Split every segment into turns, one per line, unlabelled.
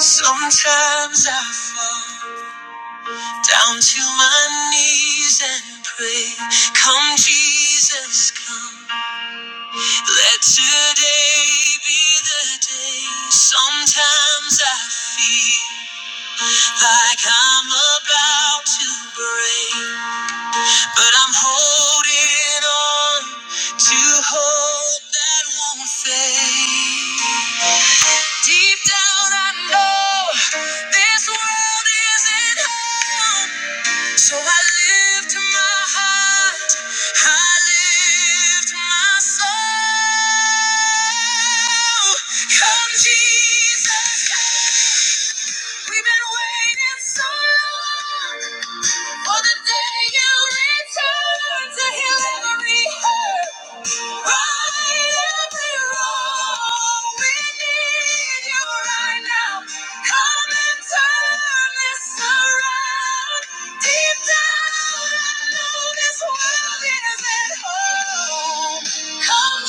Sometimes I fall down to my knees and pray, Come, Jesus, come. Let today be the day. Sometimes I feel like I'm about to break, but I'm holding on to hope that won't fade. Deep down, I know this world isn't home. So I lift my heart, I lift my soul. Come, Jesus, come. We've been waiting so long for the day you return to heal every hurt, right every wrong. We need you right now. Come and turn this around. Deep down, I know this world isn't home. Come,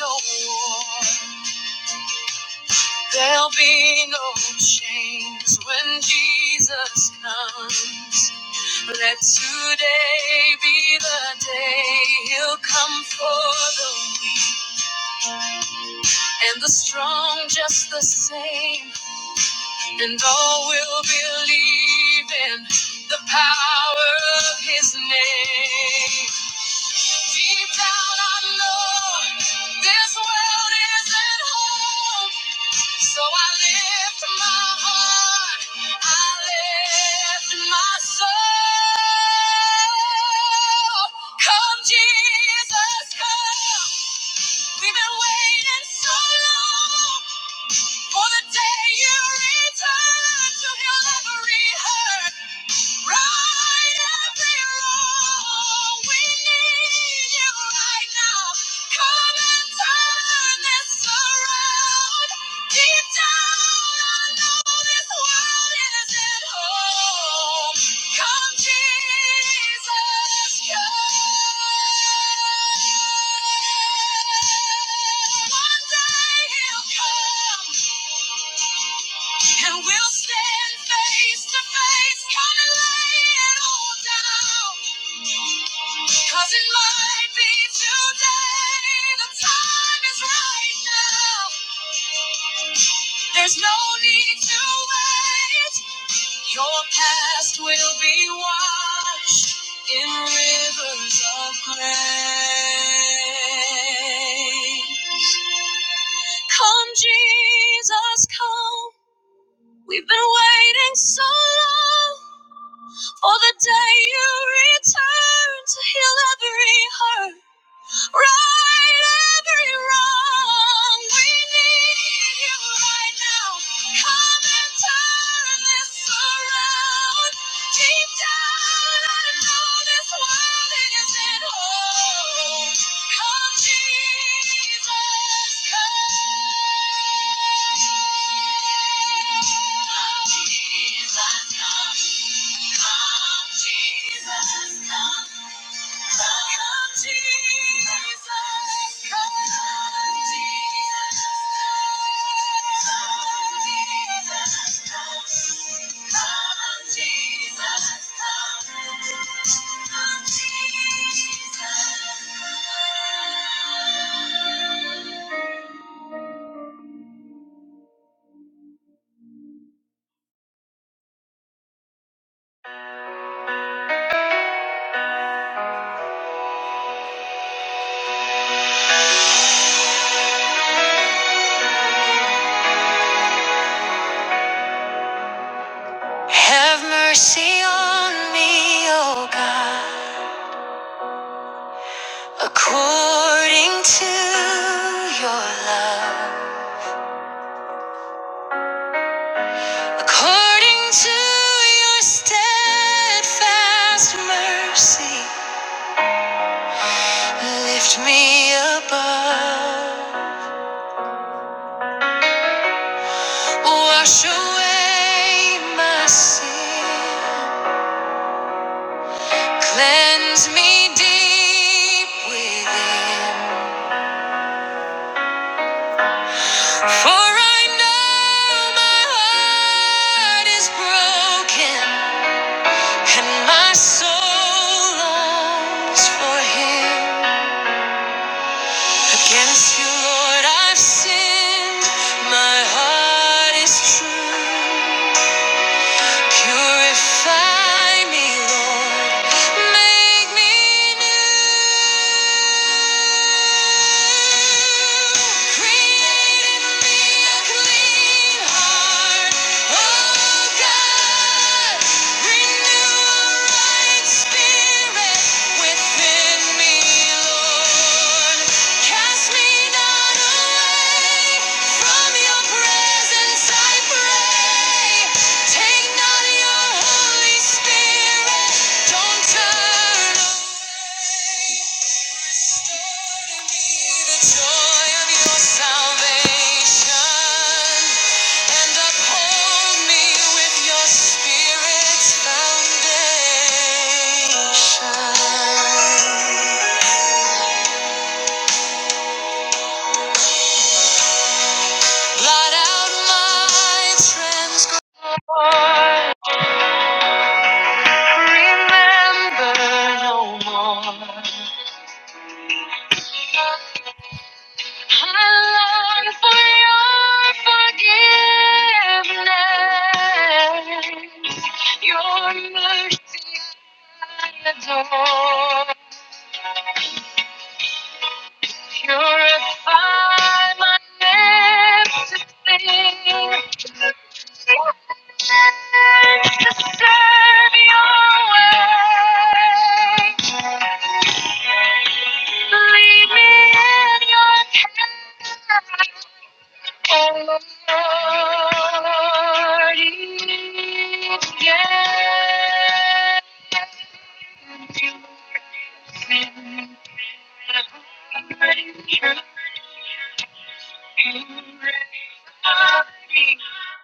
Jesus, come. There'll be no chains when Jesus comes. Let today be the day he'll come for the weak and the strong just the same. And all will believe in the power of his name. Deep down I know this world isn't home. So I lift my heart, I lift my soul. Come, Jesus, come. We've been waiting so long for the day you return to heal every hurt. Right every wrong. We need you right now. Come and turn this around. Deep down, I know this world isn't home. Come, Jesus, come. One day he'll come. And we'll stand face to face, come and lay it all down. Cause it might be today, the time is right now. There's no need to wait, your past will be washed in rivers of grace. Come, Jesus, come. We've been waiting so long. Oh, the day you return to heal every hurt. Right every wrong. We need you right now. Come and turn this around. Deep down, I know this world isn't home. Come, Jesus, come. Come, Jesus, come. Come, Jesus, come. According to your steadfast mercy, lift me above. Wash away my sin. Cleanse me deep within. For I know my heart is broken and my soul longs for Him. Against you, Lord, I've sinned. My heart is true. Purify me, Lord. Make me new. Create in me a clean heart, oh God. Renew a right spirit within me, Lord. Cast me not away from your presence, I pray. Take not your Holy Spirit, don't turn away. be the joy of your salvation and uphold me with your Spirit's foundation. Blot out my I long for your forgiveness, your mercy I adore. Purify my lips to sing, to serve your way. Lead me in your path.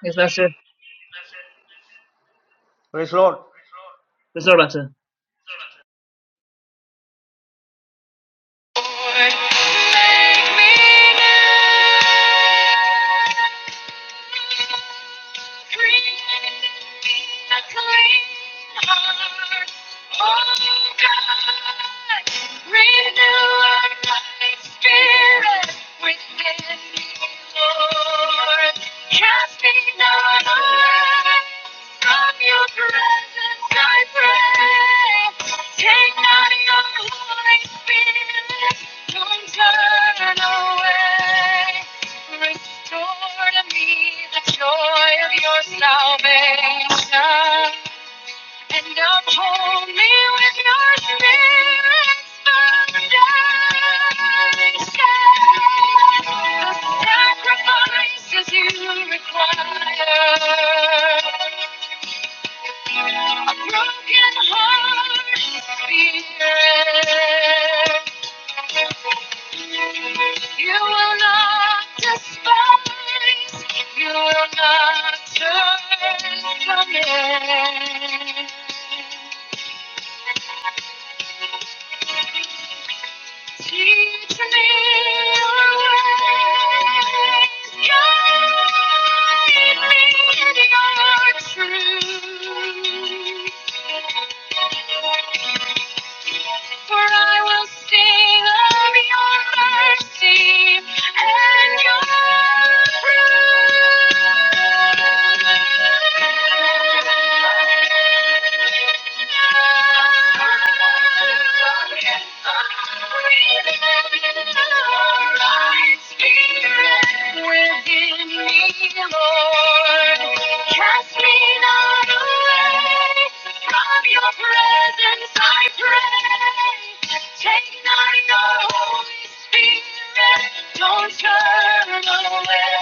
Yes, Pastor.
Praise Lord.
That's all, Pastor. Casting down from your presence, I pray. Take not your Holy Spirit, don't turn away. Restore to me the joy of your salvation and uphold me with your spirit's foundation. The sacrifices you require, a broken heart be You will not despise, you will not turn from it. Guide me in your truth. For I will sing of your mercy and your fruit. With you in me, Lord. Cast me not away from your presence, I pray. Take not your Holy Spirit, don't turn away.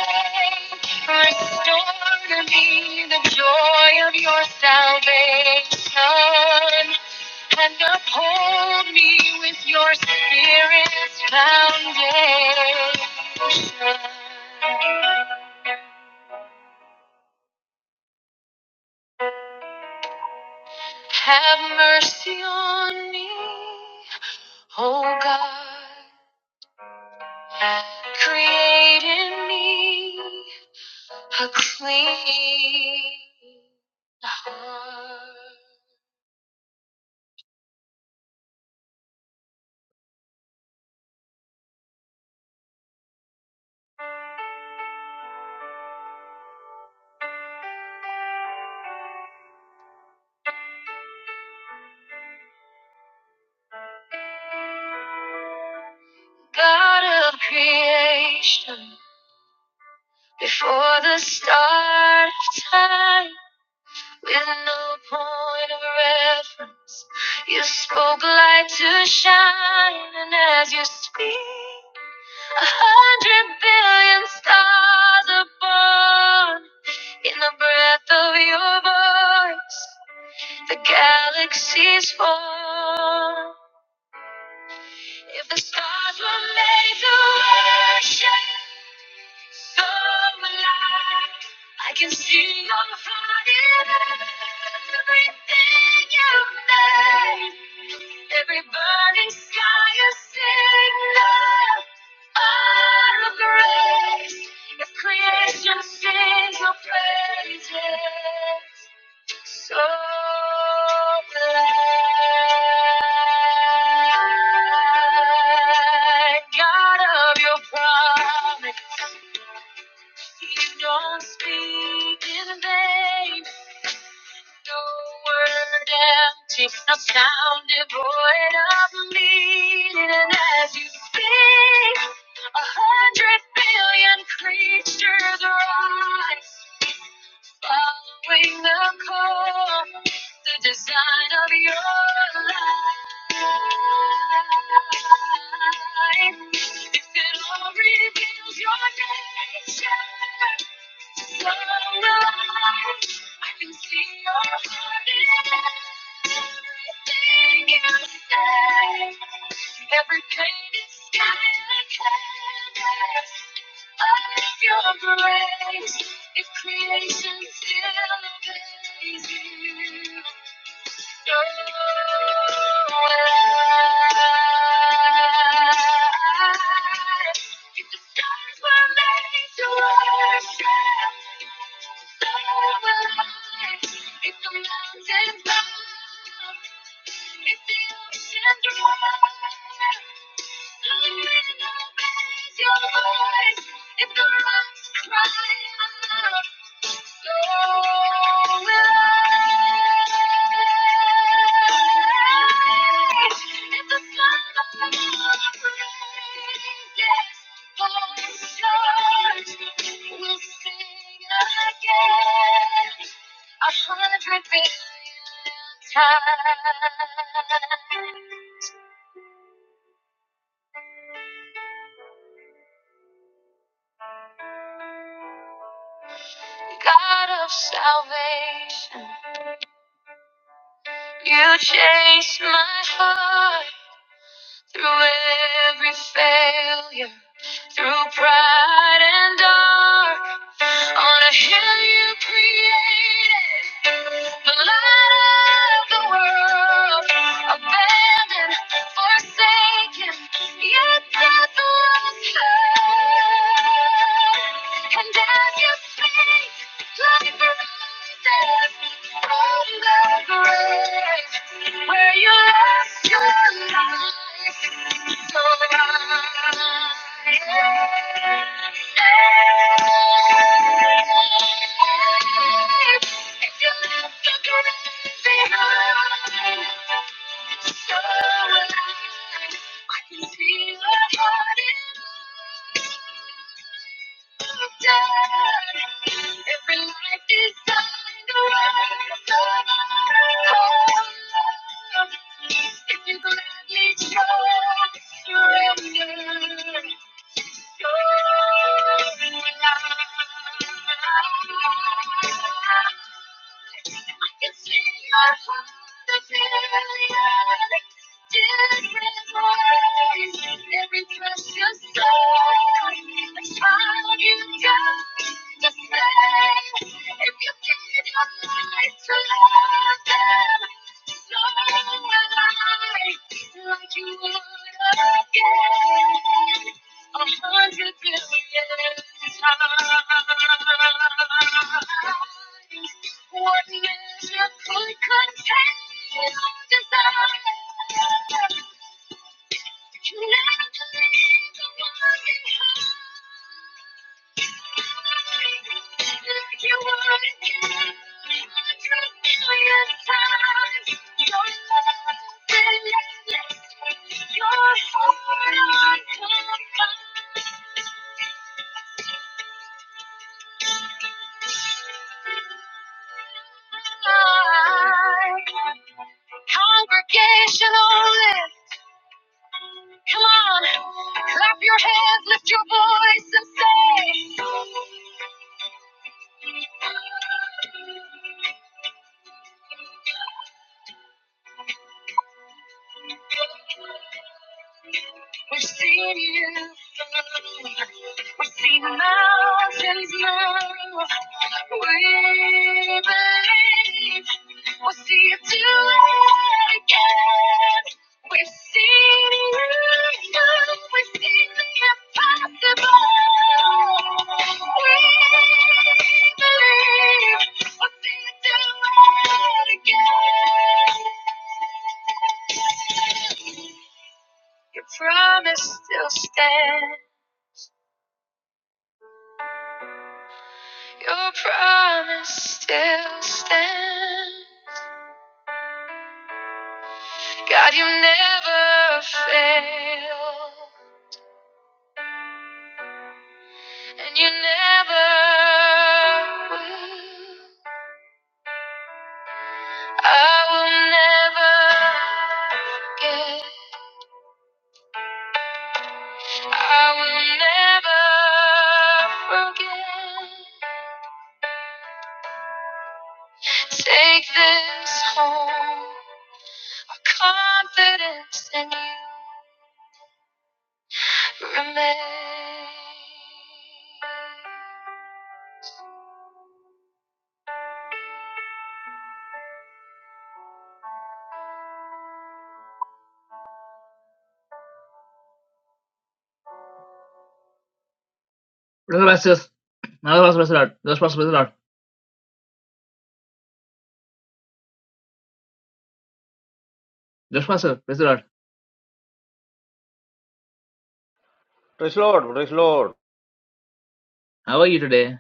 Restore to me the joy of your salvation and uphold me with your spirit's foundation. Have mercy on me, O God. Create in me a clean heart. God of creation, before the start of time, With no point of reference, you spoke light to shine, and as you speak, a hundred billion stars are born in the breath of your voice. The galaxies form. If the stars were made to worship, so will I. I can see your heart in everything you made. Every burning sky a signal of grace. If creation sings your praises. So glad, God of your promise, you don't speak in vain. No word empty, no sound devoid of meaning. And as you speak, a hundred billion creatures rise. Following the call, the design of your life. If it all reveals your nature, I can see Your heart in everything you say. Every pain is sky like canvas of your grace, if creation still obeys you. So alive. If the stars were made to worship, so alive. If the mountains fall, if the oceans dry, the wind will raise your voice. If the rocks cry. out, a hundred billion times. God of salvation, you chase my heart through every failure. through pride and dark. On a hill you created, the light of the world, abandoned, forsaken, yet death was heard. And as you speak, life arises. From the grave where you lost your life, so I If you left the grave behind, so alive, I can see your heart in mine. Every life designed to rise If you gladly trust, surrender. Longer life. I can see your heart, the billions, billions more. Every precious soul. I'm sure you understand if you gave your life to love them. Longer life, like you would again. A hundred billion times. One measure could contain your desire. You never believe the one in high. If you were to a hundred billion times, your love will last. Your heart unconfined. Congregational lift. Come on. Clap your hands, lift your voice, and say, We've seen you move. We've seen mountains move. We believe we'll see you do it again. We've seen you move. We've seen the impossible. We believe we'll see you do it again. Your promise still stands. God, you never and will. I will never forget it. Brother Pastors, another Pastor, Pastor Lord. Just Pastor, Pastor Lord. Just Pastor, Pastor Lord.
Praise Lord. Praise Lord.
How are you today?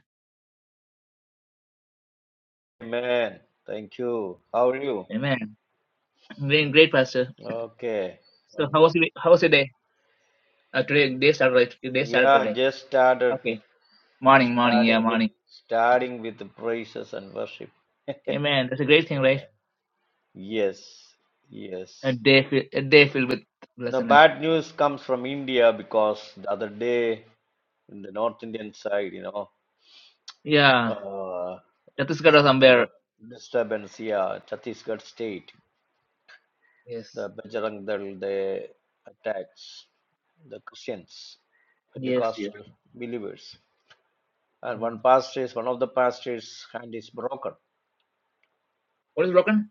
Amen. Thank you. How are you?
Amen. I'm doing great, Pastor.
Okay.
So
And
how was your, how was your day? Uh, today, day started, right? Your Day started
yeah,
today.
just started
Okay. Morning, morning, yeah,
starting with
morning.
starting with the praises and worship. Amen.
Amen. That's a great thing, right?
Yes.
A
Yes.
day, fi- a day filled with
The
blessedness.
bad news comes from India because the other day in the North Indian side, you know,
Yeah.
uh,
That is God of
some kind
somewhere.
of disturbance here, Chhattisgarh state.
Yes.
the Bajrang Dal, they attacks the Christians,
Yes, yes.
Pentecostal believers. And
Mm.
one pastor's, one of the pastor's hand is broken.
What is broken?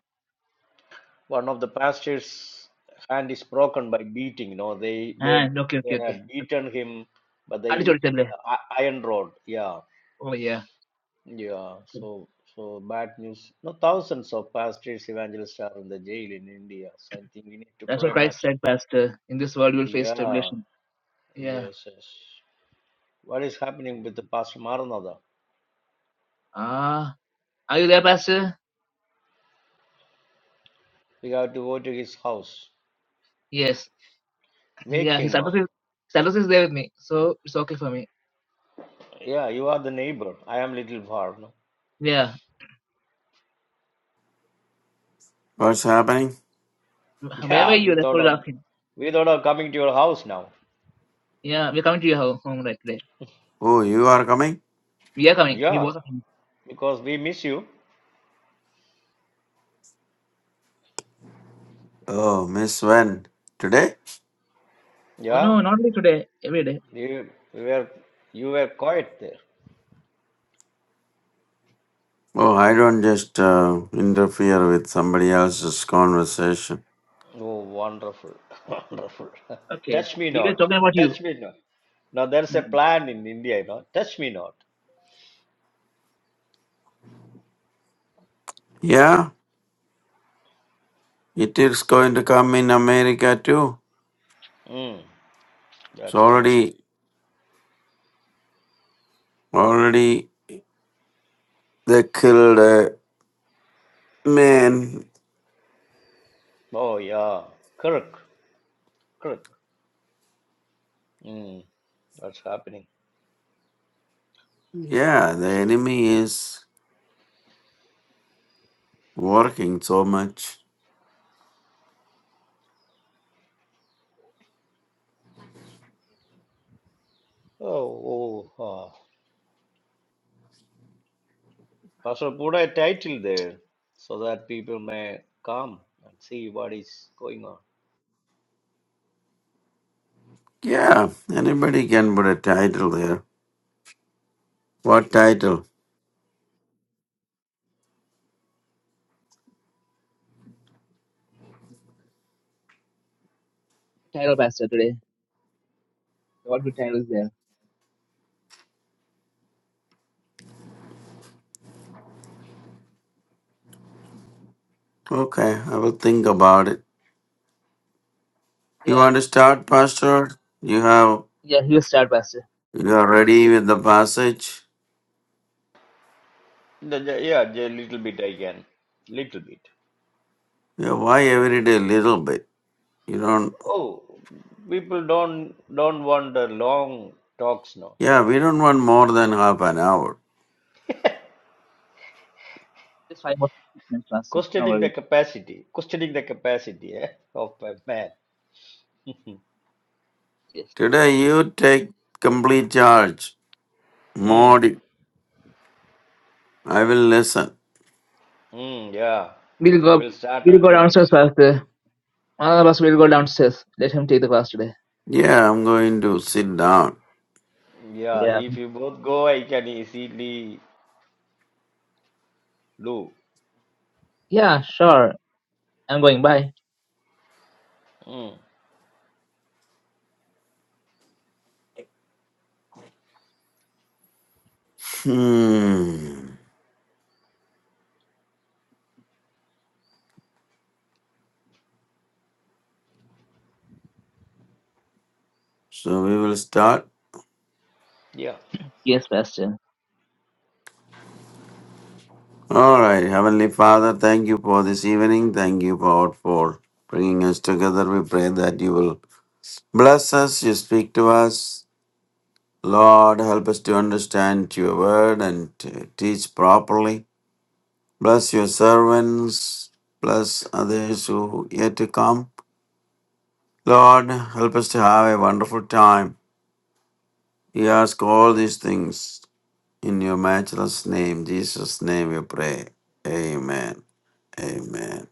One of the pastor's hand is broken by beating. You know, they
Ah,
they
okay,
they
okay, okay.
had beaten him, but they
അടിച്ചോടിച്ചല്ലേ
the iron rod. Yeah,
oh
yeah. So so bad news. No, thousands of pastors, evangelists are in the jail in India. So I think we need to
That's what
pray
Christ
much.
said, Pastor. In this world, you will face
Yeah.
tribulation. Yeah.
Yes. Yes. What is happening with the Pastor Maranatha?
Ah, are you there, Pastor?
We have to go to his house.
Yes.
Wake
Yeah. His
him
address
up.
is his address is there with me, so it's okay for me.
Yeah, you are the neighbor. I am little far. No?
Yeah.
What's happening?
Where were
Yeah, we
you? That's
thought
what we're
of
asking.
we thought of coming to your house now.
Yeah, we're coming to your ho- home right today.
Oh, you are coming?
We are coming. We
Yeah,
both are coming.
because we miss you.
Oh, Miss Wen. Today?
Oh
Yeah,
no, not only today. Every day.
you, you were you were quiet there.
Oh, I don't just uh, interfere with somebody else's conversation.
Oh, wonderful, wonderful.
Okay.
Touch me
We were
not.
talking about you.
Touch me not. Now there's a
Mm.
plan in India, you know. Touch me not.
Yeah, it is going to come in America too.
Mm,
It's
that's good.
already, already, they killed a man.
Oh yeah, Kirk, Kirk. Mm, that's happening.
Yeah, the enemy is working so much.
Oh, oh, uh, Pastor, put a title there so that people may come and see what is going on.
Yeah, anybody can put a title there. What title?
Title, Pastor, today. What good title is there?
Okay, I will think about it. You
Yeah.
want to start, Pastor? You have
Yeah. He will start, Pastor.
You are ready with the passage?
The- the- yeah, a little bit I can, little bit.
Yeah, why
Where is
every
it?
day little bit? You don't
Oh, people don't don't want the long talks now.
yeah, we don't want more than half an hour.
Just five more minutes, Pastor. No
Questioning the
worry.
capacity, questioning the capacity eh, of a man.
Yes.
Today you take complete charge.
Mm,
Modi. I will listen.
mm, yeah,
We'll
I
go.
will start
We'll
and
go
finish.
downstairs, Pastor. One of us will go downstairs. Let him take the class today.
Yeah, I'm going to sit down.
Yeah,
Yeah.
if you both go, I can easily do.
Yeah, sure. I'm going. Bye.
Mm,
Hmm. So we will start.
yeah.
Yes, Bastion.
All right, Heavenly Father, thank you for this evening. Thank you, God, for bringing us together. We pray that you will bless us. You speak to us. Lord, help us to understand your word and to teach properly. Bless your servants. Bless others who yet to come. Lord, help us to have a wonderful time. We ask all these things in your matchless name. Jesus' name we pray. Amen. Amen.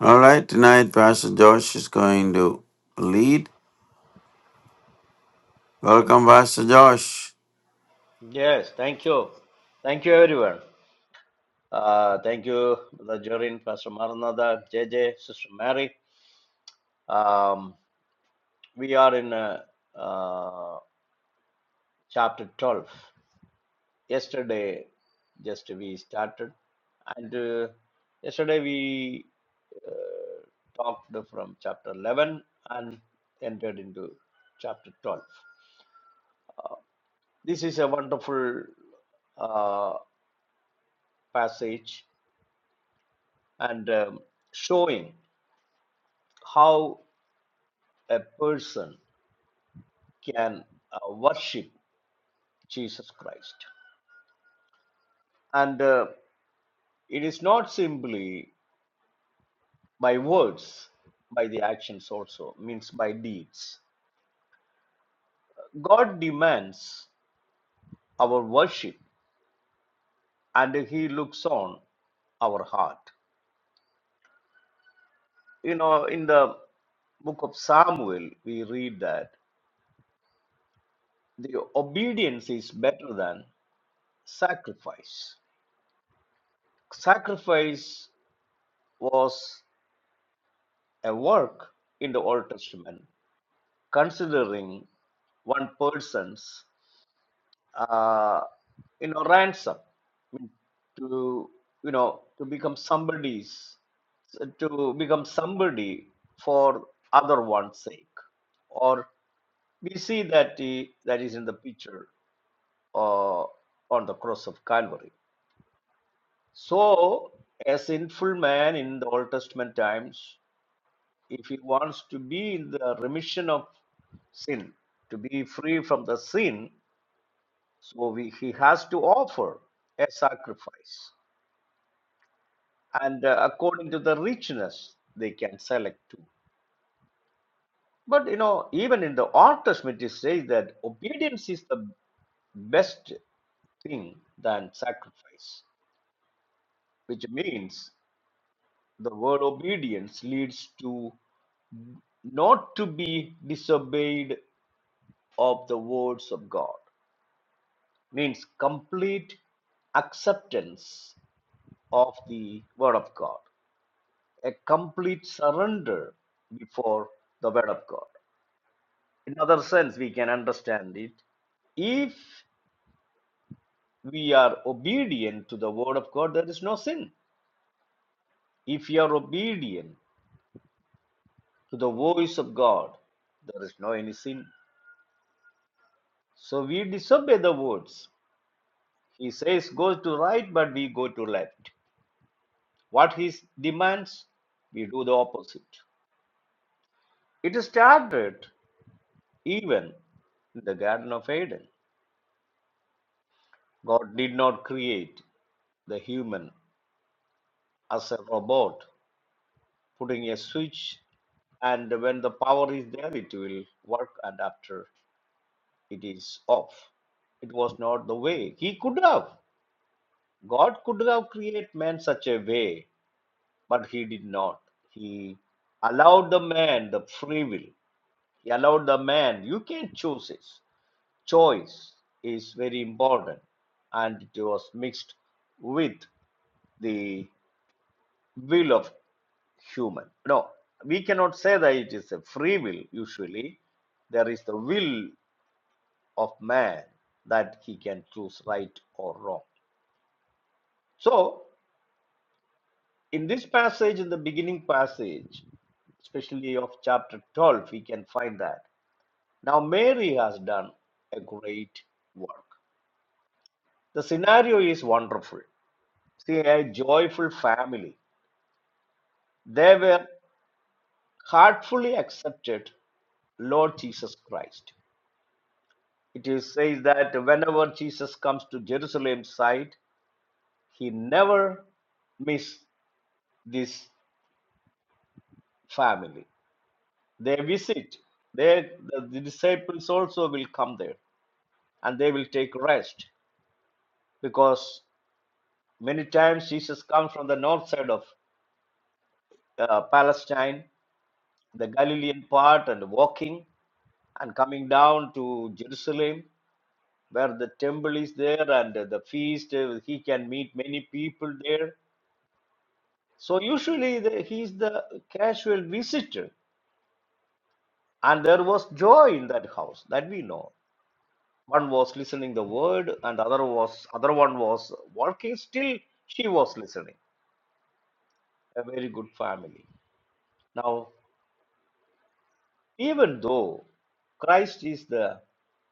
All right, tonight Pastor Josh is going to lead. Welcome, Pastor Josh.
Yes, thank you. Thank you, everyone. Uh, thank you, Brother Jorin, Pastor Maranatha, JJ, Sister Mary. Um, we are in uh, uh, chapter 12. Yesterday, just we started, and uh, yesterday we uh, talked from chapter 11 and entered into chapter 12. This is a wonderful uh, passage and um, showing how a person can uh, worship Jesus Christ. And uh, it is not simply by words, by the actions also, means by deeds. God demands our worship and He looks on our heart. You know, in the book of Samuel, we read that the obedience is better than sacrifice. Sacrifice was a work in the Old Testament considering one person's uh, you know ransom to you know to become somebody's to become somebody for other one's sake or we see that the, that is in the picture uh, on the cross of calvary so a sinful man in the old testament times if he wants to be in the remission of sin to be free from the sin So we, he has to offer a sacrifice, and uh, according to the richness, they can select too. But you know, even in the Old Testament, it says that obedience is the best thing than sacrifice, which means the word obedience leads to not to be disobeyed of the words of God, means complete acceptance of the word of God. a complete surrender before the Word of God. In other sense, we can understand it. If we are obedient to the Word of God, there is no sin. If you are obedient to the voice of God, there is no any sin. So we disobey the words. He says, go to right, but we go to left. What he demands, we do the opposite. It started even in the Garden of Eden. God did not create the human as a robot putting a switch and when the power is there it will work and after it is off it was not the way he could have god could have created man such a way but he did not he allowed the man the free will he allowed the man you can choose this choice is very important and it was mixed with the will of human. No, we cannot say that it is a free will. Usually, there is the will of man that he can choose right or wrong. So, in this passage, in the beginning passage, especially of chapter 12, we can find that. Now, Mary has done a great work. The scenario is wonderful. See, a joyful family. They were heartfully accepted Lord Jesus Christ. It is says that whenever Jesus comes to Jerusalem site, he never miss this family. They visit. They, the, the disciples also will come there and they will take rest because many times Jesus comes from the north side of uh, Palestine, the Galilean part, and walking and coming down to Jerusalem where the temple is there and the feast. uh, He can meet many people there So usually the, he's the casual visitor, and there was joy in that house that we know. One was listening the word, and other was other one was walking. Still, she was listening. A very good family. Now, even though Christ is the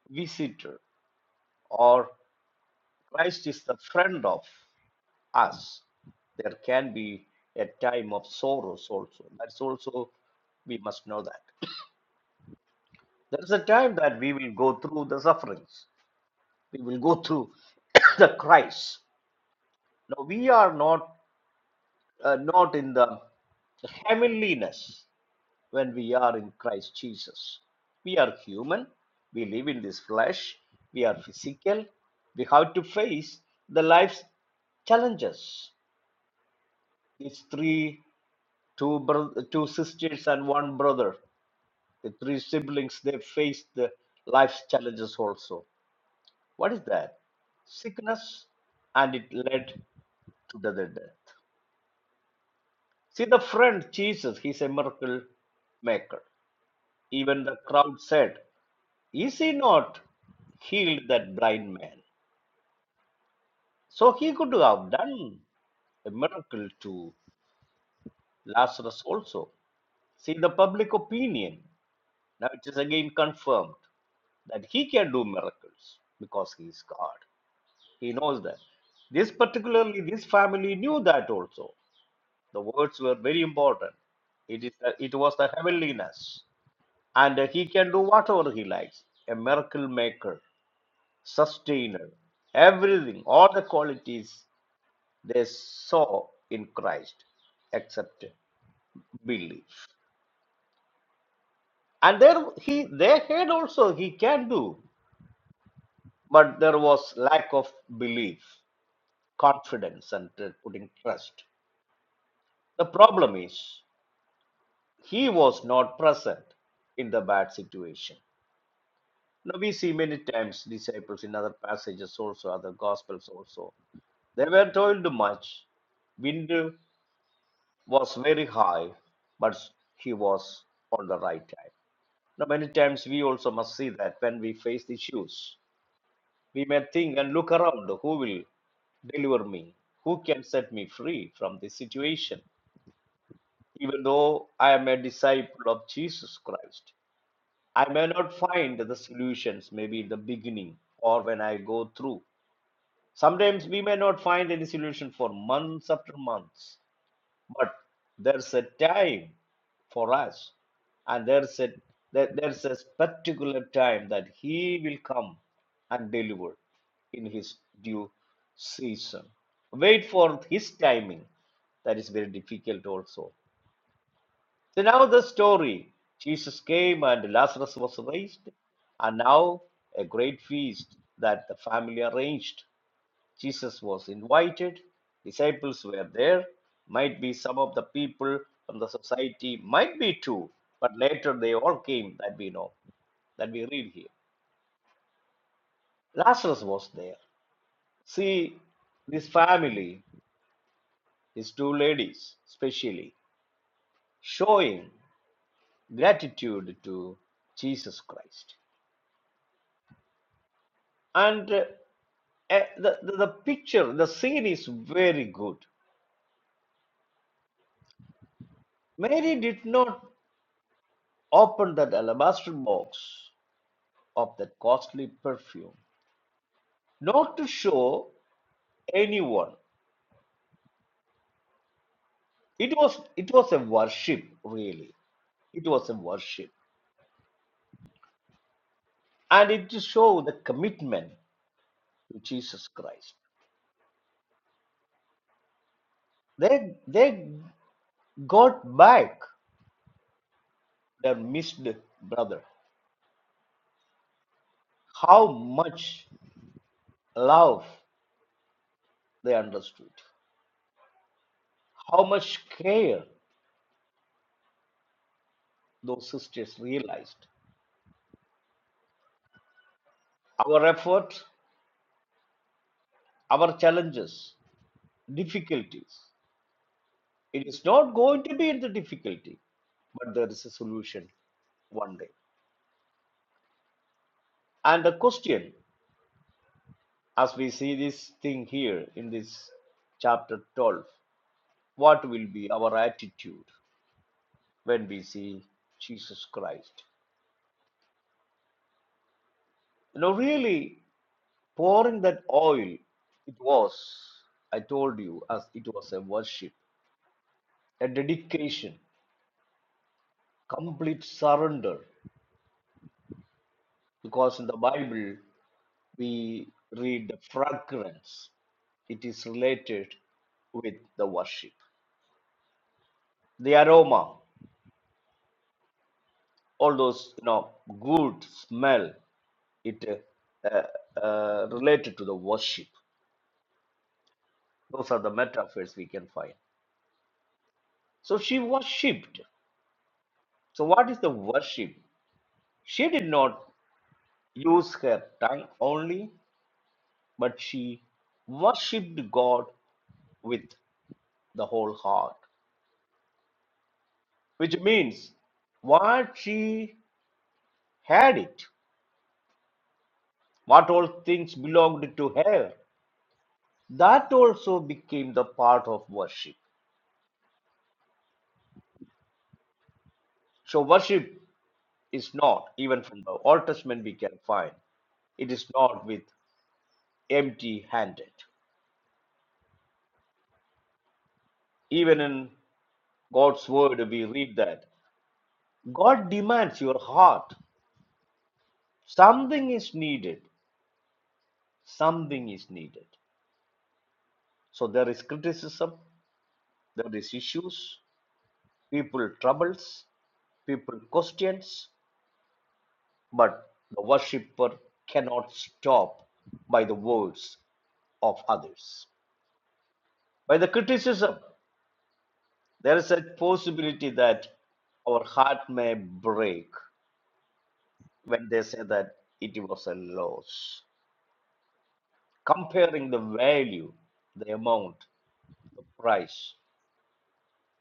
visitor or Christ is the friend of us, there can be a time of sorrows also. That's also we must know that. There is a time that we will go through the sufferings. We will go through the Christ. Now we are not uh, not in the heavenliness when we are in Christ Jesus. We are human. We live in this flesh. We are physical. We have to face the life's challenges. These three, two, bro- two sisters and one brother, the three siblings, they face the life's challenges also What is that? Sickness, and it led to the death. See, the friend Jesus, he's a miracle maker. Even the crowd said, Is he not healed that blind man? So he could have done a miracle to Lazarus also. See, the public opinion now it is again confirmed that he can do miracles because he is God. He knows that. This particularly, this family knew that also. The words were very important. It is the, it was the heavenliness, and he can do whatever he likes. A miracle maker, sustainer, everything, all the qualities they saw in Christ, except belief. And there he they had also he can do, but there was lack of belief, confidence, and uh, putting trust. The problem is he was not present in the bad situation Now we see many times disciples in other passages also, other gospels also. They were toiled much. Wind was very high, but he was on the right time. Now many times we also must see that when we face issues, we may think and look around who will deliver me, who can set me free from this situation. Even though I am a disciple of Jesus Christ, I may not find the solutions maybe in the beginning or when I go through. Sometimes we may not find any solution for months after months, but there's a time for us, and there's a there- there's a particular time that He will come and deliver in His due season. Wait for His timing. That is very difficult also. So now the story: Jesus came and Lazarus was raised, and now a great feast that the family arranged Jesus was invited, disciples were there, might be some of the people from the society, might be two, but later they all came that we know, that we read here. Lazarus was there. See, this family, these two ladies especially, showing gratitude to Jesus Christ. And uh, eh, the, the, the picture, the scene is very good. Mary did not open that alabaster box of the costly perfume, not to show anyone. It was it was a worship, really. It was a worship, and it to show the commitment to Jesus Christ. They they got back their missed brother. How much love they understood. How much care those sisters realized. Our effort, our challenges, difficulties It is not going to be the difficulty, but there is a solution one day. And the question, as we see this thing here in this chapter 12, what will be our attitude when we see Jesus Christ? You know, really pouring that oil, it was, I told you, as it was a worship, a dedication, complete surrender. Because in the Bible, we read the fragrance it is related with the worship the aroma all those you know good smell it uh, uh, uh, related to the worship those are the metaphors we can find so she worshipped so what is the worship she did not use her tongue only but she worshipped god with the whole heart which means what she had it, what all things belonged to her, that also became the part of worship. So worship is not, even from the Old Testament we can find, it is not with empty handed. Even in God's word we read that God demands your heart. Something is needed. Something is needed. So there is criticism, there is issues, people troubles, people questions, but the worshipper cannot stop by the words of others. By the criticism, there is a possibility that our heart may break when they say that it was a loss. Comparing the value, the amount, the price,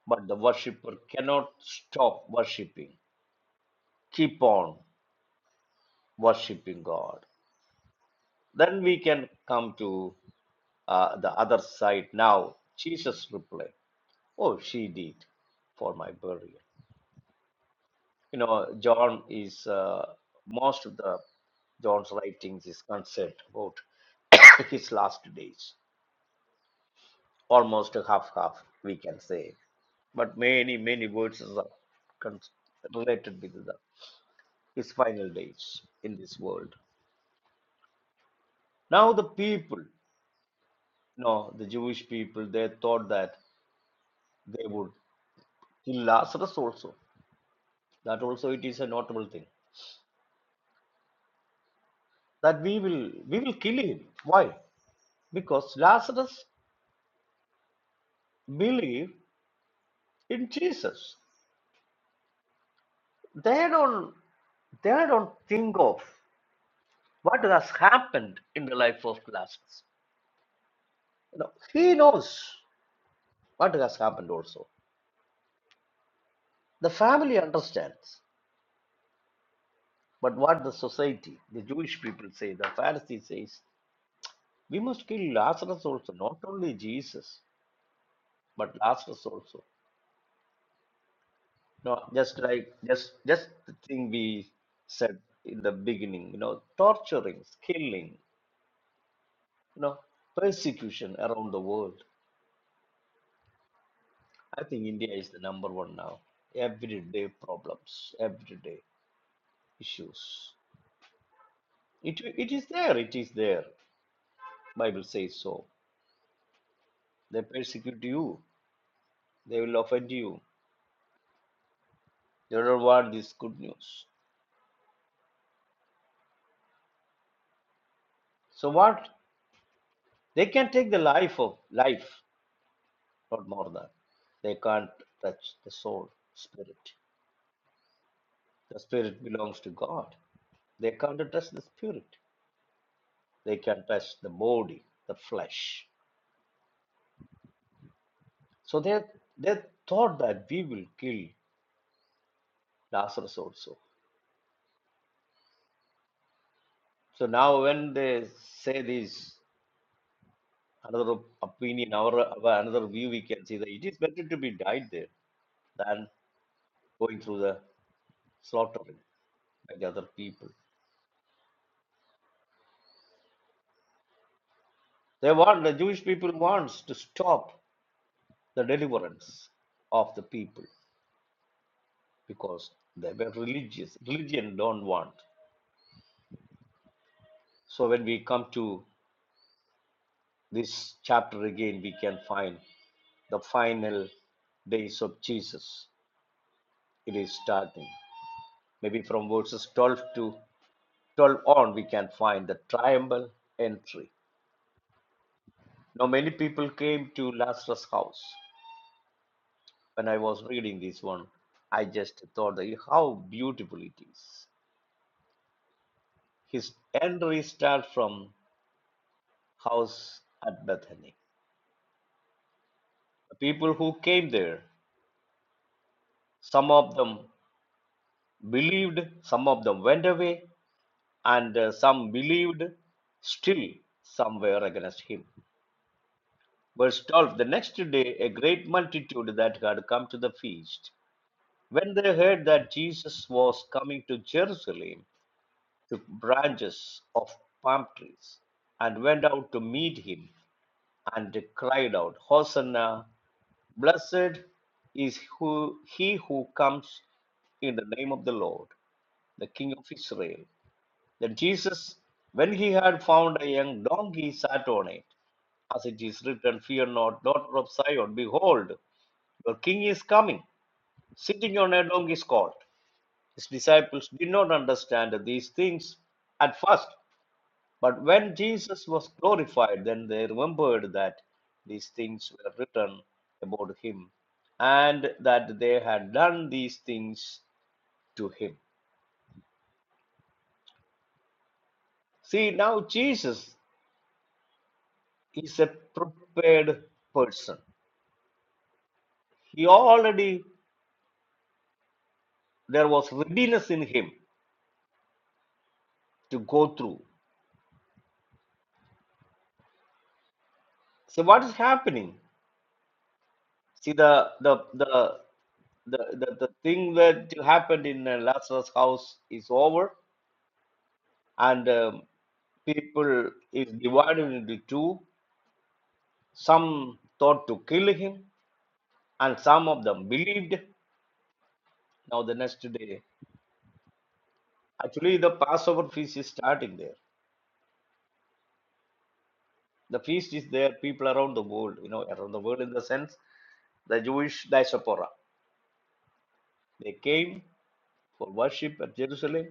but the worshipper cannot stop worshiping. Keep on worshiping God. Then we can come to uh, the other side now. Jesus replied. Oh, she did for my burial. You know, John is uh, most of the John's writings is concerned about his last days, almost half half we can say. But many many verses are con- related with the, his final days in this world. Now the people, you know, the Jewish people, they thought that they would kill Lazarus also. That also it is a notable thing that we will we will kill him. Why? because Lazarus believed in Jesus. They don't they don't think of what has happened in the life of Lazarus. You know, he knows what has happened also. The family understands, but what the society, the Jewish people say, the Pharisees says, we must kill Lazarus also, not only Jesus, but Lazarus also. No, just like just just the thing we said in the beginning, you know, torturing, killing, you know, persecution around the world. I think India is the number one now. Everyday problems, everyday issues. It, it is there, it is there. Bible says so. They persecute you, they will offend you. They don't want this good news. So what? They can take the life of life, not more than. They can't touch the soul, spirit. The spirit belongs to God. They can't touch the spirit. They can touch the body, the flesh. So they they thought that we will kill Lazarus also. So now when they say this, another opinion, our, our another view, we can see that it is better to be died there than going through the slaughtering by the other people. They want the Jewish people wants to stop the deliverance of the people because they were religious. Religion don't want. So when we come to this chapter again, we can find the final days of Jesus. It is starting. Maybe from verses 12 to 12 on, we can find the triumphal entry. Now, many people came to Lazarus' house. When I was reading this one, I just thought that how beautiful it is. His entry starts from house at Bethany. The people who came there, some of them believed, some of them went away, and uh, some believed still some were against him verse 12 the next day a great multitude that had come to the feast when they heard that jesus was coming to jerusalem took branches of palm trees and went out to meet him and cried out hosanna blessed is who he who comes in the name of the lord the king of israel then Jesus, when he had found a young donkey, sat on it. As it is written, Fear not, daughter of Zion, behold, your king is coming, sitting on a donkey's colt. His disciples did not understand these things at first, but when Jesus was glorified, then they remembered that these things were written about him and that they had done these things to him. See, now Jesus is a prepared person. He already, there was readiness in him to go through. So what is happening? See the the the the, the, the thing that happened in uh, Lazarus' house is over, and um, people is divided into two. Some thought to kill him, and some of them believed. Now the next day, actually the Passover feast is starting there. The feast is there. People around the world, you know, around the world in the sense, the Jewish diaspora, they came for worship at Jerusalem,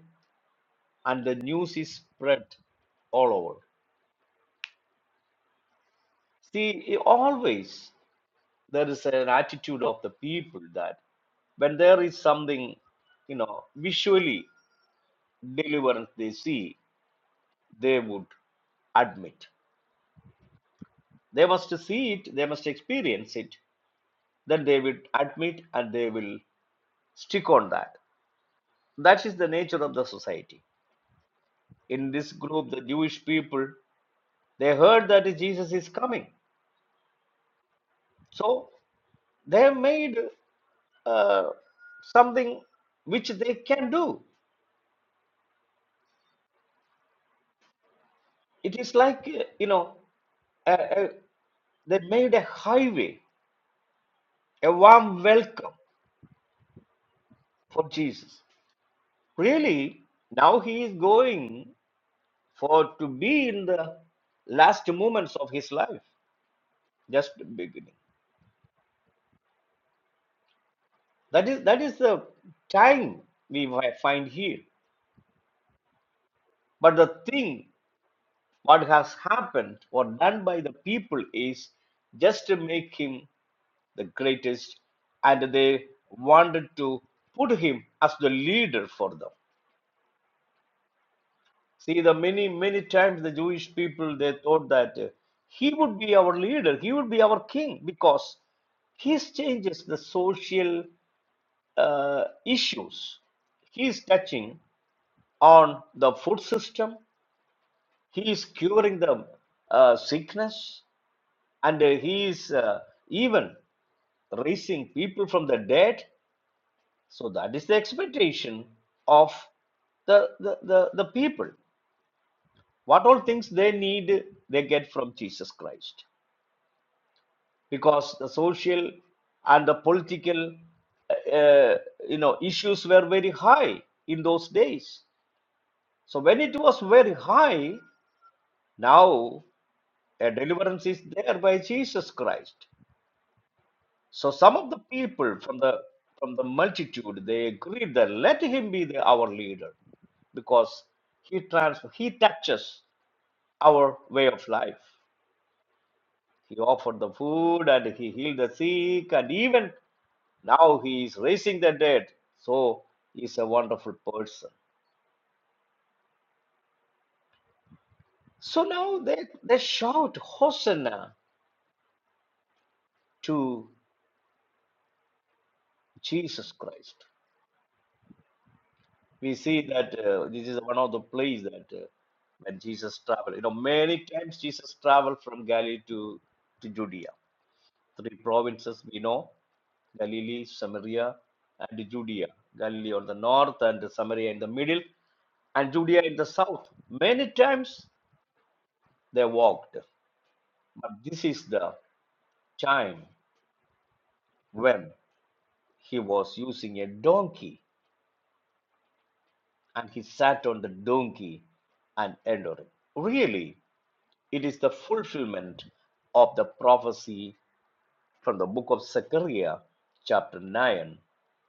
and the news is spread all over. See, always there is an attitude of the people that when there is something, you know, visually deliverance they see, they would admit. They must see it, they must experience it, then they will admit and they will stick on that. That is the nature of the society. In this group, the Jewish people, they heard that Jesus is coming. so. They have made uh, something which they can do. It is like, uh, you know, a, a, they made a highway, a warm welcome for Jesus. Really, now he is going for to be in the last moments of his life, just the beginning. That is that is the time we wi- find here. But the thing what has happened or done by the people is just to make him the greatest, and they wanted to put him as the leader for them. See, the many, many times the Jewish people they thought that uh, he would be our leader, he would be our king, because he changes the social uh, issues. He is touching on the food system. He is curing the uh, sickness, and uh, he is uh, even raising people from the dead. So that is the expectation of the, the, the, the people. What all things they need, they get from Jesus Christ. Because the social and the political, uh, uh, you know, issues were very high in those days. So when it was very high, now a deliverance is there by Jesus Christ. So some of the people from the from the multitude they agreed that let him be the, our leader because he trans he touches our way of life. He offered the food and he healed the sick and even now he is raising the dead. So he's a wonderful person. So now they, they shout Hosanna to Jesus Christ. we see that uh, this is one of the place that uh, when Jesus traveled. You know, many times Jesus traveled from Galilee to, to Judea. Three provinces we know Galilee, Samaria, and Judea. Galilee on the north, and Samaria in the middle, and Judea in the south. Many times they walked. But this is the time when he was using a donkey and he sat on the donkey and entered. Really, It is the fulfillment of the prophecy from the book of Zechariah, chapter 9,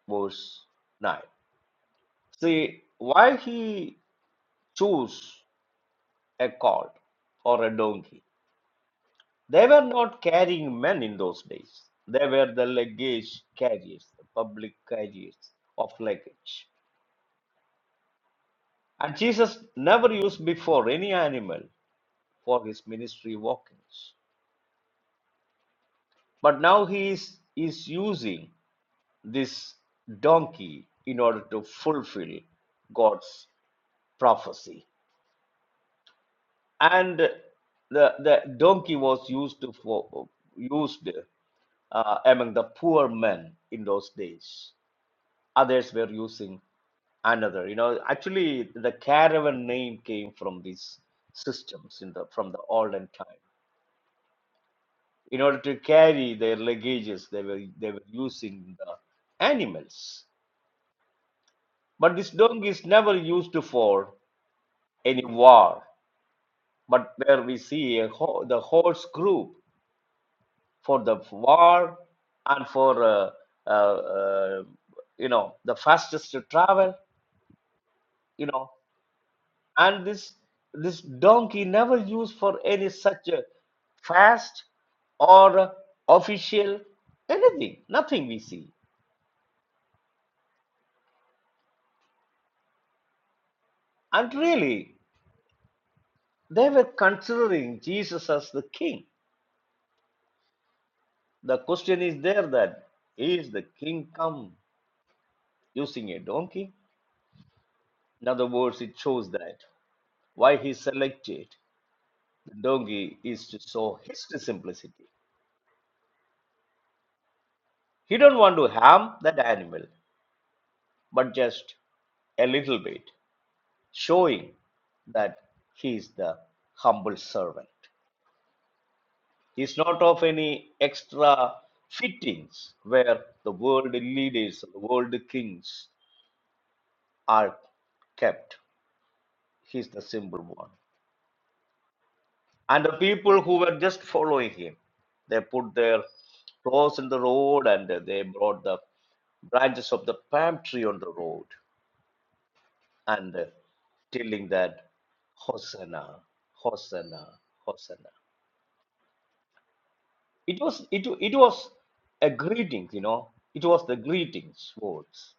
verse 9. See, why he chose a colt or a donkey? They were not carrying men in those days. They were the luggage carriers, the public carriers of luggage. And Jesus never used before any animal for his ministry walkings. But now he is, is using this donkey in order to fulfill God's prophecy. And the, the donkey was used to for used uh, among the poor men in those days. Others were using another. You know, actually, the caravan name came from these systems in the from the olden time. In order to carry their luggages, they were they were using the animals. But this donkey is never used for any war, but where we see a whole, the whole group for the war and for uh, uh, uh, you know the fastest to travel, you know, and this this donkey never used for any such a fast or uh, official anything, nothing we see. And really, they were considering Jesus as the king. The question is there that is the king come using a donkey? In other words, it shows that why he selected the donkey is to show his simplicity. He don't want to harm that animal, but just a little bit, showing that he is the humble servant. He is not of any extra fittings where the world leaders, the world kings are kept. He is the simple one. And the people who were just following him, they put their clothes in the road and uh, they brought the branches of the palm tree on the road and uh, telling that Hosanna, Hosanna, Hosanna. It was it, it was a greeting, you know. It was the greetings words.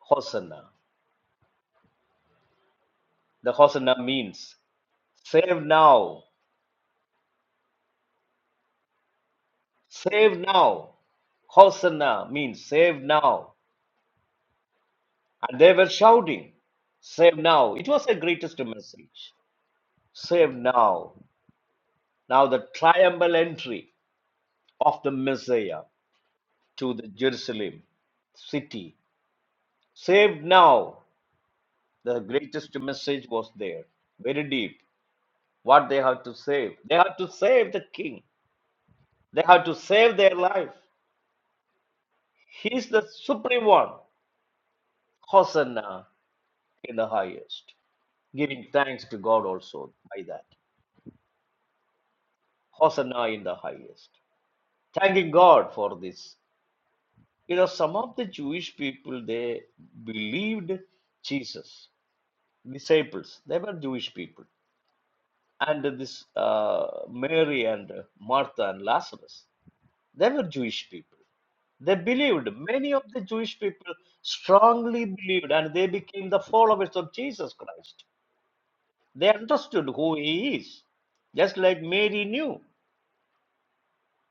Hosanna. The Hosanna means save now, save now. Hosanna means save now. And they were shouting, Save now. It was the greatest message. Save now. Now the triumphal entry of the Messiah to the Jerusalem city. Save now. The greatest message was there. Very deep. What they have to save. They have to save the king. They have to save their life. He is the supreme one. Hosanna in the highest. Giving thanks to God also by that. Hosanna in the highest. Thanking God for this. You know, some of the Jewish people, they believed Jesus, disciples, they were Jewish people. And this uh, Mary and Martha and Lazarus, they were Jewish people. They believed, many of the Jewish people strongly believed, and they became the followers of Jesus Christ. They understood who he is, just like Mary knew.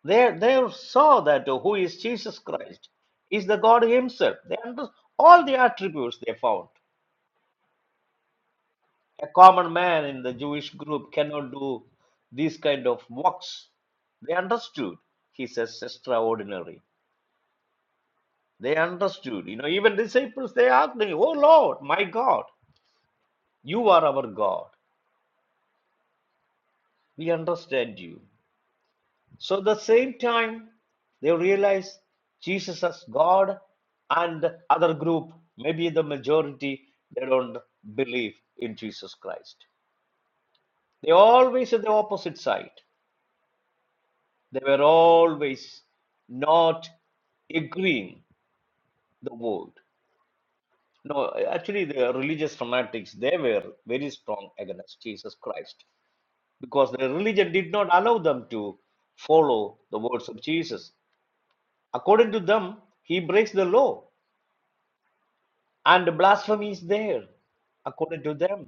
They, they saw that uh, who is Jesus Christ is the God Himself. They understood all the attributes they found. A common man in the Jewish group cannot do these kind of works. They understood. He says extraordinary. They understood. You know, even disciples they asked me, "Oh Lord, my God, you are our God. We understand you. So at the same time, they realize Jesus as God and the other group, maybe the majority, they don't believe in Jesus Christ. They always at the opposite side. They were always not agreeing the word. No, actually, the religious fanatics, they were very strong against Jesus Christ because their religion did not allow them to follow the words of Jesus. According to them, he breaks the law and blasphemy is there according to them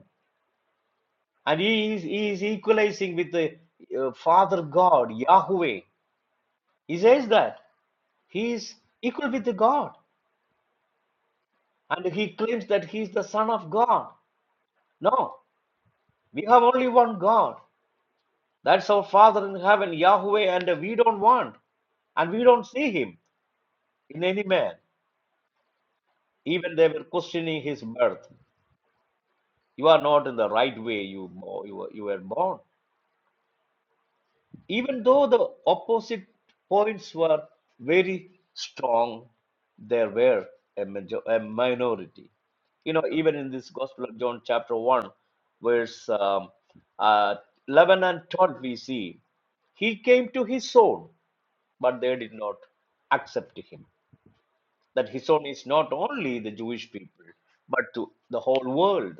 and he is, he is equalizing with the uh, father god yahweh he says that he is equal with the god and he claims that he is the son of god no we have only one god that's our father in heaven yahweh and we don't want and we don't see him in any man even they were questioning his birth you are not in the right way you, you, were, you were born Even though the opposite points were very strong, there were a, major, a minority. You know, even in this Gospel of John, chapter 1, verse um, uh, 11 and 12, we see, He came to His own, but they did not accept Him. That His own is not only the Jewish people, but to the whole world.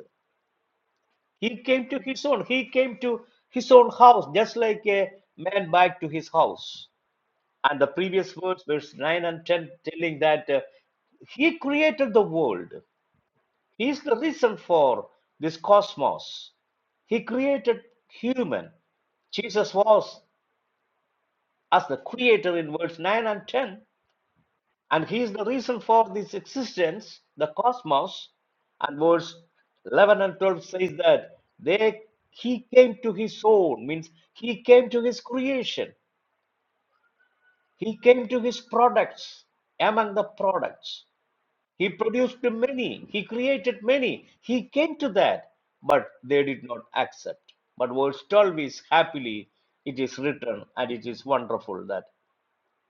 He came to His own. He came to His own house, just like a man back to his house and the previous words, verse 9 and 10, telling that uh, He created the world. He is the reason for this cosmos. He created human. Jesus was as the creator in verse 9 and 10, and He is the reason for this existence, the cosmos. And verse 11 and 12 says that they He came to His own, means He came to His creation. He came to His products, among the products. He produced many, he created many, he came to that, but they did not accept. But verse 12 is happily it is written, and it is wonderful that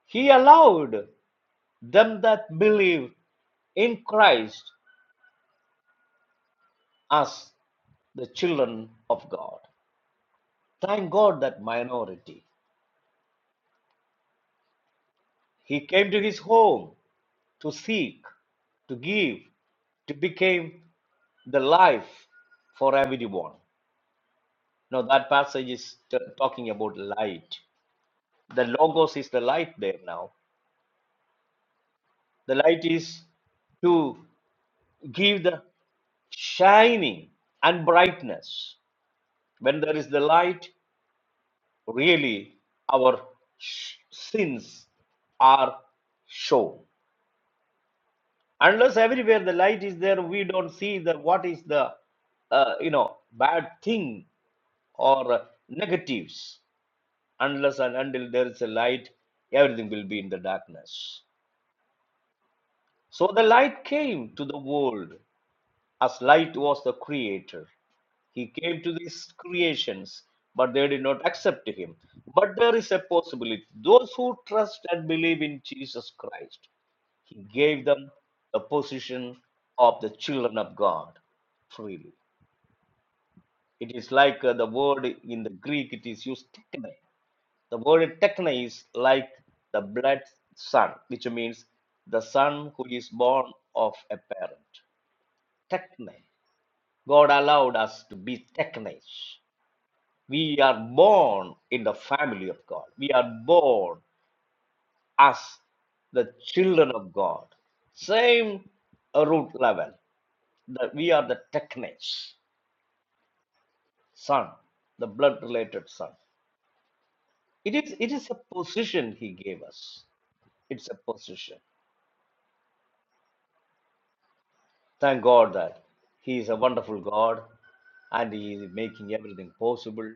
he allowed them that believe in Christ as the children of God. Thank God that minority. He came to his home to seek, to give, to become the life for everyone. No, that passage is t- talking about light. The logos is the light there now. The light is to give the shining and brightness. When there is the light, really our sh- sins are shown. Unless everywhere the light is there, we don't see the what is the uh, you know bad thing or uh, negatives. Unless and until there is a light, everything will be in the darkness So the light came to the world as light was the creator. He came to these creations, but they did not accept him. But there is a possibility. Those who trust and believe in Jesus Christ, he gave them the position of the children of God freely. It is like uh, the word in the Greek, it is used tekne. The word tekne is like the blood son, which means the son who is born of a parent techne. God allowed us to be technes. We are born in the family of God. We are born as the children of God. Same uh, root level. That we are the technes, son, the blood related son. It is it is a position he gave us. It's a position. Thank God that he is a wonderful God and he is making everything possible.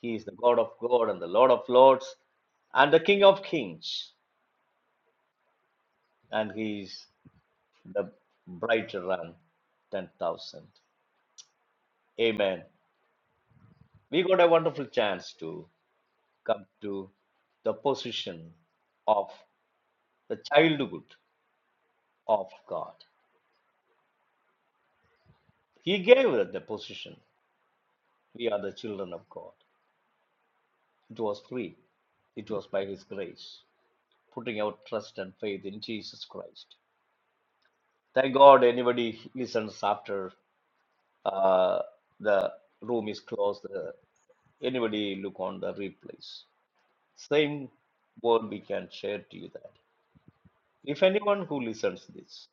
He is the God of God and the Lord of Lords and the King of Kings. And He is the brighter than 10,000. Amen. We got a wonderful chance to come to the position of the childhood of God. He gave us the position. We are the children of God. It was free. It was by His grace, putting our trust and faith in Jesus Christ. Thank God anybody listens after uh, the room is closed. Uh, anybody look on the replays. Same word we can share to you that if anyone who listens this,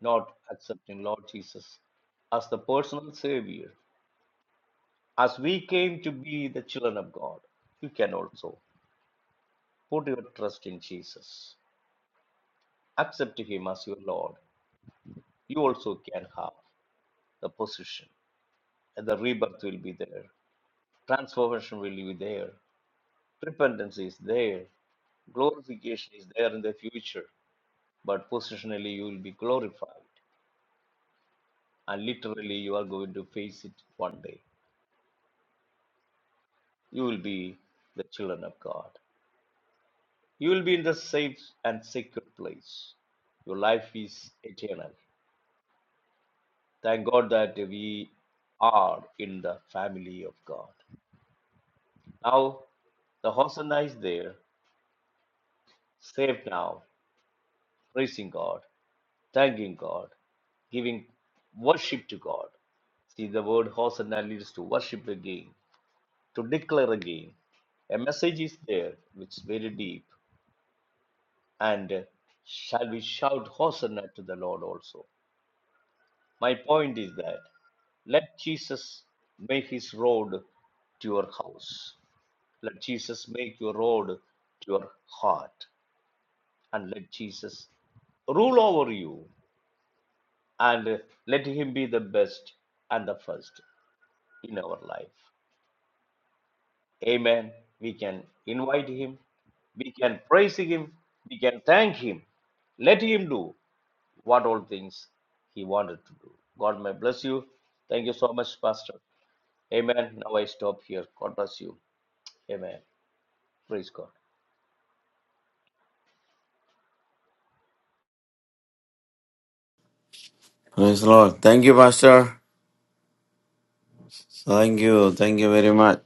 not accepting Lord Jesus as the personal Savior, as we came to be the children of God, you can also put your trust in Jesus, accept Him as your Lord. You also can have the position, and the rebirth will be there, transformation will be there, repentance is there, Glorification is there in the future, but positionally you will be glorified. And literally you are going to face it one day. You will be the children of God. You will be in the safe and sacred place. Your life is eternal. Thank God that we are in the family of God. Now, the Hosanna is there, saved now, praising God. thanking God, giving worship to God. See, the word Hosanna leads to worship again, to declare again. A message is there which is very deep. And shall we shout Hosanna to the Lord also? My point is that let Jesus make his road to your house. Let Jesus make your road to your heart. And let Jesus rule over you. And let him be the best and the first. in our life. Amen. We can invite Him, we can praise Him, we can thank Him. Let Him do what all things He wanted to do. God may bless you. Thank you so much, Pastor. Amen. Now I stop here. God bless you. Amen. Praise God.
Praise the Lord. Thank you, Pastor. Thank you. Thank you very much.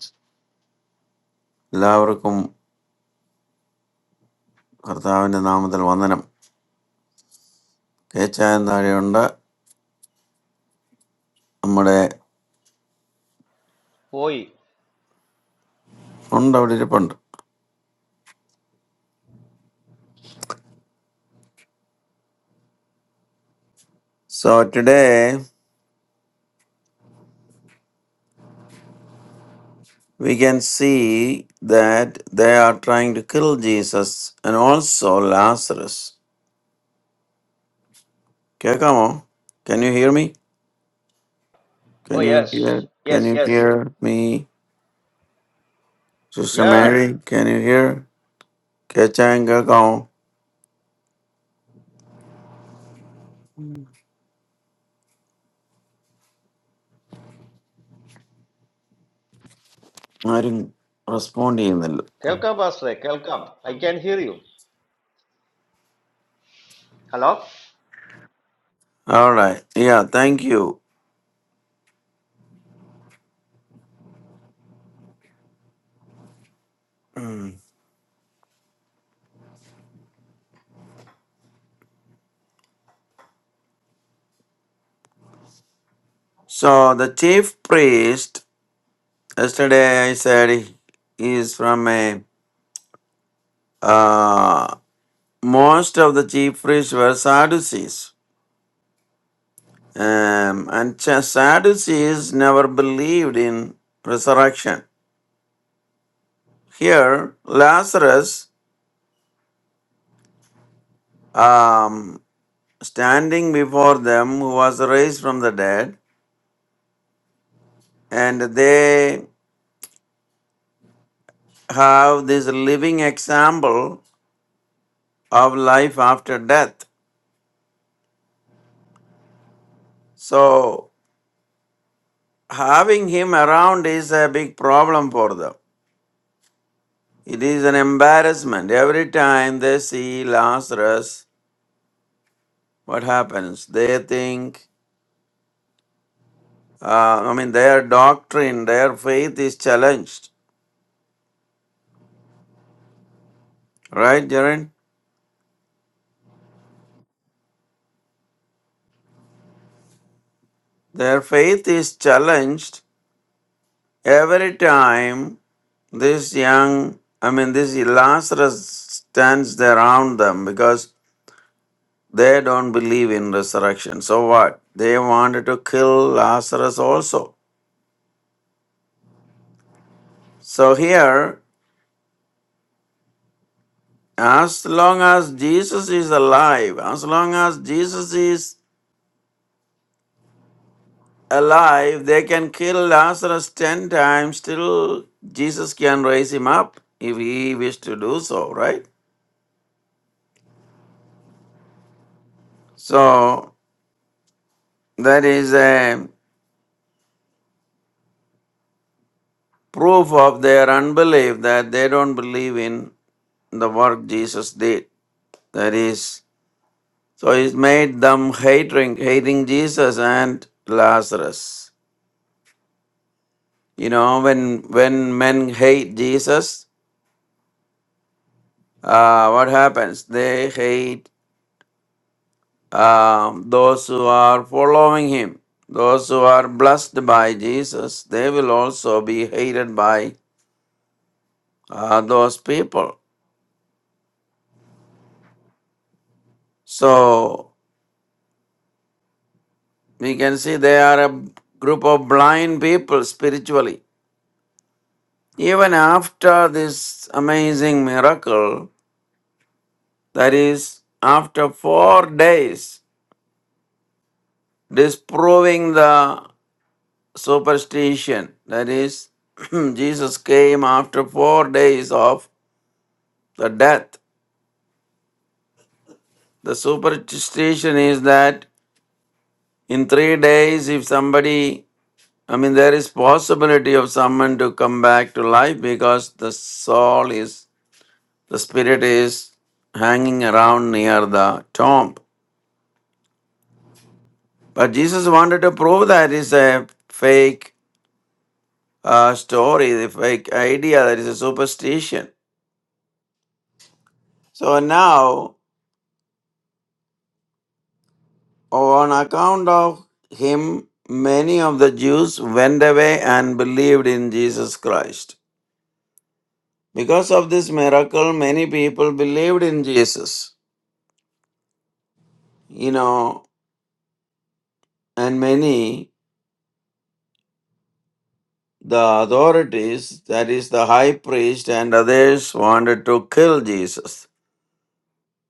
എല്ലാവർക്കും കർത്താവിൻ്റെ നാമത്തിൽ വന്ദനം. കേച്ചായ താഴെയുണ്ട്, നമ്മുടെ
Oh,
ഉണ്ട്, അവിടെ ഇരിപ്പുണ്ട്. So today we can see that they are trying to kill Jesus and also Lazarus. Okay, come on. Can you hear me?
oh
Can you hear?
yes.
Can
Yes,
you
yes.
hear me? Sister
Yeah.
Mary, can you hear? Kechanga, come on. I didn't respond in the.
Welcome, Pastor. Welcome. I can hear you. Hello?
All right. Yeah, thank you. Mm. So the chief priest Yesterday I said he is from a uh, most of the chief priests were Sadducees, um, and Ch- Sadducees never believed in resurrection. Here Lazarus, um, standing before them, who was raised from the dead, and they have this living example of life after death. So having him around is a big problem for them It is an embarrassment. Every time they see Lazarus, what happens? They think, uh, I mean, their doctrine, their faith is challenged. Right, Jaren? Their faith is challenged every time this young, I mean, this Lazarus stands there around them because they don't believe in resurrection. So what? They wanted to kill Lazarus also. So here, As long as Jesus is alive, as long as Jesus is alive, they can kill Lazarus 10 times, still Jesus can raise him up if he wished to do so, right? So that is a proof of their unbelief that they don't believe in the work Jesus did. That is, so it made them hating, hating Jesus and Lazarus. You know, when when men hate Jesus, uh, what happens? They hate um, those who are following him. Those who are blessed by Jesus, they will also be hated by uh, those people. So we can see they are a group of blind people spiritually. Even after this amazing miracle, that is, after four days, disproving the superstition. That is, Jesus came after four days of the death. The superstition is that in three days, if somebody, I mean, there is possibility of someone to come back to life because the soul is, the spirit is hanging around near the tomb. But Jesus wanted to prove that is a fake uh, story, the fake idea that is a superstition. So now On account of him, many of the Jews went away and believed in Jesus Christ. Because of this miracle, many people believed in Jesus. You know, and many, the authorities, that is, the high priest and others, wanted to kill Jesus.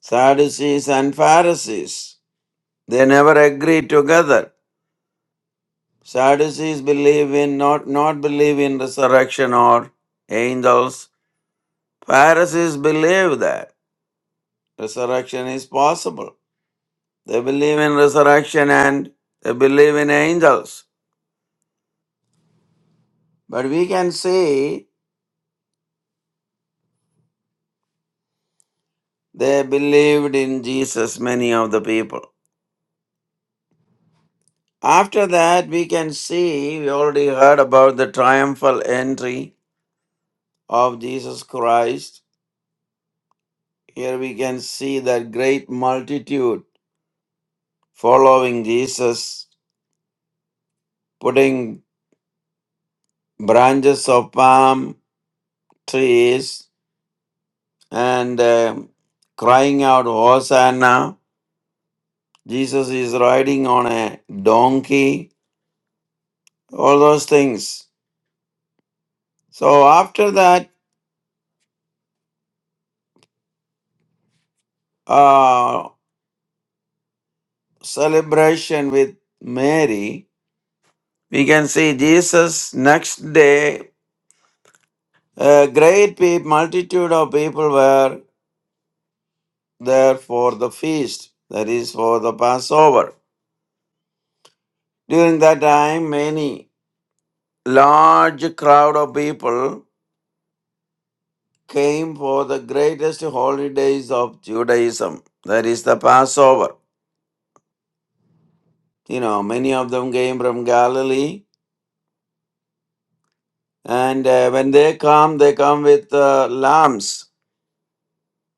Sadducees and Pharisees, they never agreed together. Sadducees believe in not not believe in resurrection or angels Pharisees believe that resurrection is possible. They believe in resurrection and they believe in angels. But we can see they believed in Jesus, many of the people. After that, we can see, we already heard about the triumphal entry of Jesus Christ. Here we can see that great multitude following Jesus, putting branches of palm trees and um, crying out, Hosanna. Jesus is riding on a donkey, all those things. So, after that uh, celebration with Mary, we can see Jesus next day, a great pe- multitude of people were there for the feast, that is, for the Passover. During that time, many large crowd of people came for the greatest holidays of Judaism, that is the Passover. You know, many of them came from Galilee, and uh, when they come, they come with uh, lambs,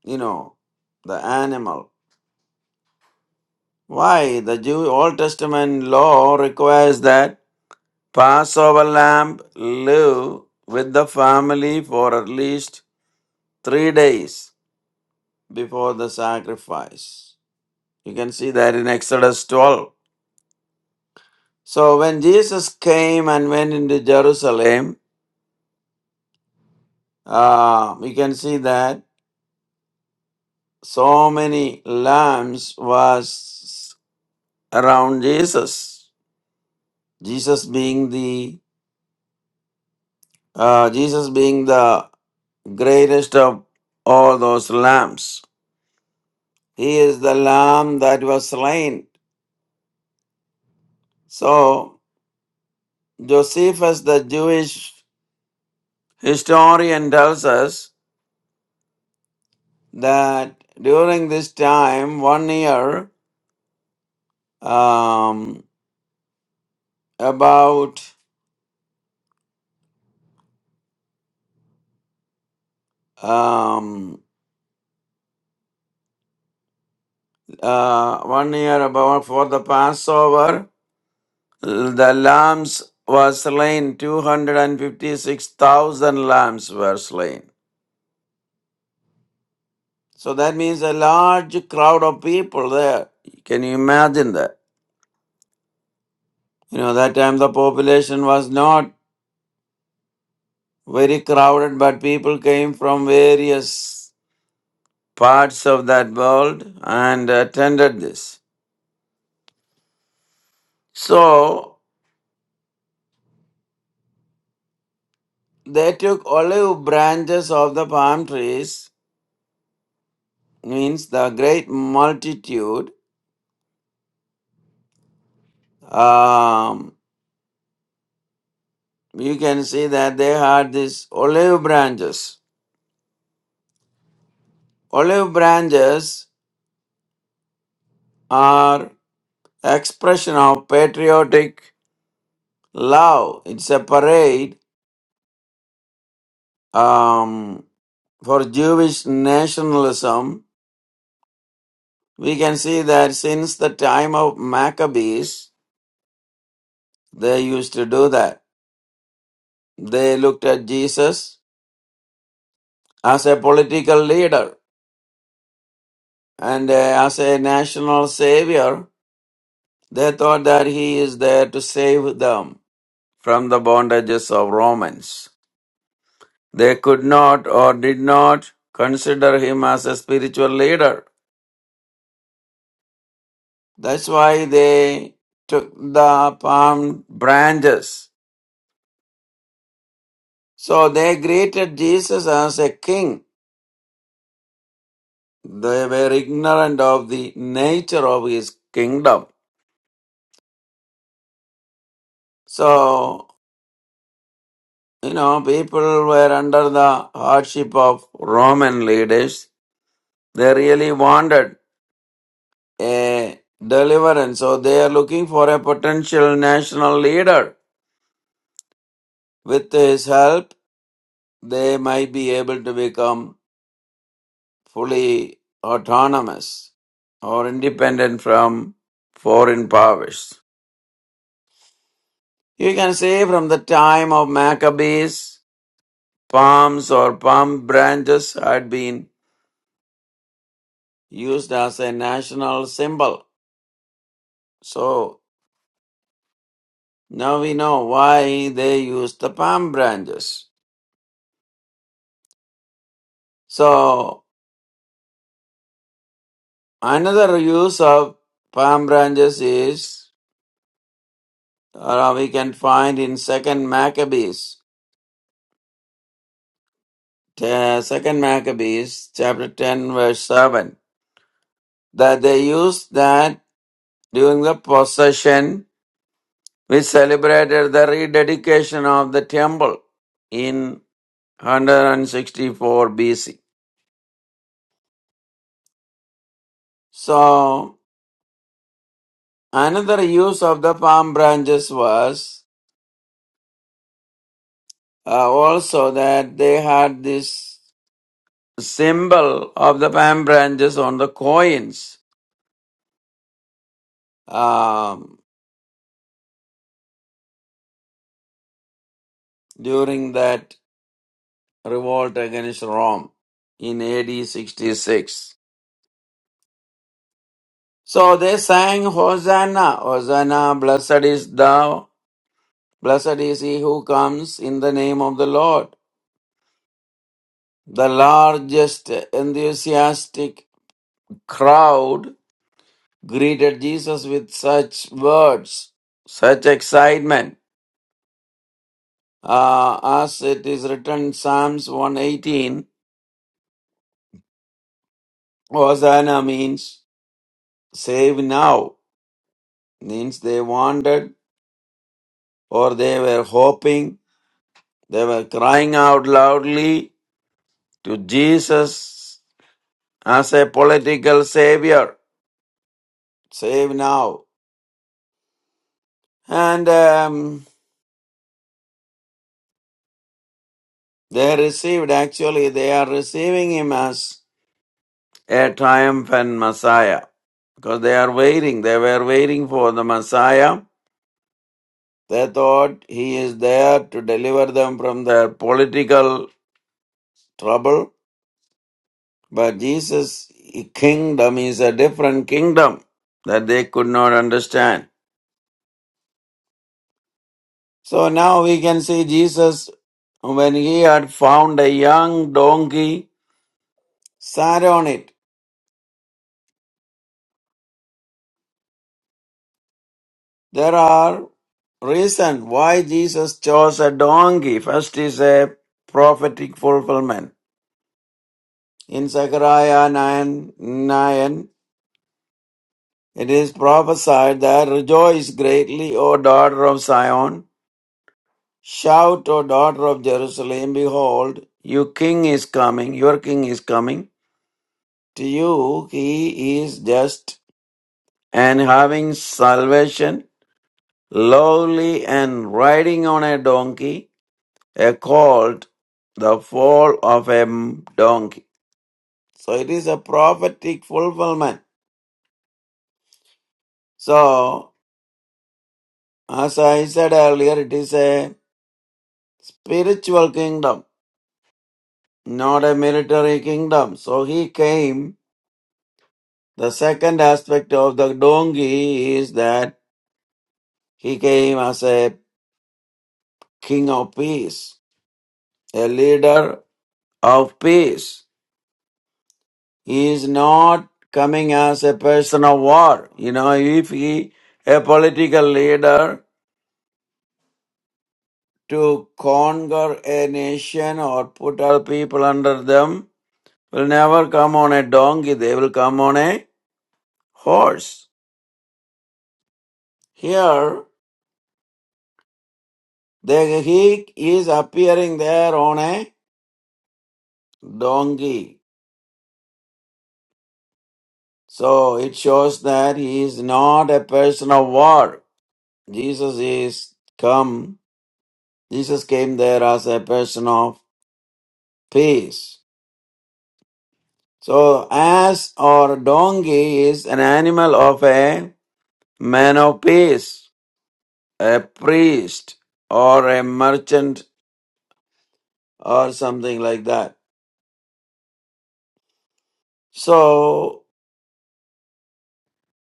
you know, the animal. Why? The Jew Old Testament law requires that Passover lamb live with the family for at least three days before the sacrifice. You can see that in Exodus 12 So when Jesus came and went into Jerusalem, uh, we can see that so many lambs was around Jesus. Jesus being the uh, Jesus being the greatest of all those lambs. He is the lamb that was slain. So Josephus, the Jewish historian, tells us that during this time, one year. Um, about um, uh, one year about for the Passover, the lambs were slain. Two hundred and fifty-six thousand lambs were slain. So that means a large crowd of people there. Can you imagine that? You know, that time the population was not very crowded, but people came from various parts of that world and attended this. So They took olive branches of the palm trees, means the great multitude. Um, you can see that they had these olive branches. Olive branches are expression of patriotic love. It's a parade um, for Jewish nationalism. We can see that since the time of Maccabees, they used to do that. They looked at Jesus as a political leader and uh, as a national savior, they thought that he is there to save them from the bondages of Romans. They could not or did not consider him as a spiritual leader. That's why they took the palm branches. So they greeted Jesus as a king. They were ignorant of the nature of his kingdom. So You know, people were under the hardship of Roman leaders. They really wanted a deliverance, so they are looking for a potential national leader. With his help, they might be able to become fully autonomous or independent from foreign powers. You can say from the time of Maccabees, palms or palm branches had been used as a national symbol. So now we know why they use the palm branches. So another use of palm branches is uh, we can find in Second Maccabees, uh, Second Maccabees chapter ten verse seven that they used that during the possession we celebrated the rededication of the temple in 164 BC. So Another use of the palm branches was uh, also that they had this symbol of the palm branches on the coins um, during that revolt against Rome in AD 66. So they sang Hosanna, Hosanna, blessed is thou, blessed is he who comes in the name of the Lord. The largest enthusiastic crowd greeted Jesus with such words, such excitement. Uh, as it is written in Psalms 118, Hosanna means save now, means they wanted or they were hoping, they were crying out loudly to Jesus as a political savior, save now. And um, they received, actually, they are receiving him as a triumphant Messiah. Because they are waiting, they were waiting for the Messiah. They thought he is there to deliver them from their political trouble. But Jesus' kingdom is a different kingdom that they could not understand. So now we can see Jesus, when he had found a young donkey, sat on it There are reasons why Jesus chose a donkey. First is a prophetic fulfillment. In Zechariah 9, 9, it is prophesied that rejoice greatly, O daughter of Zion. Shout, O daughter of Jerusalem, behold, your king is coming, your king is coming. To you he is just and having salvation, lowly and riding on a donkey, a colt, the foal of a donkey. So it is a prophetic fulfillment. So, as I said earlier, it is a spiritual kingdom, not a military kingdom. So he came. The second aspect of the donkey is that he came as a king of peace, a leader of peace. He is not coming as a person of war. You know, if he, a political leader, to conquer a nation or put our people under them, will never come on a donkey, they will come on a horse. Here, they, he is appearing there on a donkey. So it shows that he is not a person of war. Jesus is come, Jesus came there as a person of Peace. So, ass or donkey is an animal of a man of peace, a priest, or a merchant, or something like that. So,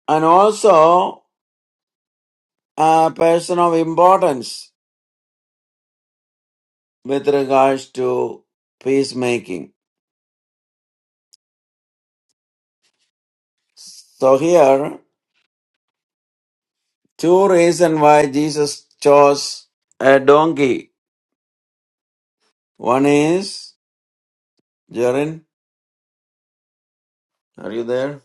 and also a person of importance with regards to peacemaking. So, here, two reasons why Jesus chose a donkey. One is, Jaren, are you there?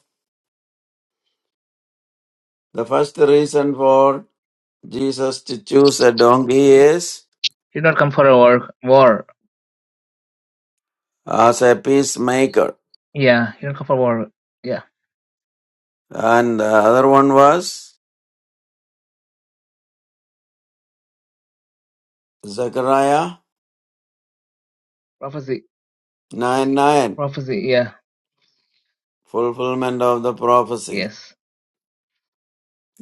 The first reason for Jesus to choose a donkey is
He did not come for a war. War.
as a peacemaker.
Yeah, he did not come for war. Yeah.
And the other one was Zechariah
Prophecy.
9 9,
Prophecy. Yeah.
fulfillment of the prophecy.
Yes.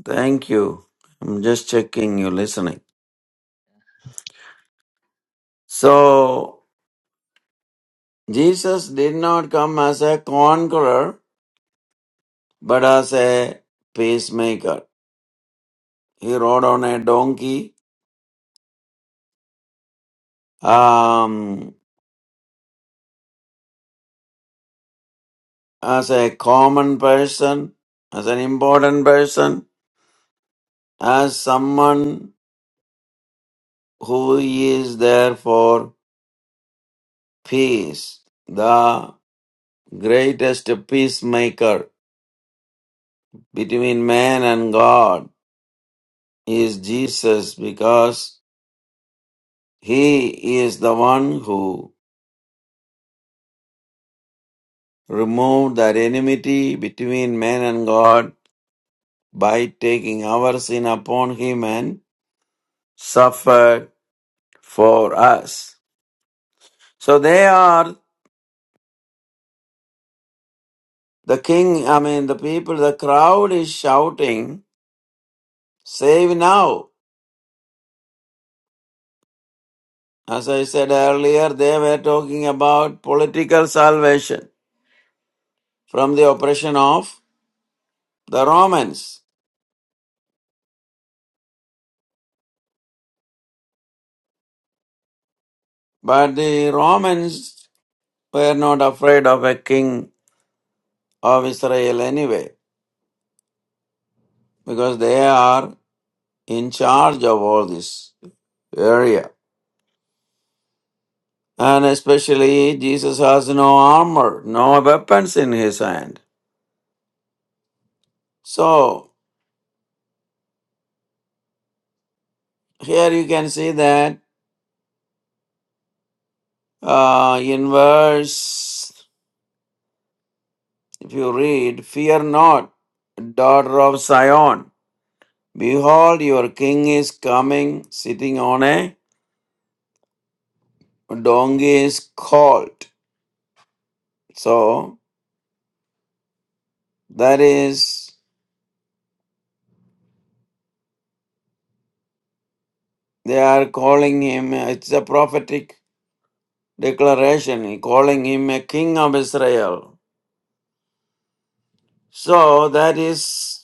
Thank you. I'm just checking you listening. So, Jesus did not come as a conqueror, but as a peacemaker. He rode on a donkey um, as a common person, as an important person as someone who is there for peace, the greatest peacemaker between man and God is Jesus because he is the one who removed that enmity between man and God by taking our sin upon him and suffered for us. So they are the king, I mean, the people, the crowd is shouting Save now. As I said earlier, they were talking about political salvation from the oppression of the Romans. But the Romans were not afraid of a king of Israel anyway, because they are in charge of all this area. And especially, Jesus has no armor, no weapons in his hand. So, here you can see that uh, in verse If you read, Fear not, daughter of Zion. Behold, your king is coming, sitting on a donkey's colt. So, that is, they are calling him, it's a prophetic declaration, calling him a king of Israel. So, that is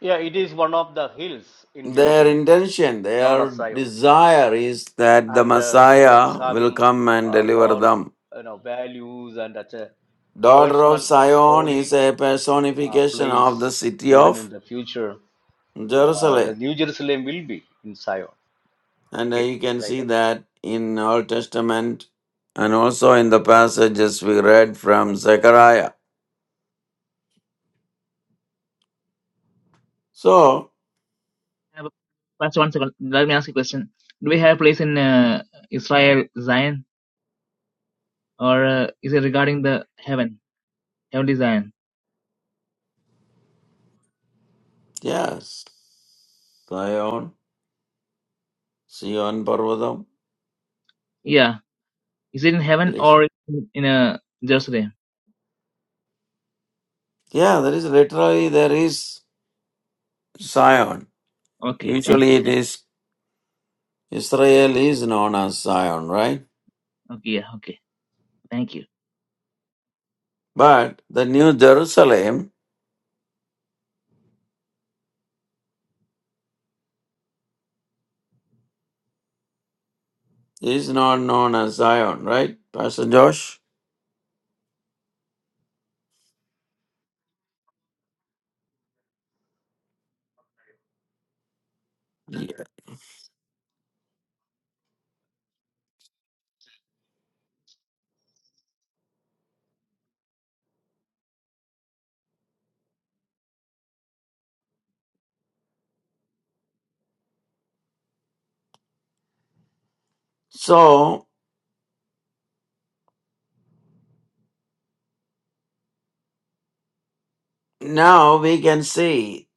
Yeah, it is one of the hills in
their
Jerusalem,
intention,
known
their
as Zion.
desire is that the
and uh, it is
Messiah will
having
come and
uh,
deliver
more
them.
you know values and that's a
Daughter of
personal
Zion is
holy
a
uh,
personification of the
place
city
even in
of
the future uh, the
Jerusalem.
new jerusalem will be in zion
And uh,
okay
you can
like
see
that
that in Old Testament and also in the passages we read from Zechariah. So,
I have Pastor, one second. Let me ask you a question. Do we have a place in uh, Israel, Zion, or uh, is it regarding the heaven, heavenly Zion?
yes, Zion, Zion, Parvatam.
Yeah. Is it in
It
heaven
is.
or in, in uh, Jerusalem?
Yeah, there is literally there is Zion.
Okay. Thank.
Usually it is Israel is known as Zion, right?
Okay. Yeah. Okay. Thank you.
But the New Jerusalem is not known as Zion, right, Pastor Josh? Yeah. So now we can see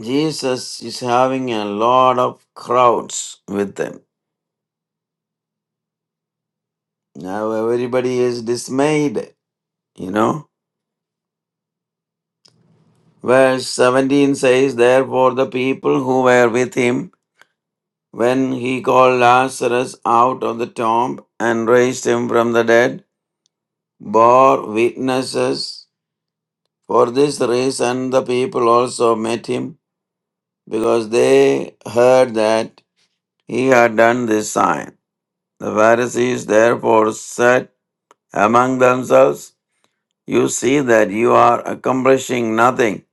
Jesus is having a lot of crowds with them. Now everybody is dismayed, you know. Verse 17 says, Therefore the people who were with him when he called Lazarus out of the tomb and raised him from the dead bore witnesses. For this reason the people also met him because they heard that he had done this sign. The Pharisees therefore said among themselves, You see that you are accomplishing nothing.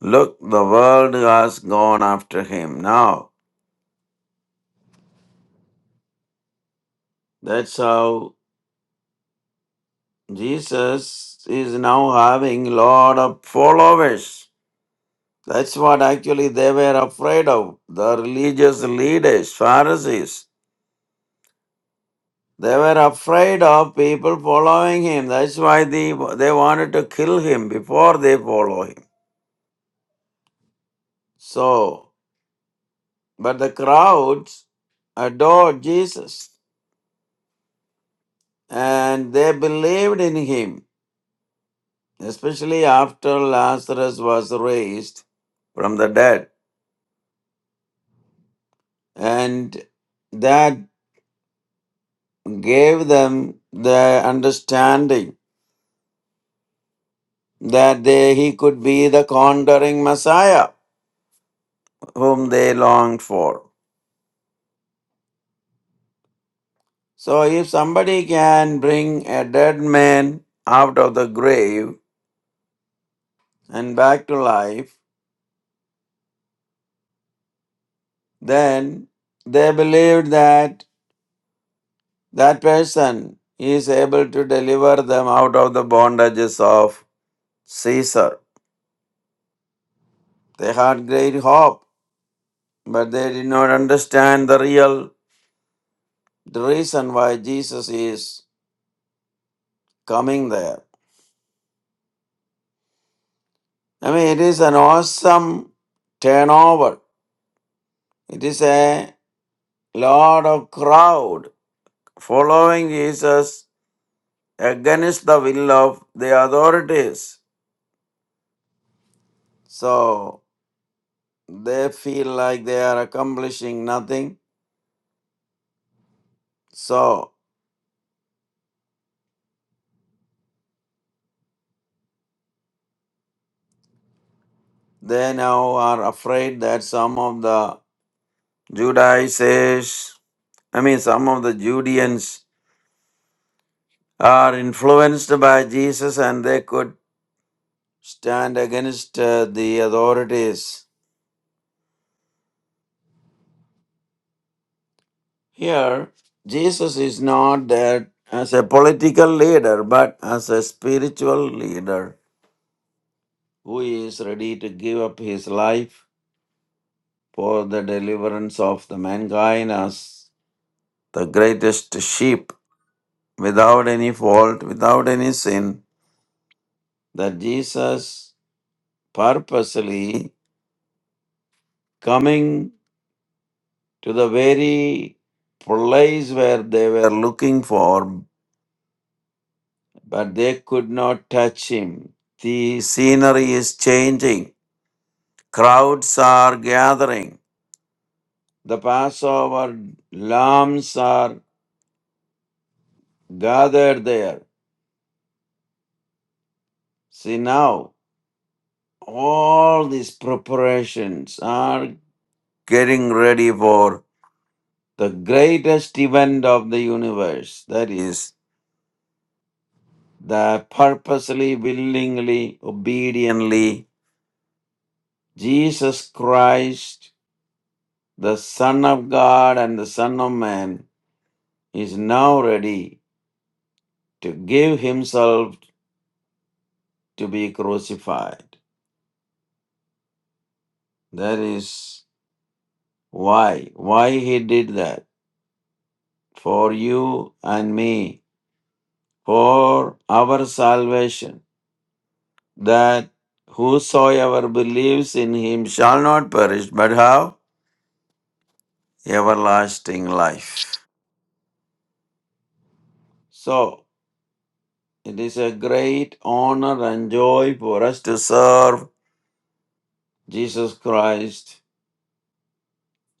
Look, the world has gone after him now. That's how Jesus is now having lot of followers. That's what actually they were afraid of. The religious leaders, Pharisees. They were afraid of people following him. That's why they, they wanted to kill him before they follow him. So, but the crowds adored Jesus and they believed in him, especially after Lazarus was raised from the dead. And that gave them the understanding that they, he could be the conquering Messiah whom they longed for. So if somebody can bring a dead man out of the grave and back to life, then they believed that that person is able to deliver them out of the bondages of Caesar. They had great hope, but they did not understand the real the reason why Jesus is coming there. I mean, it is an awesome turnover. It is a lot of crowd following Jesus against the will of the authorities. So they feel like they are accomplishing nothing. So they now are afraid that some of the Judaizers, I mean, some of the Judeans are influenced by Jesus and they could stand against uh, the authorities. Here, Jesus is not there as a political leader, but as a spiritual leader who is ready to give up his life for the deliverance of the mankind as the greatest sheep without any fault, without any sin, that Jesus purposely coming to the very place where they were looking for, but they could not touch him. The scenery is changing, crowds are gathering, the Passover lambs are gathered there See now, all these preparations are getting ready for the greatest event of the universe. That is, the purposely, willingly, obediently, Jesus Christ, the Son of God and the Son of Man, is now ready to give himself to be crucified. That is why, why he did that for you and me for our salvation, that whosoever believes in him shall not perish but have everlasting life. So, it is a great honor and joy for us to serve Jesus Christ.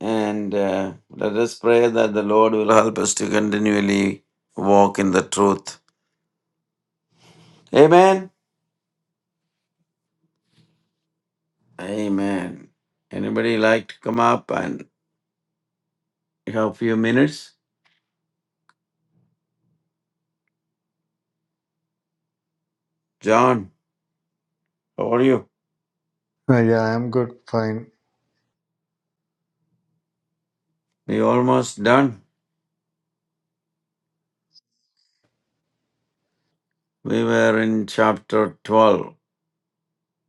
And uh, let us pray that the Lord will help us to continually walk in the truth. Amen. Amen. Anybody like to come up and have a few minutes? John, how are you?
Uh, yeah, I'm good, fine.
We almost done. We were in chapter 12.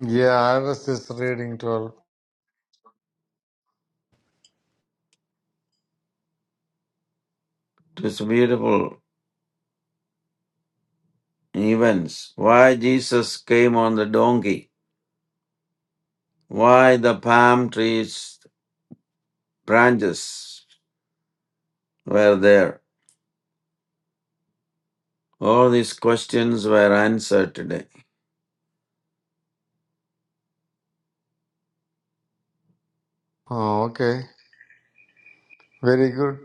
Yeah, I was just reading 12.
It's beautiful events. Why Jesus came on the donkey. Why the palm trees branches were there. All these questions were answered today.
Oh, okay. Very good.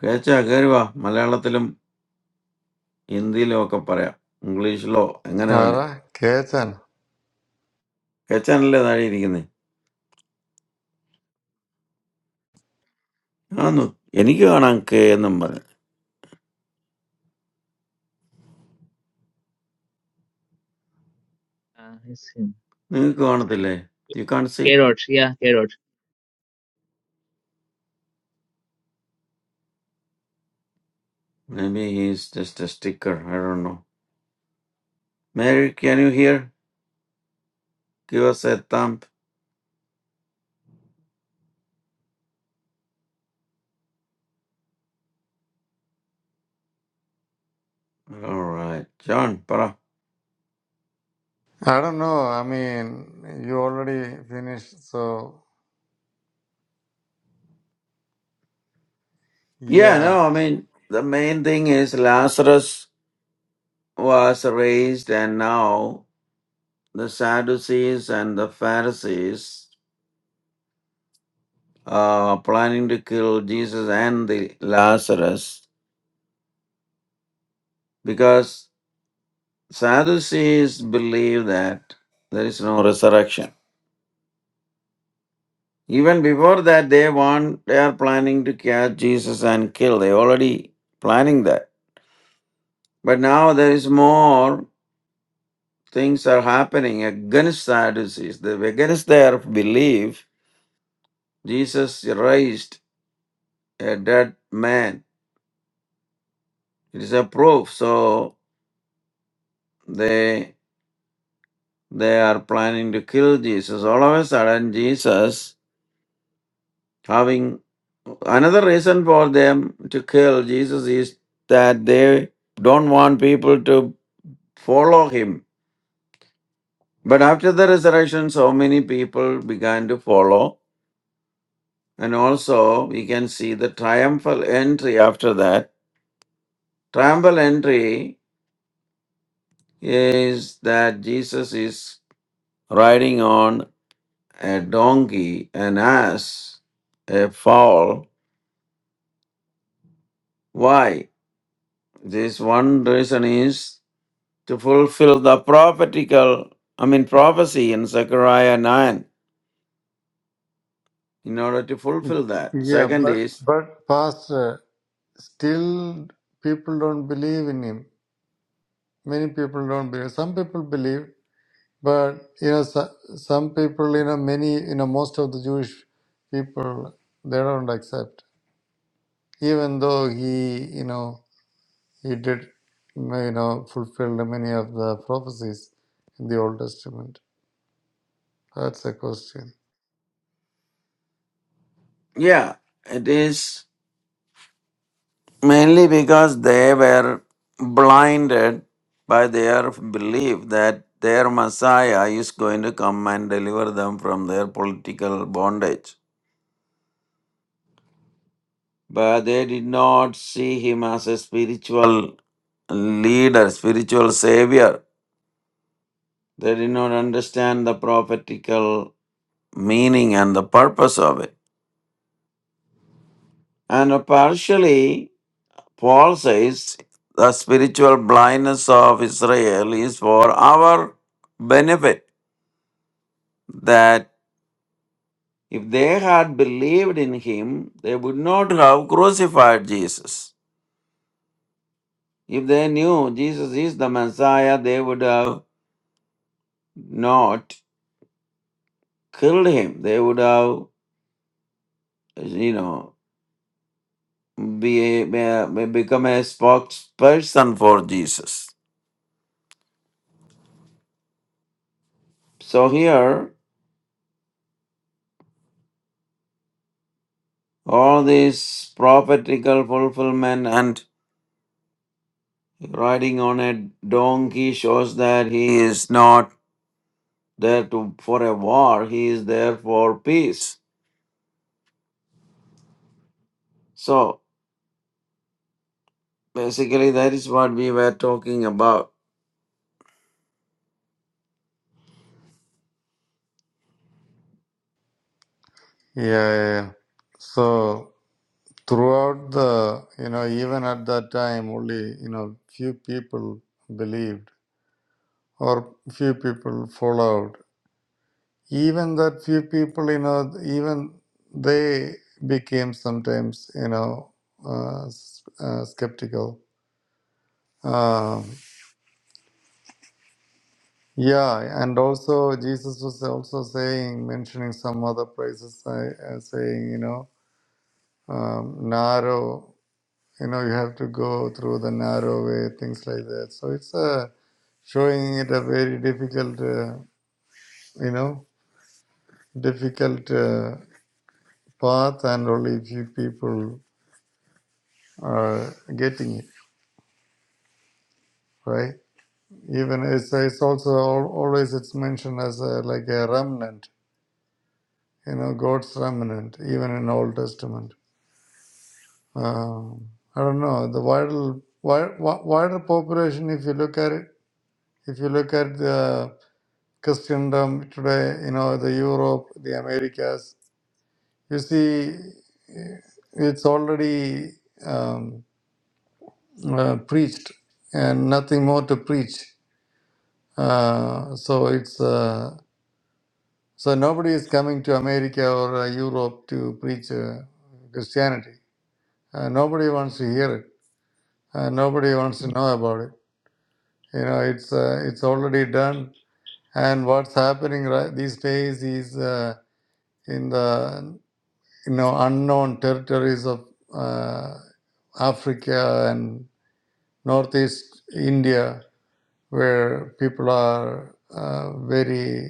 കേച്ചാ കയറുക മലയാളത്തിലും ഹിന്ദിയിലും ഒക്കെ പറയാം ഇംഗ്ലീഷിലോ എങ്ങനെ വേണേ
Ara, Kechan.
കേച്ചാനല്ലേ താഴെ ഇരിക്കുന്നേ ആന്നു എനിക്ക് കാണാൻ കേ എന്നും പറഞ്ഞു
Uh, it's him.
നിങ്ങൾക്ക് കാണത്തില്ലേ you can see
K. Roach. Yeah. K. Roach.
Maybe he's just a sticker I do Mary, can you hear? Give us a thumb. All right. John, para.
I don't know. I mean, you already finished, so
Yeah,
yeah.
no, I mean, the main thing is Lazarus was raised, and now the Sadducees and the Pharisees are planning to kill Jesus and the Lazarus because Sadducees believe that there is no resurrection. Even before that, they want they are planning to catch Jesus and kill. They already planning that. But now there is more things are happening against Sadducees. They were against their belief, Jesus raised a dead man. It is a proof. So they they are planning to kill Jesus. All of a sudden, Jesus having another reason for them to kill Jesus is that they don't want people to follow him. But after the resurrection, so many people began to follow And also, we can see the triumphal entry after that. Triumphal entry is that Jesus is riding on a donkey, an ass, a foal. Why? This one reason is to fulfill the prophetical, I mean, prophecy in Zechariah 9, in order to fulfill that.
Yeah,
Second
but
is,
but pastor, still people don't believe in him. Many people don't believe. Some people believe, but you know, so, some people, you know, many, you know, most of the Jewish people, they don't accept. Even though he, you know, He did, you know, fulfill many of the prophecies in the Old Testament. That's a question.
yeah, it is Mainly because they were blinded by their belief that their Messiah is going to come and deliver them from their political bondage. But they did not see him as a spiritual leader, spiritual savior. They did not understand the prophetical meaning and the purpose of it. And partially, Paul says the spiritual blindness of Israel is for our benefit that if they had believed in him, they would not have crucified Jesus. If they knew Jesus is the Messiah, they would have not killed him. They would have, you know, be, be- become a spokesperson for Jesus. So here, all this prophetical fulfillment and riding on a donkey shows that he is not there to for a war. He is there for peace. So basically, that is what we were talking about.
Yeah, yeah, yeah. So throughout the, you know, even at that time, only you know, few people believed or few people followed. Even that few people, you know, even they became sometimes, you know, uh, s- uh, skeptical. Um, Yeah, and also Jesus was also saying, mentioning some other places, uh, uh, saying, you know, um, narrow, you know, you have to go through the narrow way, things like that. So it's uh, showing it a very difficult, uh, you know, difficult uh, path, and only few people are getting it, right? Even it's, it's also al- always it's mentioned as a, like a remnant, you know, God's remnant, even in Old Testament Um, I don't know the wider wi- wider population. If you look at it, if you look at the Christendom today, you know the Europe, the Americas, you see eh, it's already um, uh, preached and nothing more to preach. Uh, so it's uh, so nobody is coming to America or uh, Europe to preach uh, Christianity. Uh, nobody wants to hear it. Uh, nobody wants to know about it you know it's uh, it's already done and what's happening right these days is uh, in the you know unknown territories of uh, africa and northeast india where people are uh, very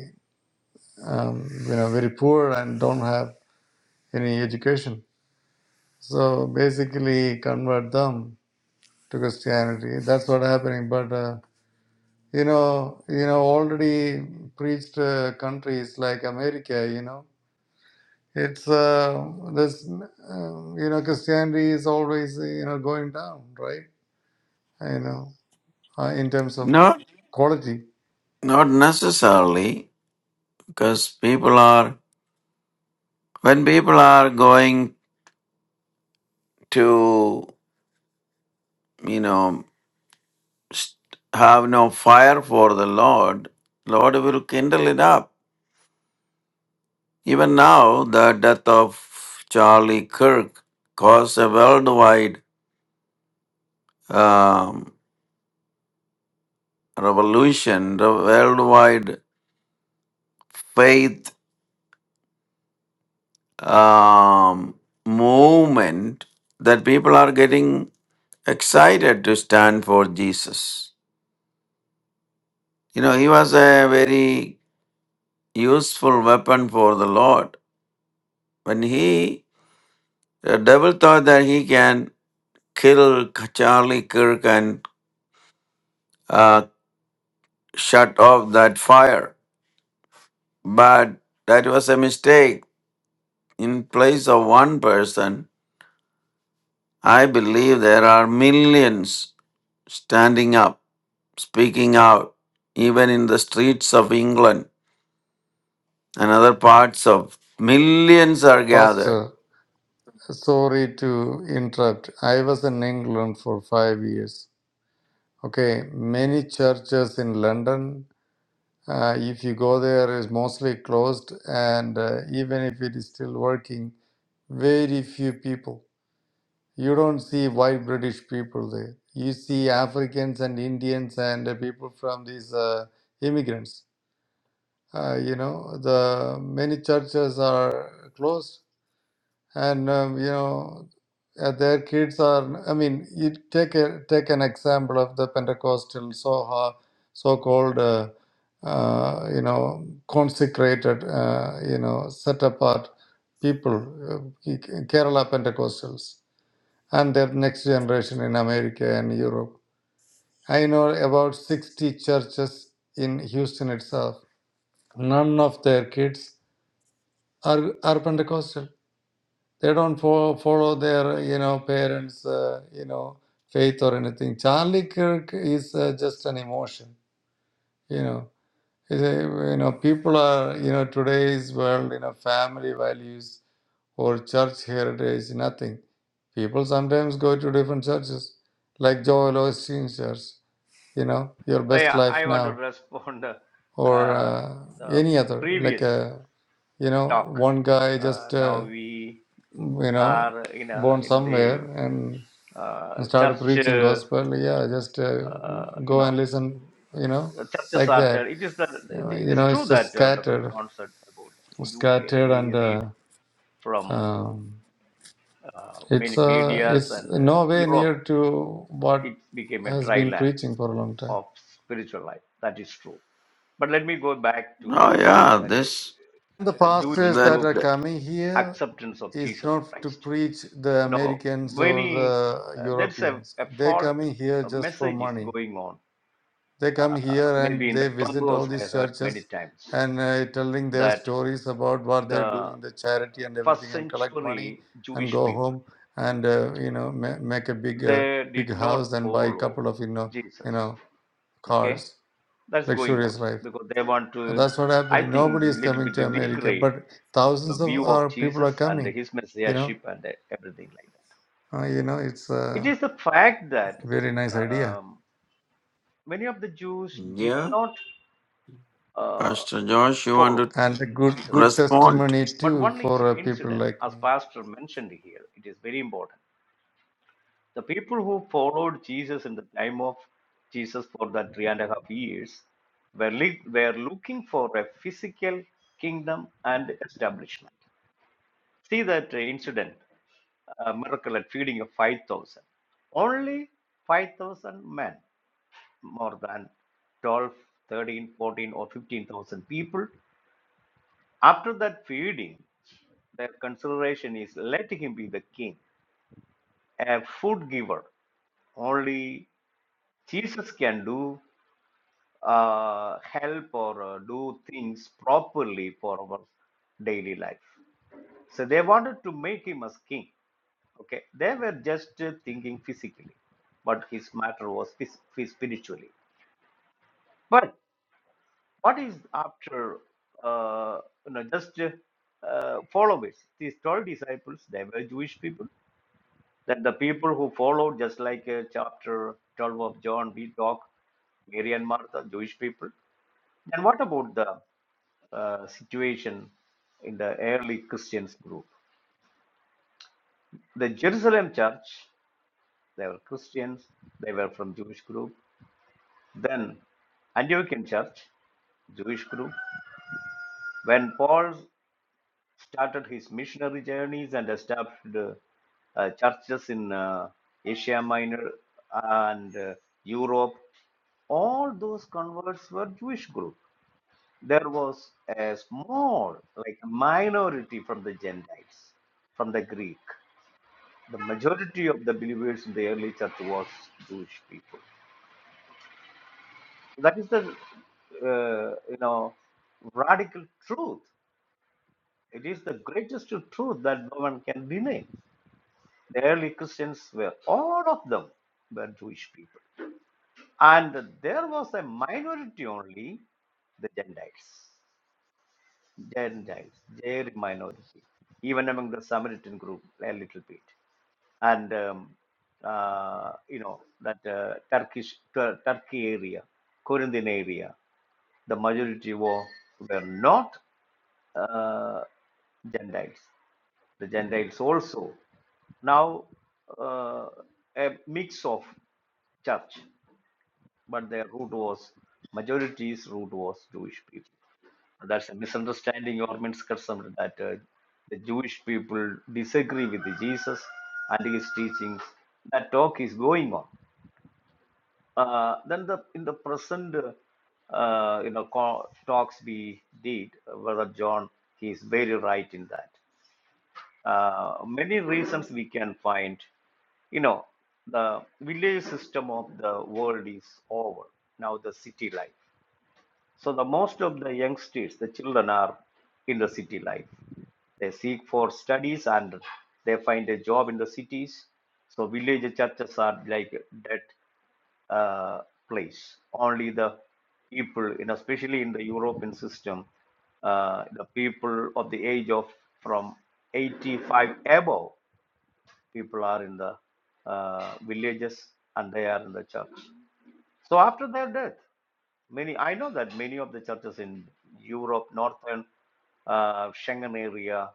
um, you know very poor and don't have any education so basically convert them to christianity that's what's happening but uh, You know, you know, already preached uh, countries like America, you know. It's uh, this, um, you know, Christianity is always, uh, you know, going down, right? You know, uh, in terms of
Not
quality.
not necessarily because people are when people are going to you know st- have no fire for the Lord, Lord will kindle it up. Even now, the death of Charlie Kirk caused a worldwide um, revolution, the worldwide faith um, movement that people are getting excited to stand for Jesus. You know, he was a very useful weapon for the Lord. When he, the devil thought that he can kill Charlie Kirk and uh, shut off that fire, but that was a mistake. In place of one person, I believe there are millions standing up speaking out even in the streets of England and other parts of millions are gathered.
Pastor, sorry to interrupt. I was in England for five years. Okay, many churches in London, uh, if you go there, is mostly closed, and uh, even if it is still working, very few people. You don't see white British people there. You see Africans and Indians and uh, people from these uh, immigrants. Uh, you know, the many churches are closed, and um, you know, uh, their kids are. I mean, you take a, take an example of the Pentecostal so so-called, uh, uh, you know, consecrated, uh, you know, set apart people, uh, Kerala Pentecostals and their next generation in America and Europe. I know about 60 churches in Houston itself. None of their kids are, are Pentecostal. They don't follow, follow their you know parents uh, you know faith or anything. Charlie Kirk is uh, just an emotion. You know, Is a- you know people are you know today's world you know family values or church heritage nothing. People sometimes go to different churches like Joel Osteen's church. you know your
oh,
best
yeah
life
i want
now
to respond uh,
or
uh,
uh,
the,
any
the
other like
previous
uh, you know
talk
one guy
uh,
just
now
uh,
we
you know
are in a
born
in
somewhere
the
and,
uh,
and started
church
preaching
uh,
gospel yeah just uh,
you
go
know
and listen you know
uh, churches
like
are tell
that
it is the
you know,
it
you
is
know
true
it's just
that uh, Brother
scattered
John said about UK.
scattered and
We read
uh,
from
um,
uh,
it's
many
uh,
medias
it's
and uh,
nowhere
Europe.
near to what
It became a
has
dry
been
land
preaching for a long time
of spiritual life. That is true. But let me go back to
Oh yeah,
that
this
the
uh, Jewish
pastors that
that
group
are
that-
coming here
acceptance of
is
Jesus
not to
Christ.
preach the
You know,
Americans or
many
the
uh, there's a,
Europeans.
a
They
fault
coming here
a
just for
message is
money.
going on.
They come
Uh,
here and
maybe in the
they visit
clubhouse,
all
I
these
heard many
churches
times
and uh, telling their
that.
stories about what they're
the
doing, the charity and
first
everything, and collect money
century
and
Jewish
go
people.
home and uh, you know ma- make a big uh,
They
big
did not
house and buy a
follow
couple of you know you
Jesus.
know
Okay,
cars,
that's going on
luxurious life.
because they want
And
to,
that's what
I
happening.
think,
Nobody
a
is
little
coming to
bit
America,
degrade
but
the
thousands of
view of
our people
Jesus
are
and
coming.
his
You know
messiahship and everything like that.
Uh, you know, it's
It
a
is the fact that
very nice idea
um, many of the Jews did
yeah,
not uh,
Pastor Josh, you want
follow
to
and a good
Jesus
good
Christ.
respond?
testimony
But
too
one
for
inci-
uh, people
incident,
like
as
me.
Pastor mentioned here, it is very important. The people who followed Jesus in the time of Jesus for that three and a half years were, li- were looking for a physical kingdom and establishment. See that uh, incident, uh, miracle at feeding of 5,000. Only 5,000 men, more than 12, 13, 14, or 15,000 people. After that feeding, their consideration is let him be the king, a food giver. Only Jesus can do uh, help or uh, do things properly for our daily life. So they wanted to make him as king. Okay, they were just uh, thinking physically, but his matter was phys- phys- spiritually. But what is after uh, you know just uh, uh, followers? These twelve disciples, they were Jewish people. that the people who followed, just like uh, chapter 12 of John, we talk, Mary and Martha, Jewish people. Then what about the uh, situation in the early Christians group? The Jerusalem church, they were Christians, they were from Jewish group. Then Antiochian church, Jewish group. When Paul started his missionary journeys and established uh, uh, churches in uh, Asia Minor and uh, Europe. All those converts were Jewish group. There was a small, like a minority from the Gentiles, from the Greek. The majority of the believers in the early church was Jewish people. That is the, uh, you know, radical truth. It is the greatest truth that no one can deny. The early Christians were, all of them were Jewish people. And there was a minority only, the Gentiles. Gentiles, their minority. Even among the Samaritan group, a little bit. And, um, uh, you know, that uh, Turkish, Tur- Turkey area, Corinthian area. The majority were, were not uh, Gentiles. The Gentiles also now uh, a mix of church, but their root was majority's root was Jewish people. That's a misunderstanding or misconception that uh, the Jewish people disagree with Jesus and his teachings. That talk is going on. Uh, then the in the present uh, you know co- talks we did, uh, Brother John, he is very right in that. Uh, many reasons we can find. You know, the village system of the world is over now. The city life. So the most of the youngsters, the children are in the city life. They seek for studies and they find a job in the cities. So village churches are like that uh, place. Only the people, you know, especially in the European system, uh, the people of the age of from 85 above people are in the uh, villages and they are in the church. So after their death, many I know that many of the churches in Europe, northern uh, Schengen area,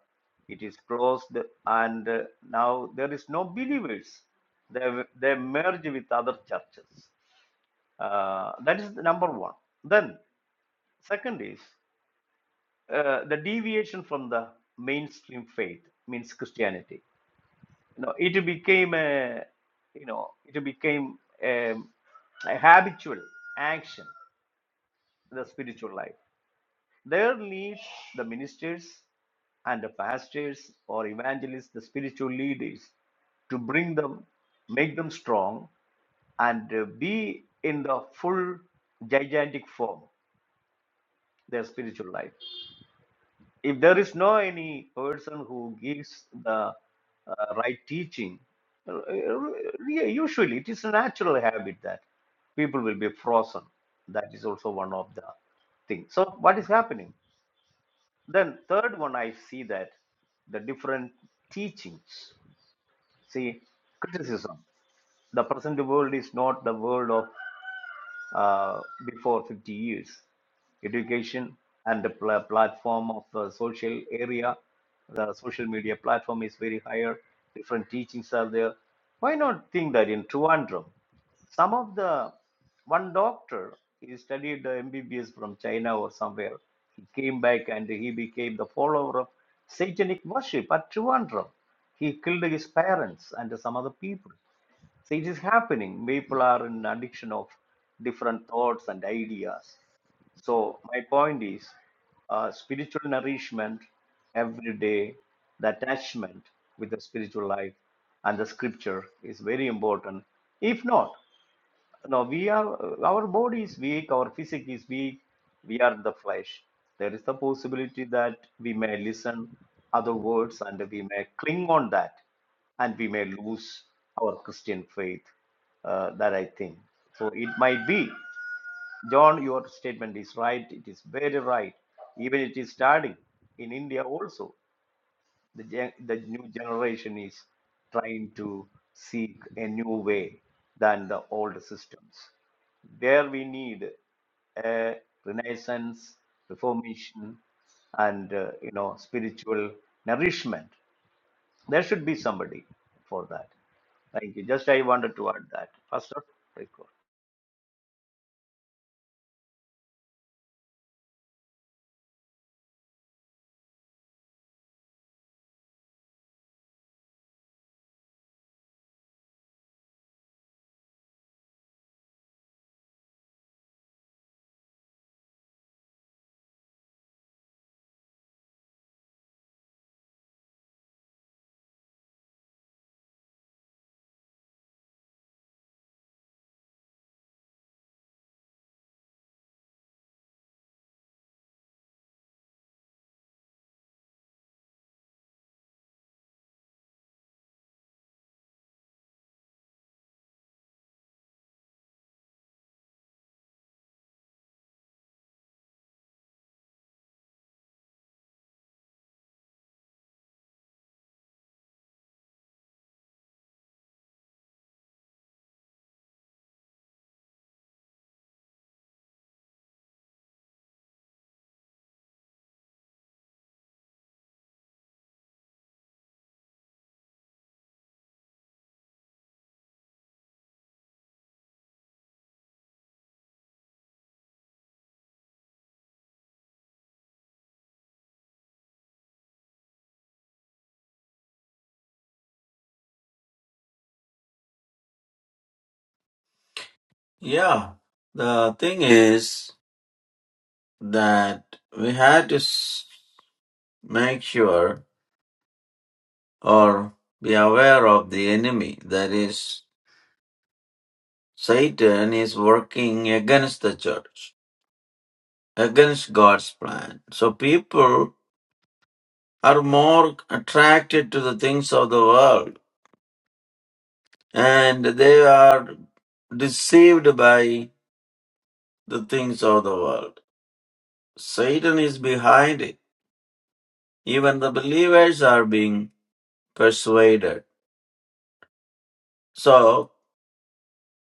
it is closed, and uh, now there is no believers. They they merge with other churches. Uh, that is the number one. Then second is uh, the deviation from the mainstream faith means Christianity. You know, it became a, you know, it became a, a habitual action in the spiritual life. There leads the ministers and the pastors or evangelists, the spiritual leaders, to bring them, make them strong, and uh, be in the full gigantic form, their spiritual life. if there is no any person who gives the uh, right teaching, uh, yeah, usually it is a natural habit that people will be frozen. That is also one of the things. So what is happening? Then third one, I see that the different teachings. See, criticism. The present world is not the world of uh, before 50 years. Education and the pla- platform of the social area, the social media platform is very higher. Different teachings are there. Why not think that in Trivandrum, some of the one doctor he studied the MBBS from China or somewhere. He came back and he became the follower of satanic worship at Trivandrum. He killed his parents and some other people. So it is happening. People are in addiction of different thoughts and ideas. So my point is, uh, spiritual nourishment every day, the attachment with the spiritual life and the scripture is very important. If not, now we are our body is weak our physique is weak we are the flesh there is the possibility that we may listen other words and we may cling on that and we may lose our christian faith uh, that i think so it might be john your statement is right it is very right even it is starting in india also the, gen- the new generation is trying to seek a new way than the old systems. There we need a renaissance, reformation, and uh, you know spiritual nourishment. There should be somebody for that. Thank you. Just I wanted to add that, Pastor. Very good.
Yeah, the thing is that we had to s- make sure or be aware of the enemy. That is, Satan is working against the church, against God's plan. So people are more attracted to the things of the world and they are deceived by the things of the world. Satan is behind it. Even the believers are being persuaded. So,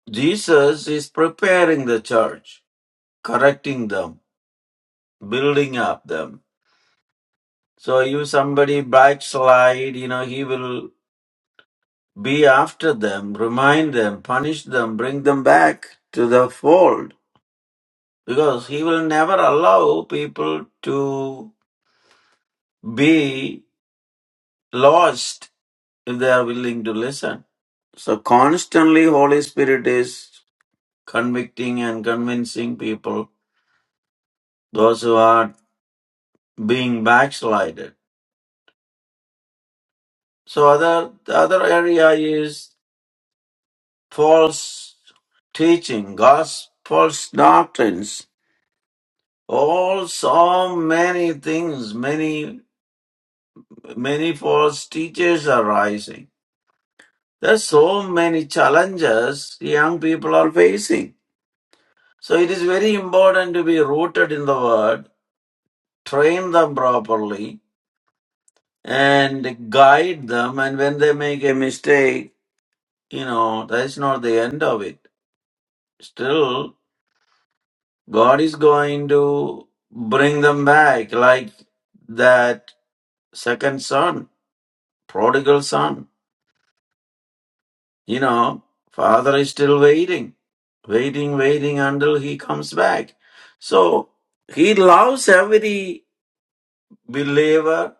Jesus is preparing the church, correcting them, building up them. So, if somebody backslide, you know, he will be after them, remind them, punish them, bring them back to the fold because he will never allow people to be lost if they are willing to listen so constantly holy spirit is convicting and convincing people those who are being backslided so other the other area is false teaching gospel false doctrines all so many things many many false teachers are rising There's so many challenges young people are facing. So it is very important to be rooted in the word, train them properly, and guide them. And when they make a mistake, you know, that's not the end of it. Still, God is going to bring them back, like that second son, prodigal son. You know, father is still waiting, waiting, waiting until he comes back. So he loves every believer.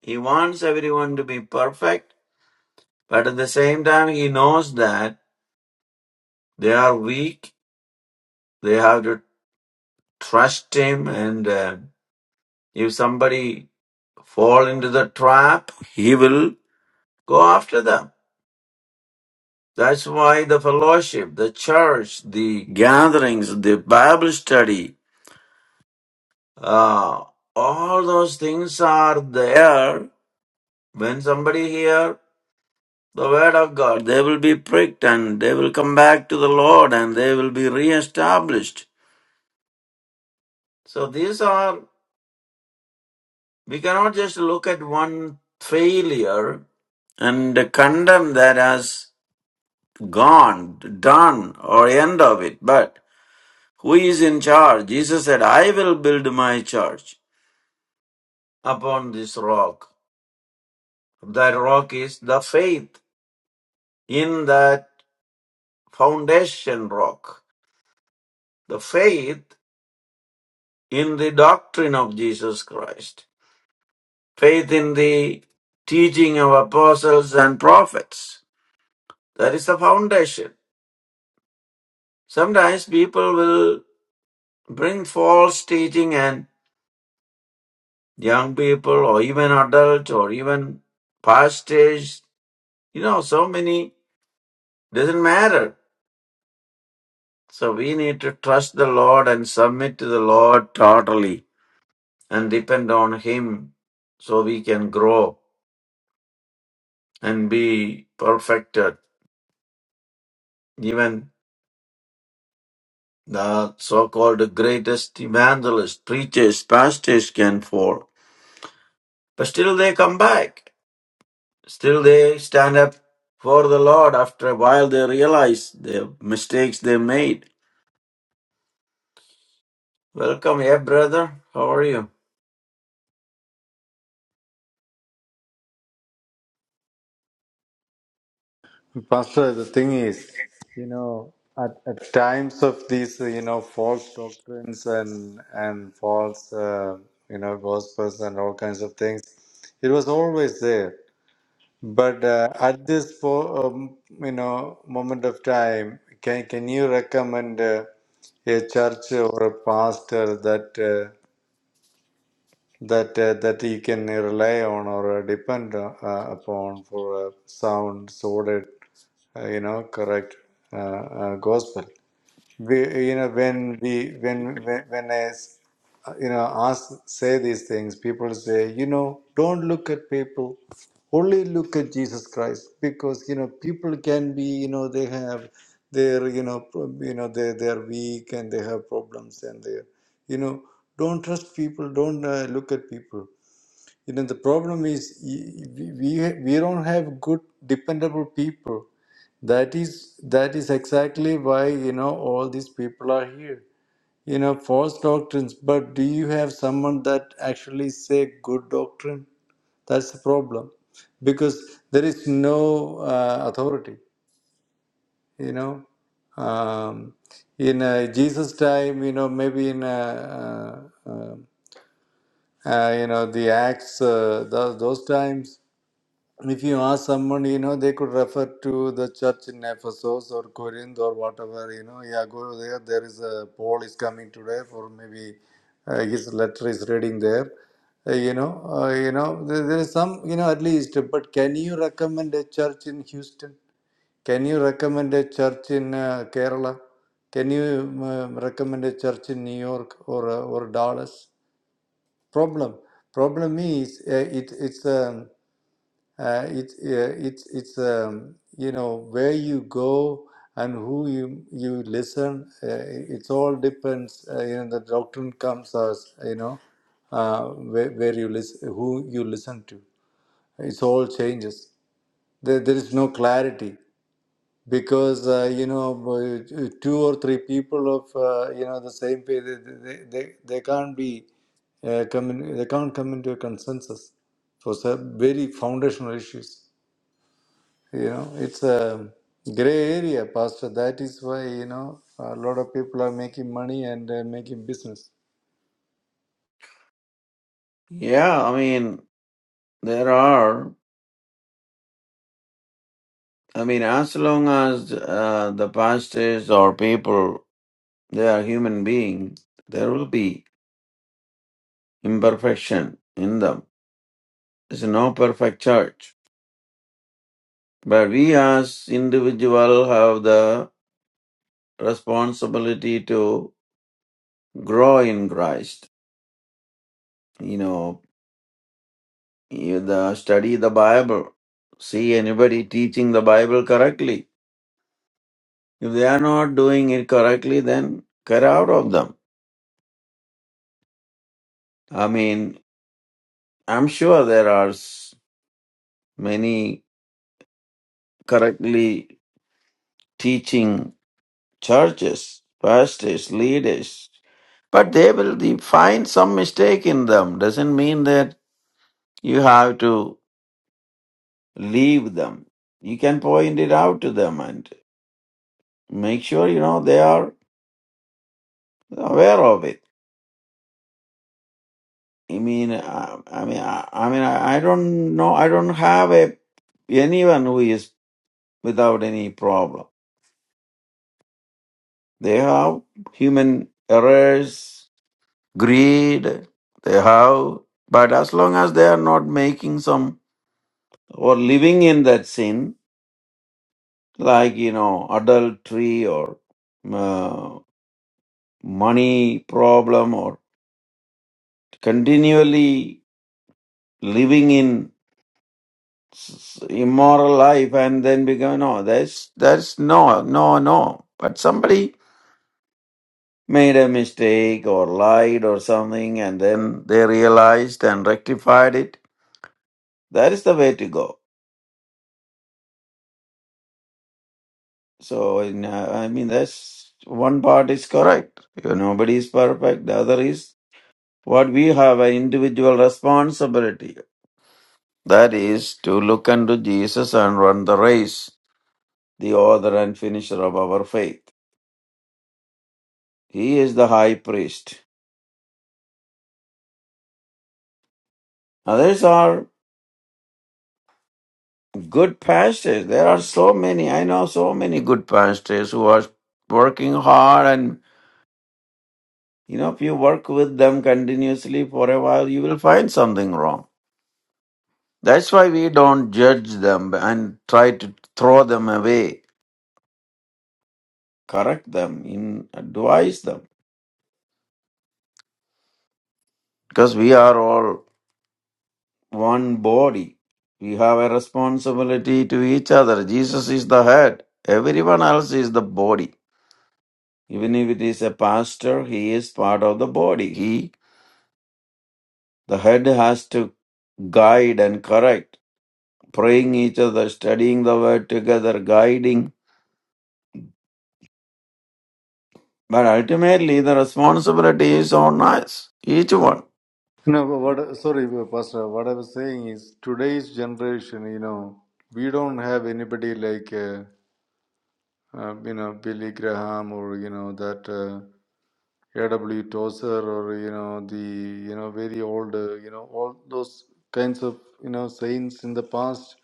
He wants everyone to be perfect. But at the same time, he knows that they are weak. They have to trust him. And uh, if somebody fall into the trap, he will go after them. That's why the fellowship, the church, the gatherings, the Bible study, Uh, all those things are there. When somebody hear the word of God, they will be pricked and they will come back to the Lord and they will be reestablished. So these are, we cannot just look at one failure and condemn that as gone, done, or end of it. But who is in charge? Jesus said, I will build my church upon this rock. That rock is the faith in that foundation rock. The faith in the doctrine of Jesus Christ, faith in the teaching of apostles and prophets. That is the foundation. Sometimes people will bring false teaching and young people or even adults or even pastors, you know, so many, doesn't matter. So we need to trust the Lord and submit to the Lord totally and depend on Him so we can grow and be perfected. Even the so called greatest evangelists, preachers, pastors can fall. But still they come back. Still they stand up for the Lord after a while they realize the mistakes they made. Welcome, yeah, brother. How are you?
Pastor, the thing is, you know, at, at times of these, uh, you know, false doctrines and and false, uh, you know, gospels and all kinds of things, it was always there. But uh, at this, po- um, you know, moment of time, can can you recommend? Uh, a church or a pastor that uh, that uh, that you can rely on or uh, depend uh, upon for a sound, solid, uh, you know, correct uh, uh, gospel. We, you know, when we when when, when I s- uh, you know ask say these things, people say, you know, don't look at people, only look at Jesus Christ, because you know people can be, you know, they have their you know pro- you know they they are weak and they have problems and they you know don't trust people don't uh, look at people you know, the problem is we, we we don't have good, dependable people. That is that is exactly why you know all these people are here. You know, false doctrines. But do you have someone that actually say good doctrine? That's the problem, because there is no uh, authority. You know, um, in uh, Jesus' time, you know, maybe in uh, uh, uh, uh, you know the Acts, uh, those, those times. If you ask someone, you know, they could refer to the church in Ephesus or Corinth or whatever, you know, yeah, go there. There is a Paul is coming today, for maybe uh, his letter is reading there. Uh, you know, uh, you know, there, there is some, you know, at least. But can you recommend a church in Houston? Can you recommend a church in uh, Kerala? Can you um, recommend a church in New York or uh, or Dallas? Problem. Problem is uh, it, it's. a. Uh, it, uh, it's it's um, you know where you go and who you you listen. Uh, it all depends. Uh, you know the doctrine comes as you know uh, where, where you listen, who you listen to. It's all changes. There, there is no clarity because uh, you know uh, two or three people of uh, you know the same faith they they, they, they can't be uh, come in, they can't come into a consensus for some very foundational issues. You know, it's a gray area, Pastor. That is why, you know, a lot of people are making money and uh, making business.
Yeah, I mean, there are. I mean, as long as uh, the pastors or people, they are human beings, there will be imperfection in them There's no perfect church. But we as individual have the responsibility to grow in Christ. You know, you the study the Bible. See anybody teaching the Bible correctly. If they are not doing it correctly, then get out of them. I mean, I'm sure there are s- many correctly teaching churches, pastors, leaders, but they will de- find some mistake in them. Doesn't mean that you have to leave them. You can point it out to them and make sure you know they are aware of it. I mean, I, I mean, I, I mean, I, I don't know. I don't have a anyone who is without any problem. They have human errors, greed. They have, but as long as they are not making some or living in that sin, like, you know, adultery or uh, money problem or continually living in s- immoral life and then become, no, that's, that's no, no, no. But somebody made a mistake or lied or something and then they realized and rectified it. That is the way to go. So, in, uh, I mean, that's one part is correct. You know, Nobody is perfect. The other is What we have an individual responsibility. That is to look unto Jesus and run the race, the author and finisher of our faith. He is the high priest. Others are good pastors. There are so many. I know so many good pastors who are working hard and you know if you work with them continuously for a while you will find something wrong. That's why we don't judge them and try to throw them away. Correct them, in advise them. because we are all one body. We have a responsibility to each other. Jesus is the head, everyone else is the body. Even if it is a pastor, he is part of the body. He, the head, has to guide and correct, praying each other, studying the word together, guiding. But ultimately, the responsibility is on us, each one.
No, but what, sorry, Pastor, what I was saying is today's generation, you know, we don't have anybody like, uh, uh, you know, Billy Graham or, you know, that. uh, A.W. Tozer or you know the you know very old uh, you know all those kinds of you know saints in the past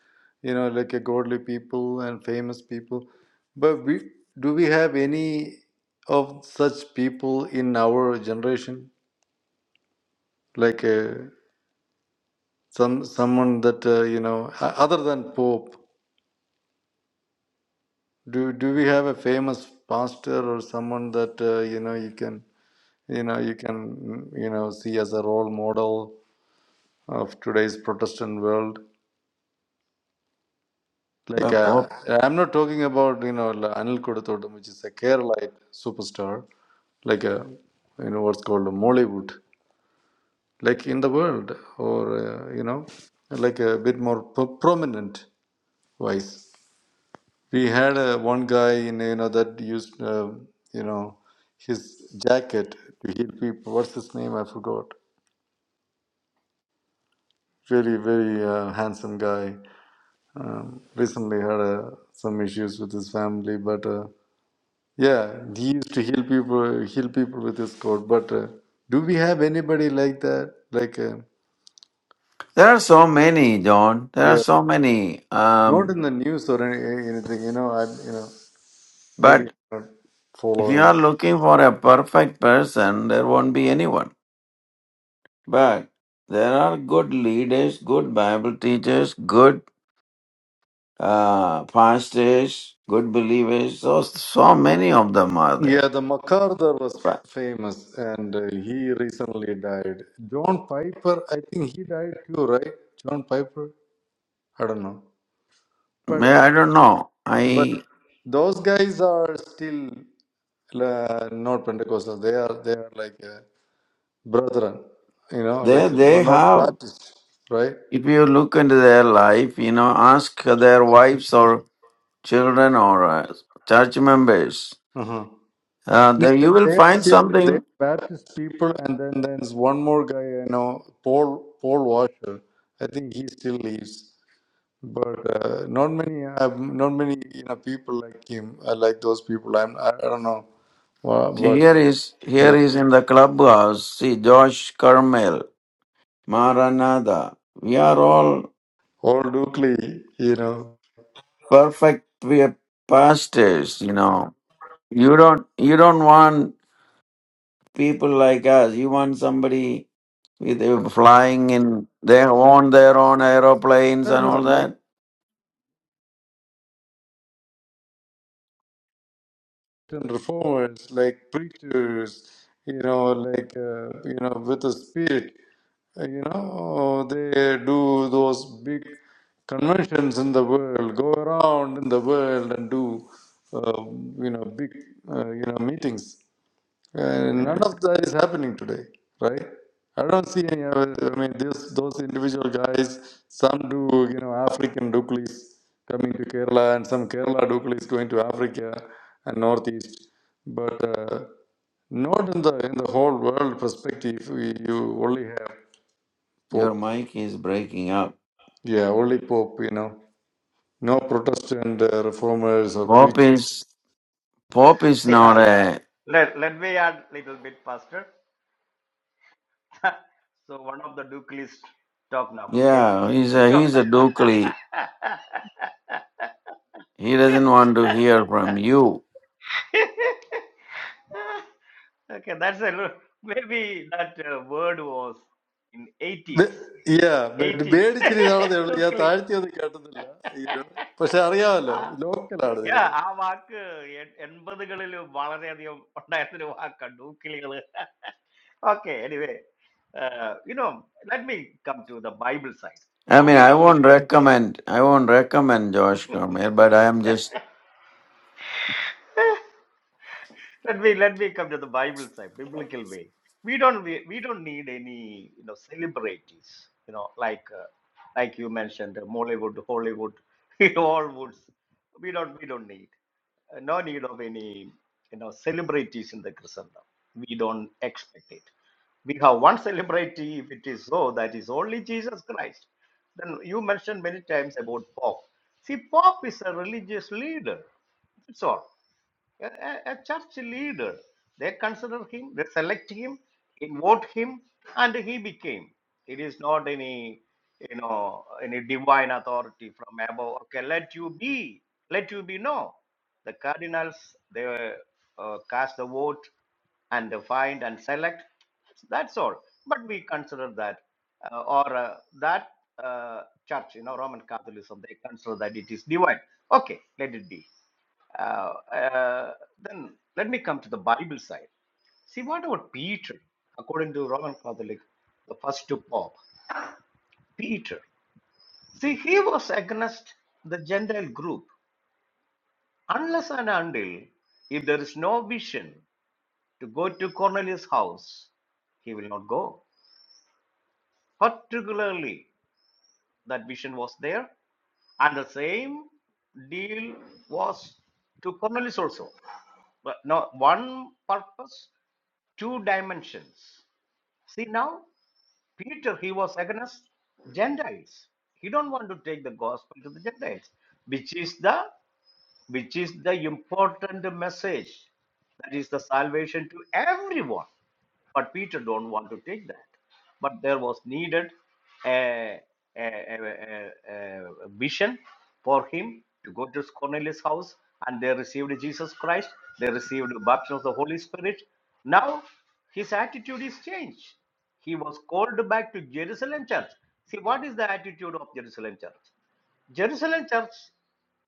you know like a godly people and famous people but we do we have any of such people in our generation like uh, some someone that uh, you know o- other than Pope do do we have a famous pastor or someone that uh, you know you can you know you can mm, you know see as a role model of today's Protestant world.
The
Like uh,
Pope.
I'm not talking about you know like Anil Koduthodum, which is a Keralite superstar, like a you know what's called a Mollywood, like in the world, or uh, you know like a bit more pro- prominent wise. We had uh, one guy in you know that used uh, you know his jacket to heal people. What's his name? I forgot. Very very uh, handsome guy. Um, recently had uh, some issues with his family, but uh, yeah, he used to heal people, heal people with his code. But uh, do we have anybody like that? Like, uh,
There are so many, John. There are
yeah,
so many.
not
Um,
in the news or any, anything. You know, I you know maybe
but
not
If you
following.
are looking for a perfect person, there won't be anyone. But there are good leaders, good Bible teachers, good uh, pastors, good believers. So so many of them are there.
Yeah, the MacArthur was
But
famous, and uh, he recently died. John Piper, I think he died too, right? John Piper, I don't know,
may-
but.
I don't know.
But
I
those guys are still uh, not Pentecostal. They are they are like uh, brethren, you know,
they
like no-
they
not
have.
Baptist, right?
If you look into their life, you know, ask their wives or children or uh, church members.
uh huh.
Uh,
No,
there
they,
you will
they are
find
still they
something
are Baptist people, and then there's one more guy I know, Paul Paul Washer. I think he still lives, but uh, not many uh, not many you know people like him uh, like those people. I'm I, I don't know, uh,
See,
but
here is here
yeah,
is in the clubhouse. See, Josh Carmel, Maranatha. We are all
all Dukley, you know.
perfect. We are pastors. You know, you don't you don't want people like us. You want somebody with uh, flying in they own their own aeroplanes
No,
and
no, no.
all
like.
that.
Christian reformers, like preachers, you know, like uh, you know, with the spirit, uh, you know, they do those big conventions in the world, go around in the world and do, uh, you know, big, uh, you know, meetings. And none
Yeah.
of that is happening today, right? I don't see any. I mean, this, those individual guys. Some do, you know, African Duklis coming to Kerala, and some Kerala Duklis going to Africa and Northeast. But uh, not in the in the whole world perspective. We, you only have
Your
Pope.
mic is breaking up.
Yeah, only Pope. You know, no Protestant uh, reformers or
Pope
preachers.
is Pope is not
Yeah.
a
Let, let me add a little bit, Pastor. so one of the Duke list. Talk now, okay?
yeah. He's a
Talk
he's
now.
a Dukley. He doesn't want to hear from you.
okay, that's a lo- maybe that uh, word was in
Be-
80s.
Yeah, but yeah
80s
മേടിച്ചിരുന്നാണെന്നേ ഉള്ളൂ ഞാൻ
locally.
താഴ്ത്തിയൊന്നും കേട്ടതില്ല ഈരോ പക്ഷെ അറിയാമല്ലോ
Ah,
ലോക്കലാണ് നിങ്ങൾ
Yeah, I walk. Yet, anybody can do. Balasanthi, I'm not able to walk. Can do. Okay, anyway, uh, you know. Let me come to the Bible side.
I
No,
mean,
we
I
don't
won't
need it.
recommend. I won't recommend Josh Cormier, but I am just
Let me let me come to the Bible side, biblical way. We don't we, we don't need any you know celebrities, you know, like uh, like you mentioned, uh, Mollywood, Hollywood, you know, all woods. We don't we don't need uh, no need of any you know celebrities in the Christendom. We don't expect it. We have one celebrity. If it is so, that is only Jesus Christ. Then you mentioned many times about Pope. See, Pope is a religious leader. That's all a, a a church leader. They consider him, they select him, invoke him, and he became. It is not any, you know, any divine authority from above. Okay, let you be, let you be. No, the cardinals they uh, cast the vote and they find and select. That's all. But we consider that, uh, or uh, that uh, church, you know, Roman Catholicism, they consider that it is divine. Okay, let it be. Uh, uh, then let me come to the Bible side. See, what about Peter? According to Roman Catholic, the first to Pope, Peter. See, he was against the Gentile group unless and until if there is no vision to go to Cornelius' house, he will not go. Particularly that vision was there and the same deal was to cornelius also but now one purpose two dimensions see now peter he was against gentiles he don't want to take the gospel to the gentiles which is the which is the important message that is the salvation to everyone but peter don't want to take that but there was needed a, a, a, a, a vision for him to go to cornelius house and they received jesus christ they received the baptism of the holy spirit now his attitude is changed he was called back to jerusalem church see what is the attitude of jerusalem church Jerusalem church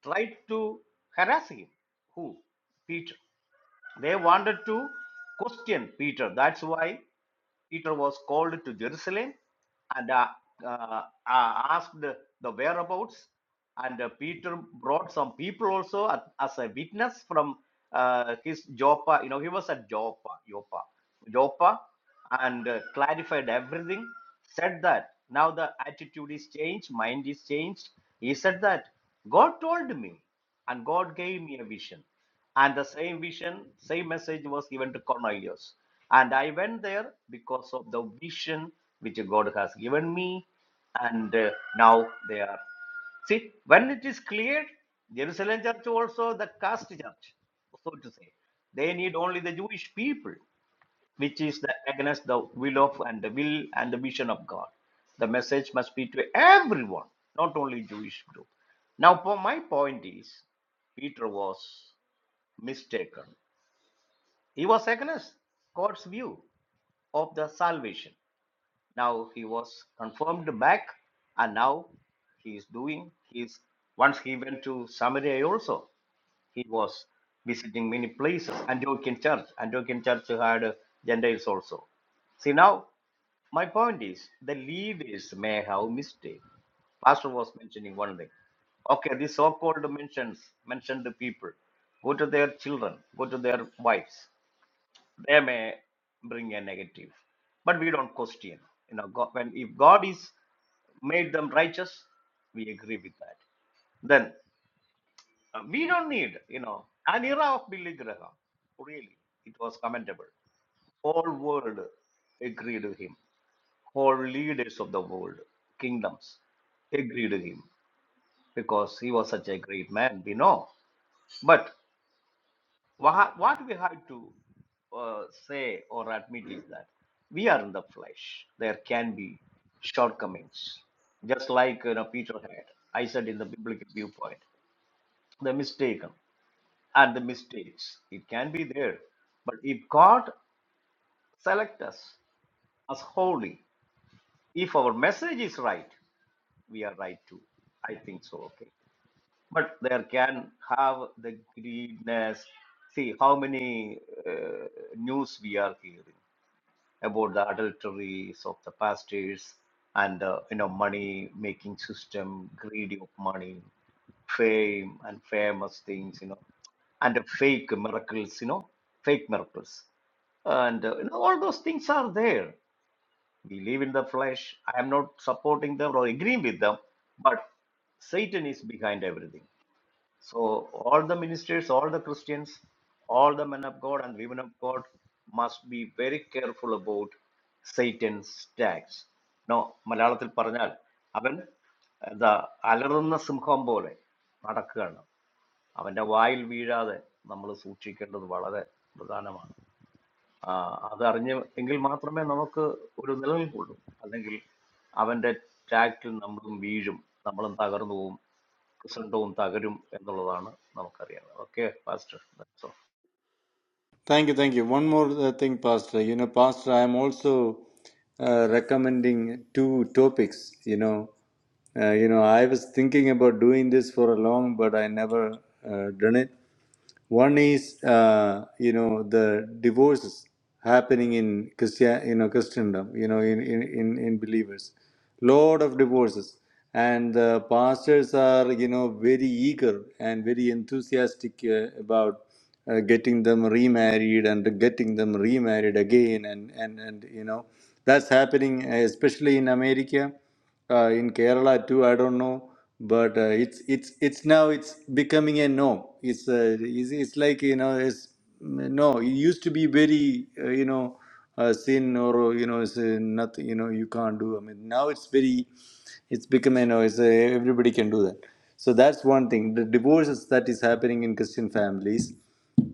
tried to harass him. Who? Peter. They wanted to question Peter. That's why Peter was called to Jerusalem and uh, uh, uh, asked the whereabouts. And uh, Peter brought some people also at- as a witness from uh, his Joppa. You know, he was at Joppa, Joppa, Joppa, and uh, clarified everything. Said that now the attitude is changed, mind is changed. He said that God told me, and God gave me a vision. And the same vision, same message was given to Cornelius. And I went there because of the vision which God has given me. And uh, now they are. See, when it is cleared, Jerusalem church also, the caste church, so to say, they need only the Jewish people, which is the against the will of and the will and the vision of God. The message must be to everyone, not only Jewish group. Now, for my point is, Peter was mistaken. He was against God's view of the salvation. Now he was confirmed back, and now he is doing his. Once he went to Samaria also, he was visiting many places. Antiochian church, Antiochian church had Gentiles also. See now, my point is the leaders may have mistake. Pastor was mentioning one thing. Okay, these so-called mentions mentioned the people. Go to their children, go to their wives they may bring a negative but we don't question you know god, when if god is made them righteous we agree with that then uh, we don't need you know an era of billy graham really it was commendable all world agreed with him all leaders of the world kingdoms agreed with him because he was such a great man we know but. What, what we have to uh, say or admit is that we are in the flesh. There can be shortcomings, just like you know Peter had. I said in the biblical viewpoint, the mistaken and the mistakes. It can be there, but if God select us as holy, if our message is right, we are right too. I think so. Okay, but there can have the greediness. See how many uh, news we are hearing about the adulteries of the pastors and the you know money making system, greed of money, fame and famous things, you know, and the fake miracles, you know, fake miracles. And uh, you know, all those things are there. We live in the flesh. I am not supporting them or agreeing with them, but Satan is behind everything. So all the ministers, all the Christians, all the men of God and women of God must be very careful about Satan's attacks. Now, Malayalamil pannal. Aben the allarunnna samkhambaile nata karna aben the wild weeds are the namalasuuchi ketta do vada the. Butanama. Ah, adaranjam English matramen namok udu delum udu. Aben English aben the tractle namruthu weeds namalanta karna uum. Okay, Pastor. So,
Thank you, thank you. One more uh, thing, Pastor. You know, Pastor, I am also uh, recommending two topics. You know, uh, you know, I was thinking about doing this for a long, but I never uh, done it. One is, uh, you know, the divorces happening in Christian, you know, Christendom, you know, in, in, in, in believers. Lot of divorces. And the pastors are, you know, very eager and very enthusiastic uh, about uh, getting them remarried and getting them remarried again. And, and, and, you know, that's happening uh, especially in America uh, in Kerala too. I don't know, but uh, it's it's it's now it's becoming a norm. It's uh, it's, it's like you know it's no. It used to be very uh, you know uh, sin or you know it's uh, nothing. You know you can't do. I mean now it's very it's become a know it's uh, everybody can do that. So that's one thing. The divorces that is happening in Christian families,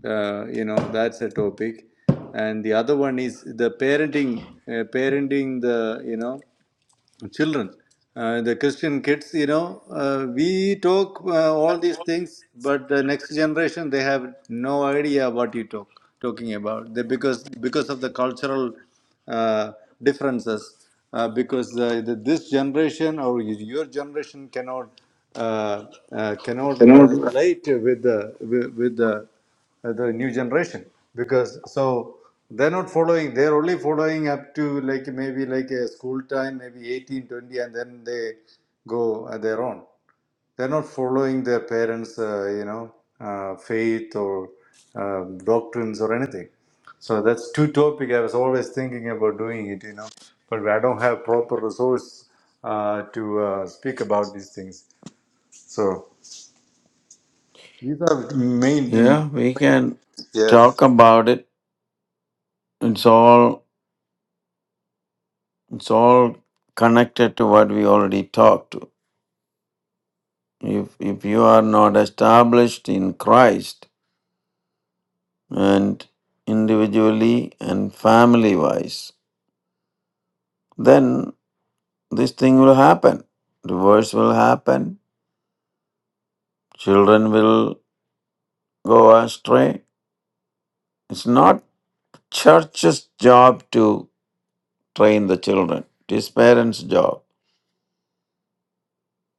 uh, you know, that's a topic. And the other one is the parenting, uh, parenting the you know children, uh, the Christian kids, you know, uh, we talk uh, all these things, but the next generation they have no idea what you talk talking about. They, because because of the cultural uh, differences, uh, because the, the, this generation or your generation cannot uh, uh, cannot
You
uh,
know,
relate with the with, with the uh, the new generation because so they're not following they're only following up to like maybe like a school time maybe 18, 20, and then they go at their own they're not following their parents uh, you know uh, faith or uh, doctrines or anything so that's two topic i was always thinking about doing it you know but i don't have proper resource uh, to uh, speak about these things so these are main
yeah. We can
yeah
talk about it. It's all it's all connected to what we already talked to. If if you are not established in Christ and individually and family wise, then this thing will happen. Divorce will happen. Children will go astray. It's not church's job to. train the children. It is parents' job.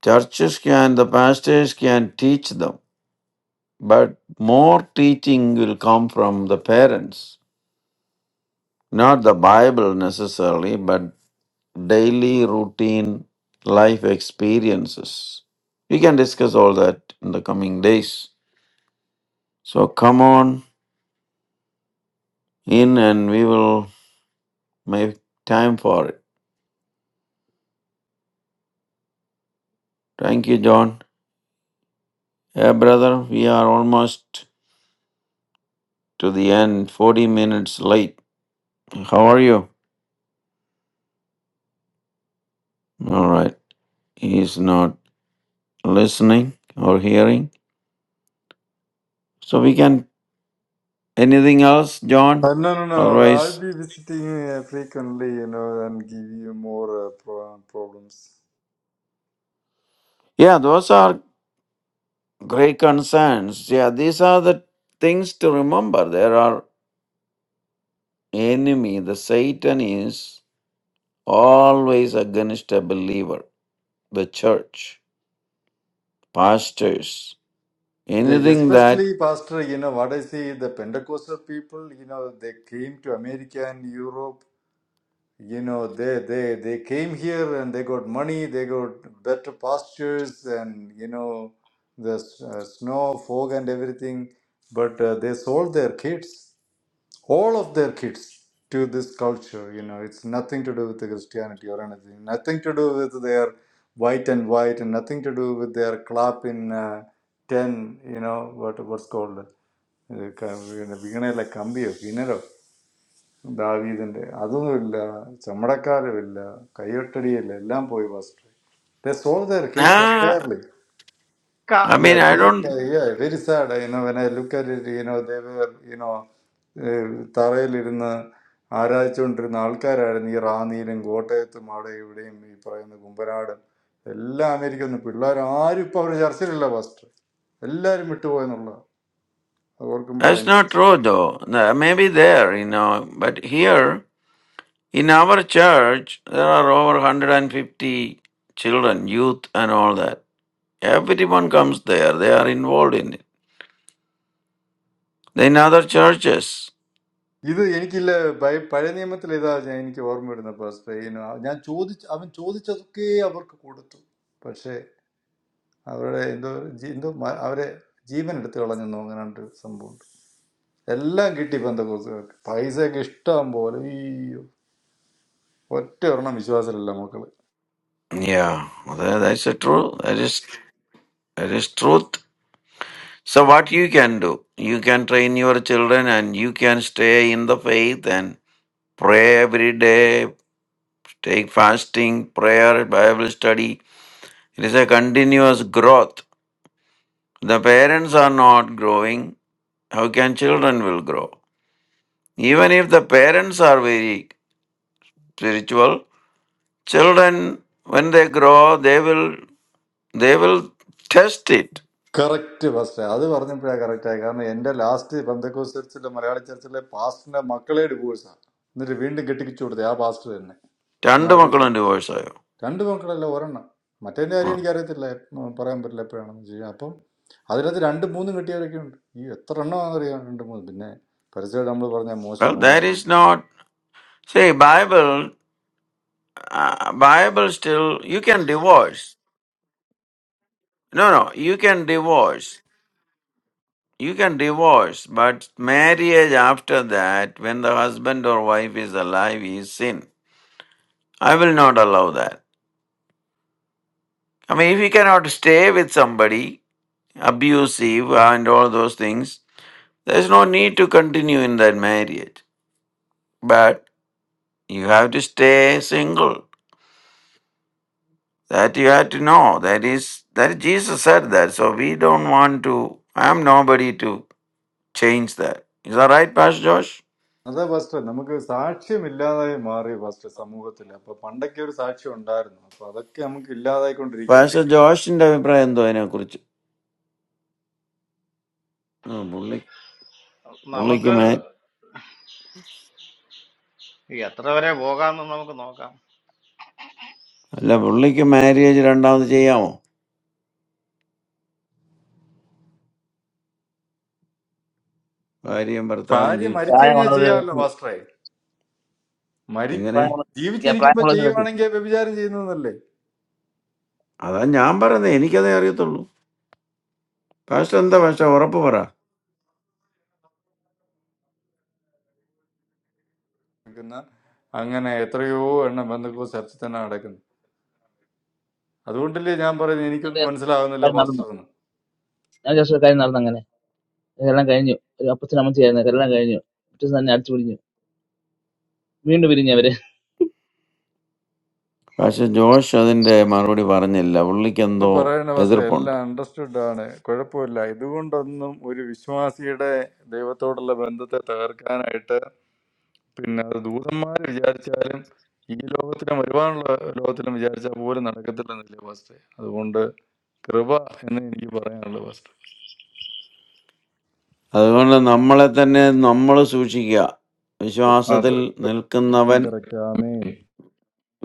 Churches can, the pastors can teach them, but more teaching will come from the parents. Not the Bible necessarily, but daily routine life experiences. We can discuss all that in the coming days. So come on in and we will make time for it. Thank you, John. Yeah, brother, we are almost to the end, 40 minutes late. How are you? All right. He's not listening or hearing. So we can anything else, John?
Uh, no, no, no. I'll
Otherwise,
be visiting uh, frequently, you know, and give you more uh, pro- problems.
yeah, those are great concerns. Yeah, these are the things to remember. There are enemy. The Satan is always against a believer, the church, pastors,
Yeah,
anything that.
especially, Pastor, you know, what I see, the Pentecostal people, you know, they came to America and Europe. You know, they, they, they came here and they got money, they got better pastures and, you know, the s- uh, snow, fog, and everything. But uh, they sold their kids. all of their kids to this culture. You know, it's nothing to do with the Christianity or anything. Nothing to do with their white and white, and nothing to do with their club in uh, ten. You know what what's called. ഇത് ക- പിന്നെ വീണയിലെ കമ്പിയോ കിണറോ ദാവീദിന്റെ അതൊന്നുമില്ല ചമ്മടക്കാരുമില്ല കയ്യൊട്ടടിയില്ല എല്ലാം പോയി first They sold their kids
Ah,
entirely.
I
ka.
Yeah,
mean, I
very
don't.
fa- yeah, very sad. You know, when I look at it, you know, they were, you know, Tarai lirunna, Arai chundru, Nalkar arani, Rani lenguote, tomaada ule, mei parayun gumbraadan. All American kudlaar, aru pafrujarsirilavastre. Allarimuttuwa enulla.
That's not
Agorkumbraayunpas.
true, though. Nah, Maybe there, you know, but here In our church, there are over 150 children, youth, and all that. Everyone comes there, they are involved in it. Then other churches.
This, I didn't kill. By, I didn't even try to do. I didn't even try to do. I just, I just gave it to them. അവരുടെ എന്തോ G- എന്തോ മ- അവരെ ജീവൻ എടുത്തു കളഞ്ഞെന്നോ അങ്ങനെ ഒരു സംഭവമുണ്ട് എല്ലാം കിട്ടി പെന്തക്കോസുകാർക്ക് പൈസയൊക്കെ ഇഷ്ടം പോലെ അയ്യോ ഒറ്റ ഒരെണ്ണം വിശ്വാസമില്ല മക്കള്
Yeah, that, that's the truth. That is, that is truth. So, what you can do? You can train your children and you can stay in the faith and pray every day, take fasting, prayer, Bible study. It is a continuous growth. The parents are not growing. How can children will grow? Even if the parents are very spiritual, children, when they grow, they will they will test it.
Correct first അത് പറഞ്ഞപ്പോഴാണ് കറക്റ്റായി കാരണം എൻ്റെ last പെന്തക്കോസ് ചർച്ചിലെ മലയാളി ചർച്ചിലെ പാസ്റ്ററിന്റെ മക്കളെ ഡിവോഴ്സാണ് എന്നിട്ട് വീണ്ടും കെട്ടിപ്പിച്ചു കൊടുത്തത് ആ പാസ്റ്റർ
രണ്ട്
തന്നെ
മക്കളുണ്ട് divorce ആയോ?
രണ്ട് പെൺകടല്ല ഒരെണ്ണം മറ്റേതിൻ്റെ കാര്യം
Oh.
എനിക്കറിയത്തില്ല ഉം, പറയാൻ പറ്റില്ല എപ്പോഴാണെന്ന് ചെയ്യാം അപ്പം അതിനകത്ത് രണ്ട് മൂന്നും കിട്ടിയവരൊക്കെ ഉണ്ട് ഈ എത്ര എണ്ണമാണെന്നറിയാം രണ്ട് മൂന്ന് പിന്നെ പരസ്യമായിട്ട് നമ്മൾ പറഞ്ഞ
Well,
മോശം
that
online
is not. See, Bible, uh, Bible still you can divorce. No, no, you can divorce. You can divorce, but marriage after that, when the husband or wife is alive, is sin. I will not allow that. I mean, if you cannot stay with somebody, abusive, and all those things. There's no need to continue in that marriage. But you have to stay single. That you have to know. That is that Jesus said that. So we don't want to. I'm nobody to change that. Is that right, Pastor Josh?
അതാ first നമുക്ക് സാക്ഷ്യമില്ലാതായി മാറി first സമൂഹത്തിൽ അപ്പൊ പണ്ടൊക്കെ ഒരു സാക്ഷ്യം ഉണ്ടായിരുന്നു അപ്പൊ അതൊക്കെ നമുക്ക് ഇല്ലാതായിക്കൊണ്ടിരിക്കുക അപ്പൊ
Pastor Josh, ജോഷിന്റെ അഭിപ്രായം എന്തോ അതിനെക്കുറിച്ച് ആ, പുള്ളി പുള്ളിക്ക്
Naamko.
മാ-
Yeah, tomorrow we will go. Naamko no go.
അല്ല പുള്ളിക്ക് മാര്യേജ് രണ്ടാമത് ചെയ്യാമോ ഭാര്യയും ഭർത്താവും
ഭാര്യ മരിച്ചു
ജീവിച്ചിരിക്കും
കഴിഞ്ഞാൽ
പ്രായമുള്ളത്
ചെയ്യാമല്ലോ ഫാസ്റ്ററെ മരി
എങ്ങനെ
പ്രായമുള്ള yeah,
ജീവിച്ചിരിക്കുമ്പോ
പ്രായമുള്ള കിടക്കും.
ചെയ്യുവാണെങ്കിൽ വ്യഭിചാരം ചെയ്യുന്നതല്ലേ
അതാ ഞാൻ പറയുന്നത് എനിക്കതേ അറിയത്തുള്ളൂ പാസ്റ്റർ എന്താ പാസ്റ്റർ ഉറപ്പ് പറ
അങ്ങനെ എത്രയോ എണ്ണം ബന്ധുക്കോ ചർച്ചിൽ തന്നെ നടക്കുന്നത് അതുകൊണ്ടല്ലേ ഞാൻ പറയുന്നത്
ഞങ്ങളുടെ
എനിക്കൊന്നും മനസ്സിലാകുന്നില്ല
കാര്യം നടന്നു,
പാസ്റ്ററിന്
ഞങ്ങളുടെ ദിവസം കാര്യം നടന്നു. അങ്ങനെ എല്ലാം കഴിഞ്ഞു. ഒരു അപ്പച്ചനും അമ്മച്ചിയായിരുന്നു. എല്ലാം കഴിഞ്ഞു. പിറ്റേ ദിവസം തന്നെ അടിച്ചു പിടിഞ്ഞു, വീണ്ടും പിരിഞ്ഞു അവര്.
പക്ഷെ ജോഷ് അതിന്റെ മറുപടി പറഞ്ഞില്ല പുള്ളിക്ക്
എന്ന്
എന്തോ
പറയണ പക്ഷേ
എതിർപ്പുണ്ട്
എല്ലാം അണ്ടർസ്റ്റുഡ് ആണ് കുഴപ്പമില്ല ഇതുകൊണ്ടൊന്നും ഒരു വിശ്വാസിയുടെ ദൈവത്തോടുള്ള ബന്ധത്തെ തകർക്കാനായിട്ട് പിന്നെ അത് ദൂതന്മാർ വിചാരിച്ചാലും ഈ ലോകത്തിലും വരുവാനുള്ള ലോകത്തിലും വിചാരിച്ചാൽ പോലും നടക്കത്തില്ലെന്നില്ലേ ഫസ്റ്റ് അതുകൊണ്ട് കൃപ എന്ന് എനിക്ക് പറയാനുള്ളു
അതുകൊണ്ട് നമ്മളെ തന്നെ നമ്മൾ സൂക്ഷിക്കുക വിശ്വാസത്തിൽ
ഫസ്റ്റ്
നിൽക്കുന്നവൻ
കറക്റ്റ്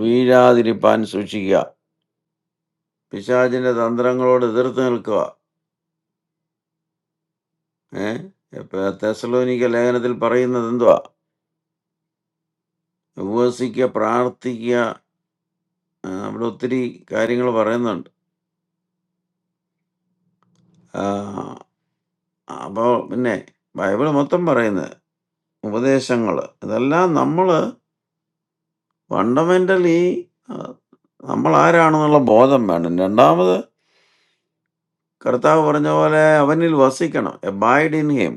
വീഴാതിരിപ്പാൻ സൂക്ഷിക്കുക പിശാചിന്റെ തന്ത്രങ്ങളോട് എതിർത്ത് നിൽക്കുക ഏഹ് ഇപ്പൊ തെസലോനിക്ക ലേഖനത്തിൽ പറയുന്നത് എന്തുവാ ഉപവസിക്കുക പ്രാർത്ഥിക്കുക ആ, അവിടെ ഒത്തിരി കാര്യങ്ങൾ പറയുന്നുണ്ട് ആ, അപ്പോൾ പിന്നെ ബൈബിൾ മൊത്തം പറയുന്നത് ഉപദേശങ്ങൾ ഇതെല്ലാം നമ്മൾ ഫണ്ടമെന്റലി നമ്മളാരാണെന്നുള്ള ബോധം വേണം രണ്ടാമത് കർത്താവ് പറഞ്ഞ പോലെ അവനിൽ വസിക്കണം എബൈഡ് ഇൻ ഹിം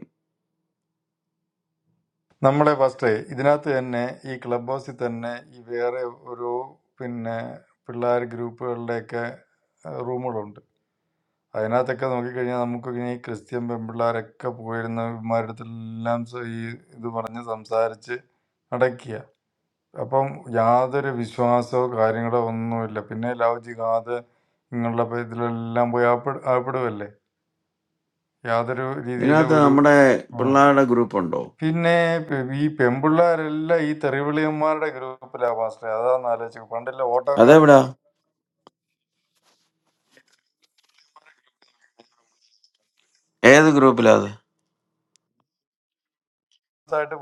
നമ്മളെ ഫസ്റ്റേ ഇതിനകത്ത് തന്നെ ഈ ക്ലബ് ഹൗസിൽ തന്നെ ഈ വേറെ ഒരു പിന്നെ പിള്ളേർ ഗ്രൂപ്പുകളിലൊക്കെ റൂമുകളുണ്ട് അതിനകത്തൊക്കെ നോക്കിക്കഴിഞ്ഞാൽ നമുക്ക് ഇങ്ങനെ ഈ ക്രിസ്ത്യൻ പെൺപിള്ളേരൊക്കെ പോയിരുന്ന ഇവന്മാരുടെ അടുത്തെല്ലാം സ- ഈ ഇത് പറഞ്ഞ് സംസാരിച്ച് അടയ്ക്കുക അപ്പം യാതൊരു വിശ്വാസമോ കാര്യങ്ങളോ ഒന്നുമില്ല പിന്നെ ലവ് ജിഹാദ് ഇങ്ങനെയുള്ള ഇപ്പൊ ഇതിലെല്ലാം പോയി ആപ്പിട ആപ്പിടുമല്ലേ യാതൊരു രീതിയിലും
ഇതിനകത്ത്
ഒരു
നമ്മുടെ പിള്ളേരുടെ ഗ്രൂപ്പ് ഉണ്ടോ
പിന്നെ പെ- ഈ പെമ്പിള്ളാരെല്ലാം ഈ തെറിവിളിയന്മാരുടെ ഗ്രൂപ്പിലാ പാസ്റ്റർ അതാന്ന് ആലോചിച്ചത് പണ്ടില്ല ഓട്ടോക്കാരനായിട്ട്
അതെവിടാ ഏത് ഗ്രൂപ്പിലാ അത്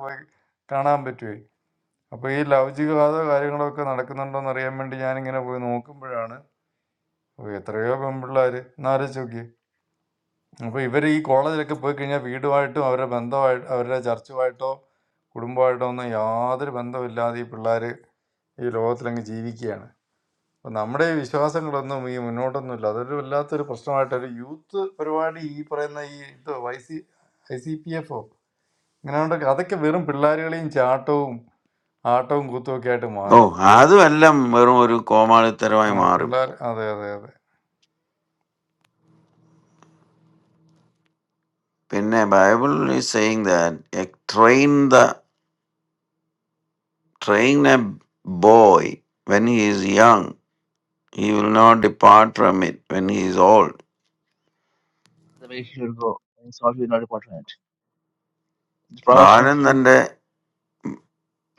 പോയി കാണാൻ പറ്റുവേ അപ്പൊ ഈ ലൗചികവാദ കാര്യങ്ങളൊക്കെ നടക്കുന്നുണ്ടോന്ന് അറിയാൻ വേണ്ടി ഞാനിങ്ങനെ പോയി നോക്കുമ്പോഴാണ് ഓ, എത്രയോ പെമ്പിള്ളാര് എന്നാലോചിച്ച് നോക്കിയേ അപ്പൊ ഇവർ ഈ കോളേജിലൊക്കെ പോയി കഴിഞ്ഞാൽ വീടുമായിട്ടും അവരുടെ ബന്ധമായിട്ട് അവരുടെ ചർച്ചുമായിട്ടോ കുടുംബമായിട്ടോ ഒന്നും യാതൊരു ബന്ധമില്ലാതെ ഈ പിള്ളേര് ഈ ലോകത്തിലങ്ങ് ജീവിക്കുകയാണ് അപ്പം നമ്മുടെ ഈ വിശ്വാസങ്ങളൊന്നും ഈ മുന്നോട്ടൊന്നുമില്ല. അതൊരു വല്ലാത്തൊരു പ്രശ്നമായിട്ടൊരു യൂത്ത് പരിപാടി ഈ പറയുന്ന ഈ ഇത് I C I C P F ഇങ്ങനെ ഉണ്ടെങ്കിൽ അതൊക്കെ വെറും പിള്ളേരുകളെയും ചാട്ടവും ആട്ടവും കൂത്തുമൊക്കെ ആയിട്ട്
ഓ
മാറി.
അതുമെല്ലാം വെറും ഒരു
ആ
കോമാളിത്തരമായി മാറും
പിള്ളേർ അതെ അതെ അതെ
പിന്നെ Bible is saying that train the train a boy when he is young he will not depart from it when he is old
The way he will go is not be not important. The proverbs said,
ബാലൻ തന്റെ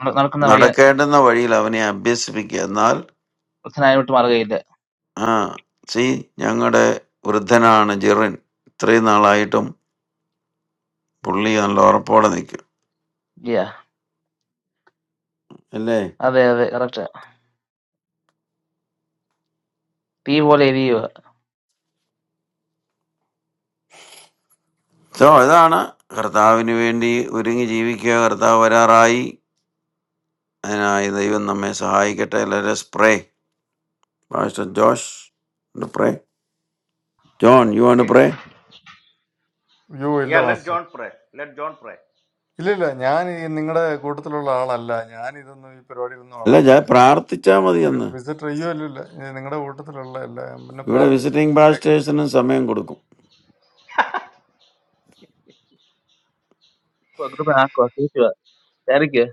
"നട- നടക്കുന്ന വഴി
നടക്കേണ്ടുന്ന വഴിയിൽ അവനെ അഭ്യസിപ്പിക്കുക എന്നാൽ
അച്ഛനായ വിട്ട് മാറുകയില്ല."
ആ സീ ഞങ്ങളുടെ വൃദ്ധനാണ് ജെറിൻ ഇത്രയും നാളായിട്ടും പുള്ളി നല്ല ഉറപ്പോടെ നിൽക്കും
Yeah,
അല്ലേ
അതെ അതെ കറക്റ്റ്. തീ പോലെ എരിയുക.
സോ ഇതാണ് കർത്താവിന് വേണ്ടി ഒരുങ്ങി ജീവിക്കുക കർത്താവ് വരാറായി അതിനായി ദൈവം നമ്മെ സഹായിക്കട്ടെ എല്ലാവരും pray pastor Josh pray John you ആണ്
Okay.
പ്രേ
യോ ഇല്ല
Yeah, let
master
John pray. Let John pray.
ഇല്ല ഇല്ല ഞാൻ ഈ നിങ്ങളുടെ കൂട്ടത്തിലുള്ള ആളല്ല, ഞാൻ ഇതൊന്നും ഈ പരിപാടിയിലൊന്നും
അല്ല
ആളല്ല.
ഞാൻ
പിന്നെ
പ്രാർത്ഥിച്ചാൽ മതി
ഒരു
എന്ന്
വിസിറ്റർ അയ്യോ ഇല്ല ഇല്ല നിങ്ങളുടെ കൂട്ടത്തിലുള്ള അല്ല. പിന്നെ
ഇവിടെ
പ്രാർത്ഥിച്ചു
വിസിറ്റിംഗ്
കേക്ക്.
പാസ്റ്റേഴ്സിനും സമയം കൊടുക്കും
ഗ്രൂപ്പിനാക്കുക, തിരിക്കുക, കയറിക്കുക.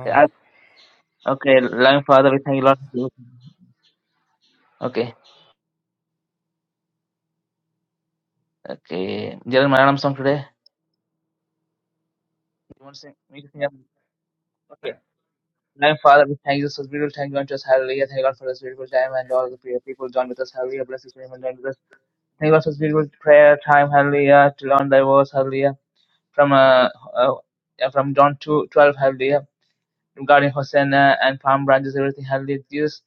ആ
Okay, loving father, we thank you Lord. Okay, okay. Jalan Malayalam song today. You want to sing? Me to sing? And Father, we thank you for this beautiful time. Join to us, hallelujah. Thank God for this beautiful time and all the prayer people join with us, hallelujah. Bless each and every one join with us. Thank God for this beautiful prayer time, hallelujah. To learn thy words, hallelujah. From uh, uh yeah, from John 2, 12, hallelujah regarding Hosanna and palm branches, everything, hallelujah, Jesus.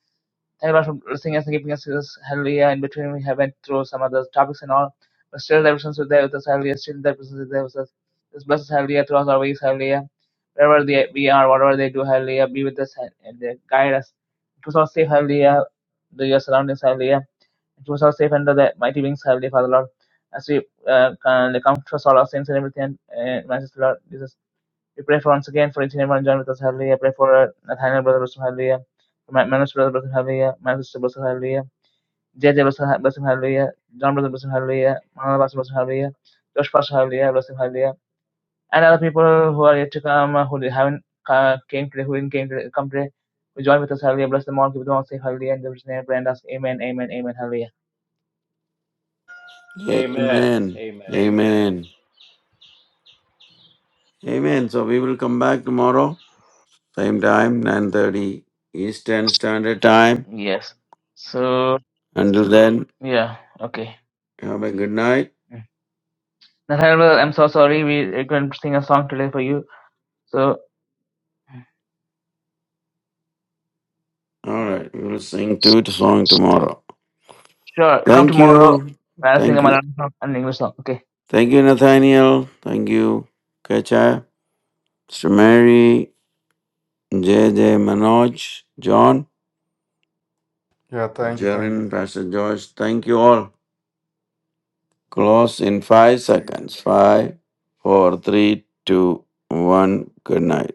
Thank you, Lord, for singing us and keeping us this hallelujah. In between, we have went through some other topics and all, but still, the presence is there with us, hallelujah. Still, the presence is there with us. This us hallelujah throughout our ways, hallelujah. Wherever they, we are, whatever they do, hallelujah, be with us and, and uh, guide us. Keep us all safe, hallelujah, to your surroundings, hallelujah. Keep us all safe under the mighty wings, hallelujah, Father Lord. As we uh, come to us all our sins and everything, uh, Master Lord Jesus. We pray for once again for each and everyone joined with us, hallelujah. Pray for uh, Nathaniel, brother, bless him, hallelujah. For my, Manus, brother, bless him, hallelujah. My sister, bless him, hallelujah. JJ, bless him, bless him, hallelujah. John, brother, bless him, hallelujah. Manala, bless him, bless him, hallelujah. Josh, pastor, hallelujah, bless him, hallelujah. And other people who are yet to come, uh, who did- haven't uh, came today, who didn't came today, come today, who join with us, hallelujah. Bless them all, keep them all safe, hallelujah. And there's name, pray and ask, amen, amen, amen, hallelujah.
Amen.
Amen.
Amen.
Amen. Amen. So we will come back tomorrow. same time, 9.30 Eastern Standard Time.
Yes. So,
Until then,
yeah, okay.
have a good night.
Mm. Nathaniel, brother, I'm so sorry. We are going to sing a song today for you. So,
All
uh,
right, we will sing two to song tomorrow.
Sure, come
Thank
tomorrow
you.
I'll sing
Thank
a
you.
Malayalam song and an English song. Okay.
Thank you, Nathaniel. Thank you, Kecha, Mr. Mary, JJ, Manoj, John,
thank you thank you.
Jaren, Pastor Joyce. Thank you all. Close in five seconds. Five, four, three, two, one. Good night.